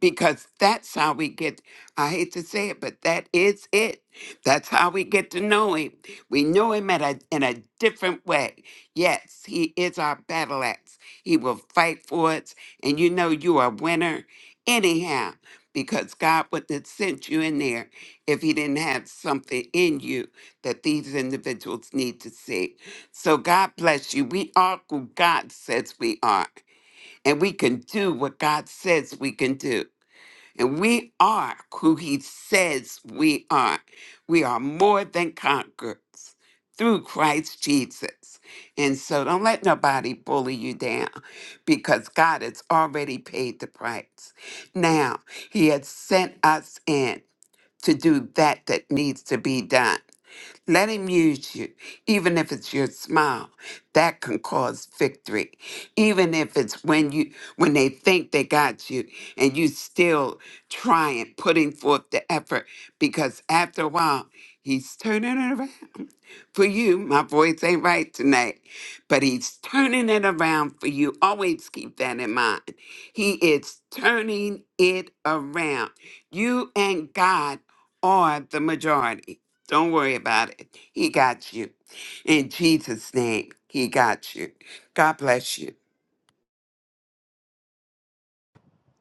S11: because that's how we get. I hate to say it, but that is it. That's how we get to know him. We know him at a, in a different way. Yes, he is our battle axe. He will fight for us and you know you are a winner anyhow because God wouldn't have sent you in there if He didn't have something in you that these individuals need to see. So God bless you. We are who God says we are, and we can do what God says we can do. And we are who he says we are. We are more than conquerors through Christ Jesus. And so don't let nobody bully you down because God has already paid the price. Now, he has sent us in to do that that needs to be done. Let him use you, even if it's your smile. That can cause victory. Even if it's when you when they think they got you and you still trying, putting forth the effort, because after a while, he's turning it around for you. My voice ain't right tonight, but he's turning it around for you. Always keep that in mind. He is turning it around. You and God are the majority. Don't worry about it. He got you. In Jesus' name, He got you. God bless you.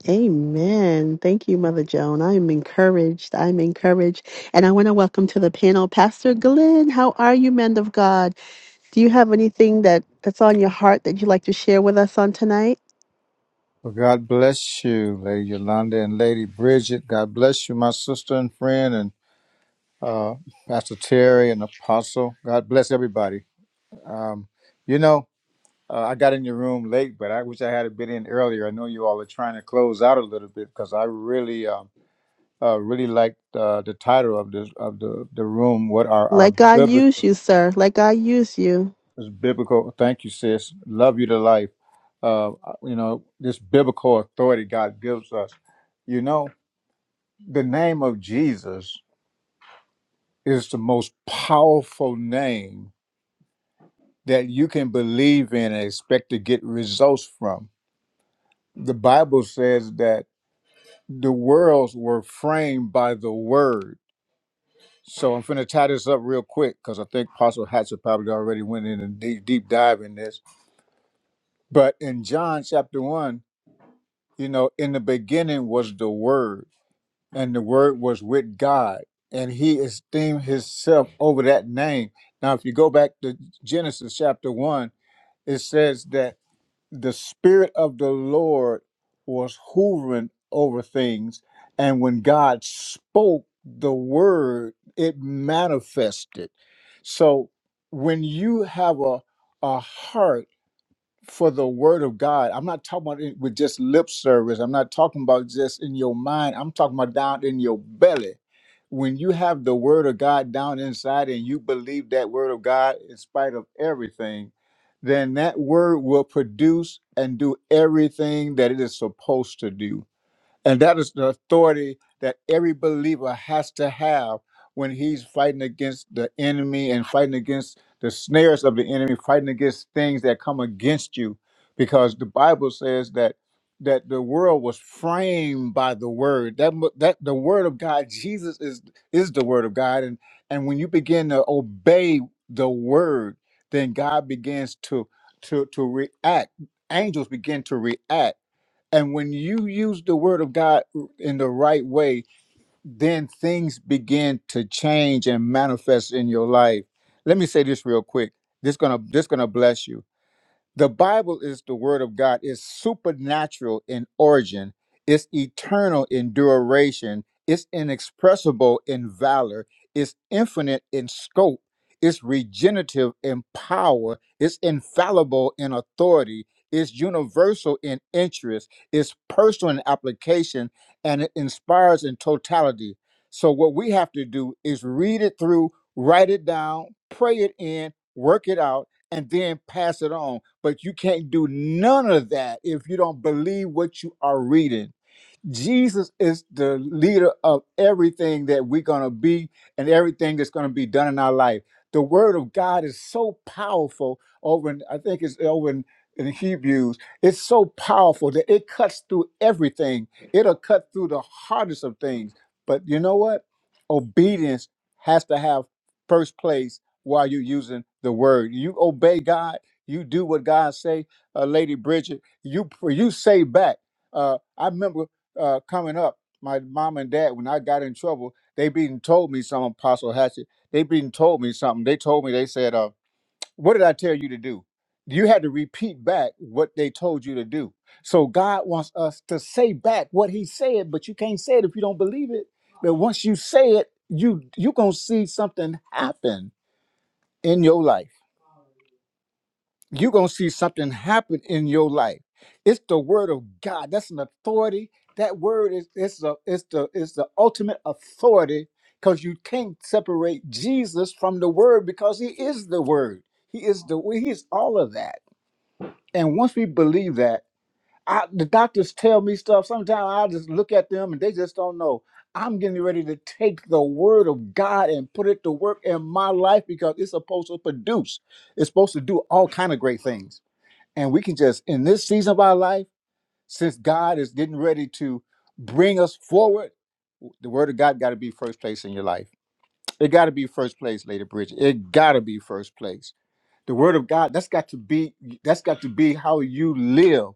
S5: Amen. Thank you, Mother Joan. I am encouraged. I'm encouraged. And I want to welcome to the panel Pastor Glenn. How are you, men of God? Do you have anything that, that's on your heart that you'd like to share with us on tonight?
S14: Well, God bless you, Lady Yolanda and Lady Bridget. God bless you, my sister and friend, and uh, Pastor Terry and Apostle. God bless everybody. Um, you know, uh, I got in your room late, but I wish I had been in earlier. I know you all are trying to close out a little bit because I really, um, uh, really liked uh, the title of the of the, the room. What are our
S5: Let God use
S14: biblical?
S5: you, sir. Let God use you.
S14: It's biblical. Thank you, sis. Love you to life. Uh, you know, this biblical authority God gives us. You know. the name of Jesus is the most powerful name that you can believe in and expect to get results from. The Bible says that the worlds were framed by the word. So I'm going to tie this up real quick because I think Apostle Hatcher probably already went in a deep, deep dive in this. But in John chapter 1, you know, in the beginning was the word and the word was with God, and he esteemed himself over that name. Now, if you go back to Genesis chapter 1, it says that the Spirit of the Lord was hovering over things, and when God spoke the word, it manifested. So when you have a, a heart, for the word of God. I'm not talking about it with just lip service. I'm not talking about just in your mind. I'm talking about down in your belly. When you have the word of God down inside and you believe that word of God in spite of everything, then that word will produce and do everything that it is supposed to do. And that is the authority that every believer has to have when he's fighting against the enemy and fighting against the snares of the enemy, fighting against things that come against you. Because the Bible says that that the world was framed by the word. That mu- that the word of God, Jesus is is the word of God. And and when you begin to obey the word, then God begins to to to react. Angels begin to react and when you use the word of God in the right way, then things begin to change and manifest in your life. Let me say this real quick. This gonna this gonna bless you. The Bible is the Word of God. It's supernatural in origin, it's eternal in duration, it's inexpressible in valor, it's infinite in scope, it's regenerative in power, it's infallible in authority. It's universal in interest, it's personal in application, and it inspires in totality. So, what we have to do is read it through, write it down, pray it in, work it out, and then pass it on. But you can't do none of that if you don't believe what you are reading. Jesus is the leader of everything that we're going to be and everything that's going to be done in our life. The word of God is so powerful over in, I think it's over in, in Hebrews. It's so powerful that it cuts through everything. It'll cut through the hardest of things. But you know what? Obedience has to have first place while you're using the word. You obey God, you do what God say. Uh, Lady Bridget, you you say back. Uh, I remember uh, coming up, my mom and dad, when I got in trouble, they been told me something, Apostle Hatchet. They been told me something. They told me, they said, uh, What did I tell you to do? You had to repeat back what they told you to do. So God wants us to say back what He said, but you can't say it if you don't believe it. But once you say it, you you gonna see something happen in your life you're going to see something happen in your life. It's the word of God. That's an authority. That word is it's the it's the it's the ultimate authority because you can't separate Jesus from the word because he is the word. He is the he is all of that. And once we believe that, I, the doctors tell me stuff. Sometimes I just look at them and they just don't know. I'm getting ready to take the word of God and put it to work in my life because it's supposed to produce. It's supposed to do all kind of great things and we can just in this season of our life since god is getting ready to bring us forward the word of god got to be first place in your life it got to be first place lady bridget it got to be first place the word of God, that's got to be that's got to be how you live,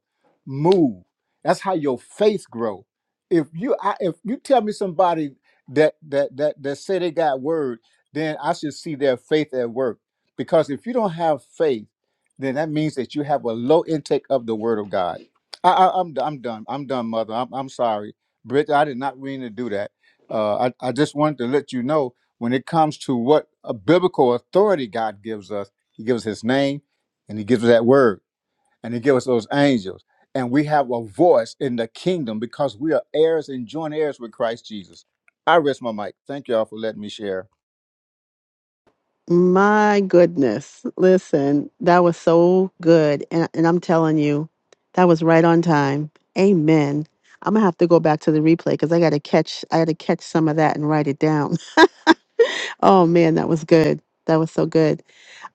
S14: move. That's how your faith grow. If you I, if you tell me somebody that that that that say they got word, then I should see their faith at work. Because if you don't have faith, then that means that you have a low intake of the word of God. I, I I'm I'm done. I'm done, mother. I'm I'm sorry. Bridget, I did not mean to do that. Uh, I, I just wanted to let you know when it comes to what a biblical authority God gives us he gives us his name and he gives us that word and he gives us those angels. And we have a voice in the kingdom because we are heirs and joint heirs with Christ Jesus. I rest my mic. Thank y'all for letting me share.
S5: My goodness. Listen, that was so good. And, and I'm telling you, that was right on time. Amen. I'm gonna have to go back to the replay because I gotta catch I gotta catch some of that and write it down. Oh man, that was good. That was so good.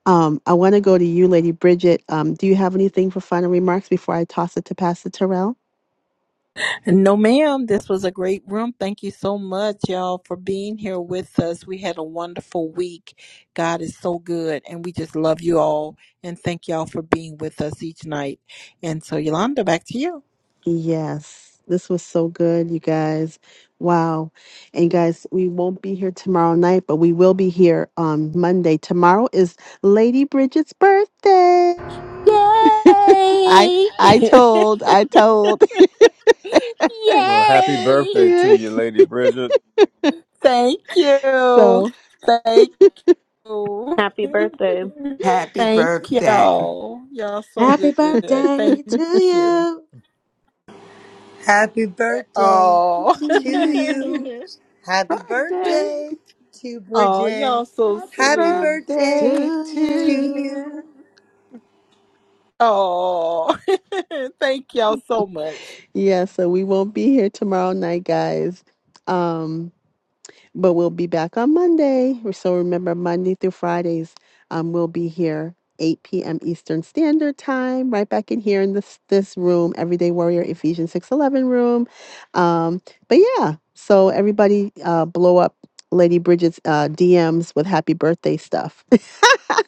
S5: Um, I want to go to you, Lady Bridget. Um, do you have anything for final remarks before I toss it to Pastor Terrell?
S1: No, ma'am. This was a great room. Thank you so much, y'all, for being here with us. We had a wonderful week. God is so good, and we just love you all. And thank y'all for being with us each night. And so, Yolanda, back to you.
S5: Yes, this was so good, you guys. Wow. And guys, we won't be here tomorrow night, but we will be here on Monday. Tomorrow is Lady Bridget's birthday. I
S1: Yay!
S5: I
S1: <laughs>
S5: told, I told. <laughs>
S14: Well, happy
S1: Yay!
S14: birthday to
S5: yeah.
S14: you, Lady Bridget.
S1: Thank you.
S5: So
S1: Thank
S8: <laughs>
S1: Oh.
S8: Happy birthday.
S1: <laughs>
S11: Happy
S1: Thank
S11: birthday.
S1: y'all. Y'all so
S12: Happy
S1: good.
S12: birthday
S1: Thank
S12: to
S1: you.
S12: you,
S7: Happy birthday
S1: Oh.
S7: to you.
S1: <laughs>
S7: Happy
S11: Birthday.
S7: birthday to
S1: oh,
S7: Bridget.
S1: y'all so
S11: Happy
S7: Happy
S1: sweet.
S12: to
S7: birthday
S11: birthday to
S7: to
S12: you.
S7: you.
S11: you.
S1: Oh. <laughs> Thank y'all so much.
S5: yeah, so we won't be here tomorrow night, guys. Um But we'll be back on Monday. So remember, Monday through Fridays, um, we'll be here 8 p.m. Eastern Standard Time, right back in here in this this room, Everyday Warrior Ephesians 611 room. Um, but yeah, so everybody uh, blow up Lady Bridget's uh, DMs with happy birthday stuff. <laughs>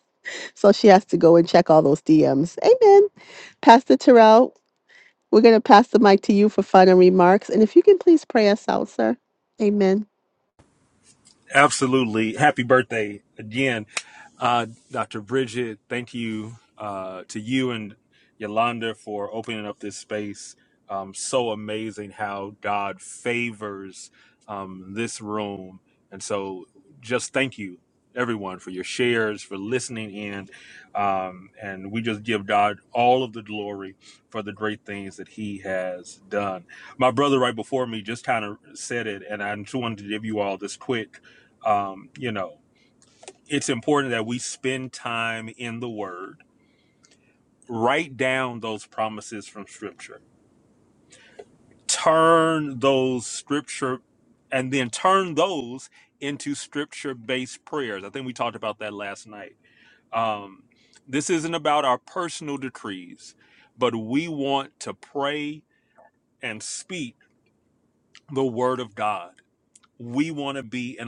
S5: so she has to go and check all those DMs. Amen. Pastor Terrell, we're going to pass the mic to you for final remarks. And if you can please pray us out, sir. Amen.
S10: Absolutely. Happy birthday again, uh, Dr. Bridget. Thank you uh, to you and Yolanda for opening up this space. Um, so amazing how God favors um, this room. And so just thank you, everyone, for your shares, for listening in. Um, and we just give God all of the glory for the great things that He has done. My brother, right before me, just kind of said it, and I just wanted to give you all this quick um, you know, it's important that we spend time in the Word, write down those promises from Scripture, turn those Scripture, and then turn those into Scripture based prayers. I think we talked about that last night. Um, this isn't about our personal decrees, but we want to pray and speak the Word of God. We want to be in alignment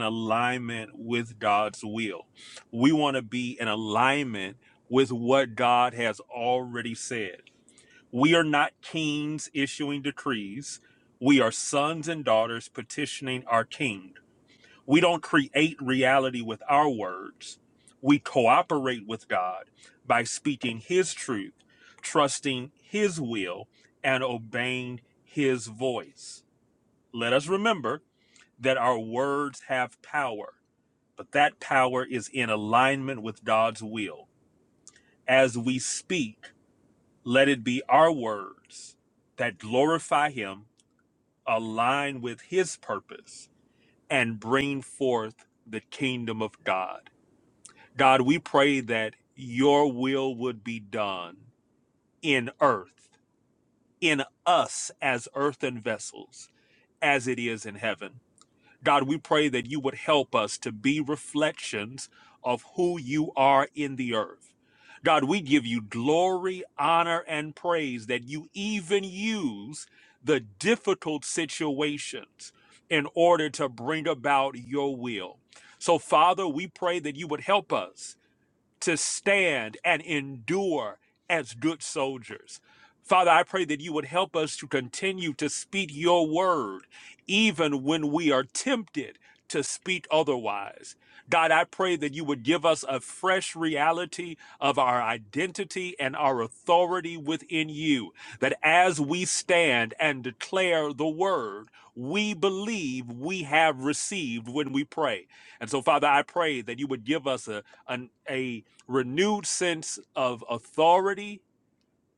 S10: with God's will. We want to be in alignment with what God has already said. We are not kings issuing decrees. We are sons and daughters petitioning our king. We don't create reality with our words. We cooperate with God by speaking his truth, trusting his will, and obeying his voice. Let us remember that our words have power but that power is in alignment with God's will. As we speak, let it be our words that glorify Him, align with His purpose, and bring forth the kingdom of God. God, we pray that your will would be done in earth, in us as earthen vessels, as it is in heaven. God, we pray that you would help us to be reflections of who you are in the earth. God, we give you glory, honor, and praise that you even use the difficult situations in order to bring about your will. So, Father, we pray that you would help us to stand and endure as good soldiers. Father, I pray that you would help us to continue to speak your word, even when we are tempted to speak otherwise. God, I pray that you would give us a fresh reality of our identity and our authority within you, that as we stand and declare the word, we believe we have received when we pray. And so, Father, I pray that you would give us a, an, a renewed sense of authority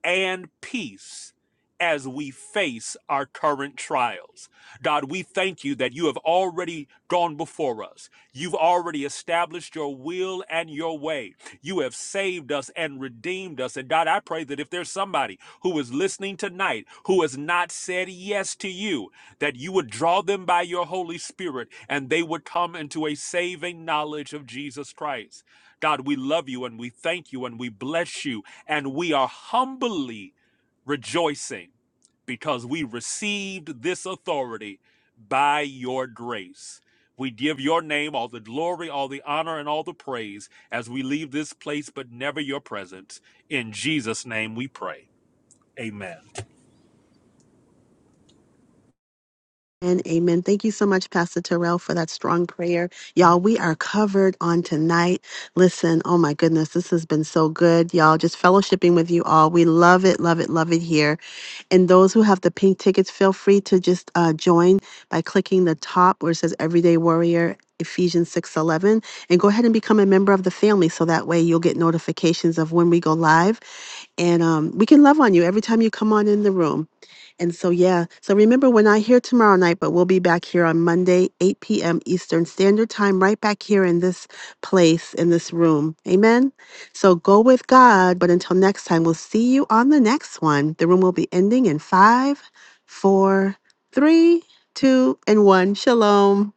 S10: and peace as we face our current trials. God, we thank you that you have already gone before us. You've already established your will and your way. You have saved us and redeemed us. And God, I pray that if there's somebody who is listening tonight who has not said yes to you, that you would draw them by your Holy Spirit and they would come into a saving knowledge of Jesus Christ. God, we love you and we thank you and we bless you. And we are humbly rejoicing because we received this authority by your grace. We give your name all the glory, all the honor, and all the praise as we leave this place, but never your presence. In Jesus' name we pray. Amen.
S5: And amen. Thank you so much, Pastor Terrell, for that strong prayer. Y'all, we are covered on tonight. Listen, oh my goodness, this has been so good. Y'all, just fellowshipping with you all. We love it, love it, love it here. And those who have the pink tickets, feel free to just uh, join by clicking the top where it says Everyday Warrior. Ephesians 6:11 and go ahead and become a member of the family so that way you'll get notifications of when we go live and um, we can love on you every time you come on in the room. And so, yeah. So remember, we're not here tomorrow night, but we'll be back here on Monday, 8 p.m. Eastern Standard Time, right back here in this place, in this room. Amen. So go with God. But until next time, we'll see you on the next one. The room will be ending in five, four, three, two, and one. Shalom.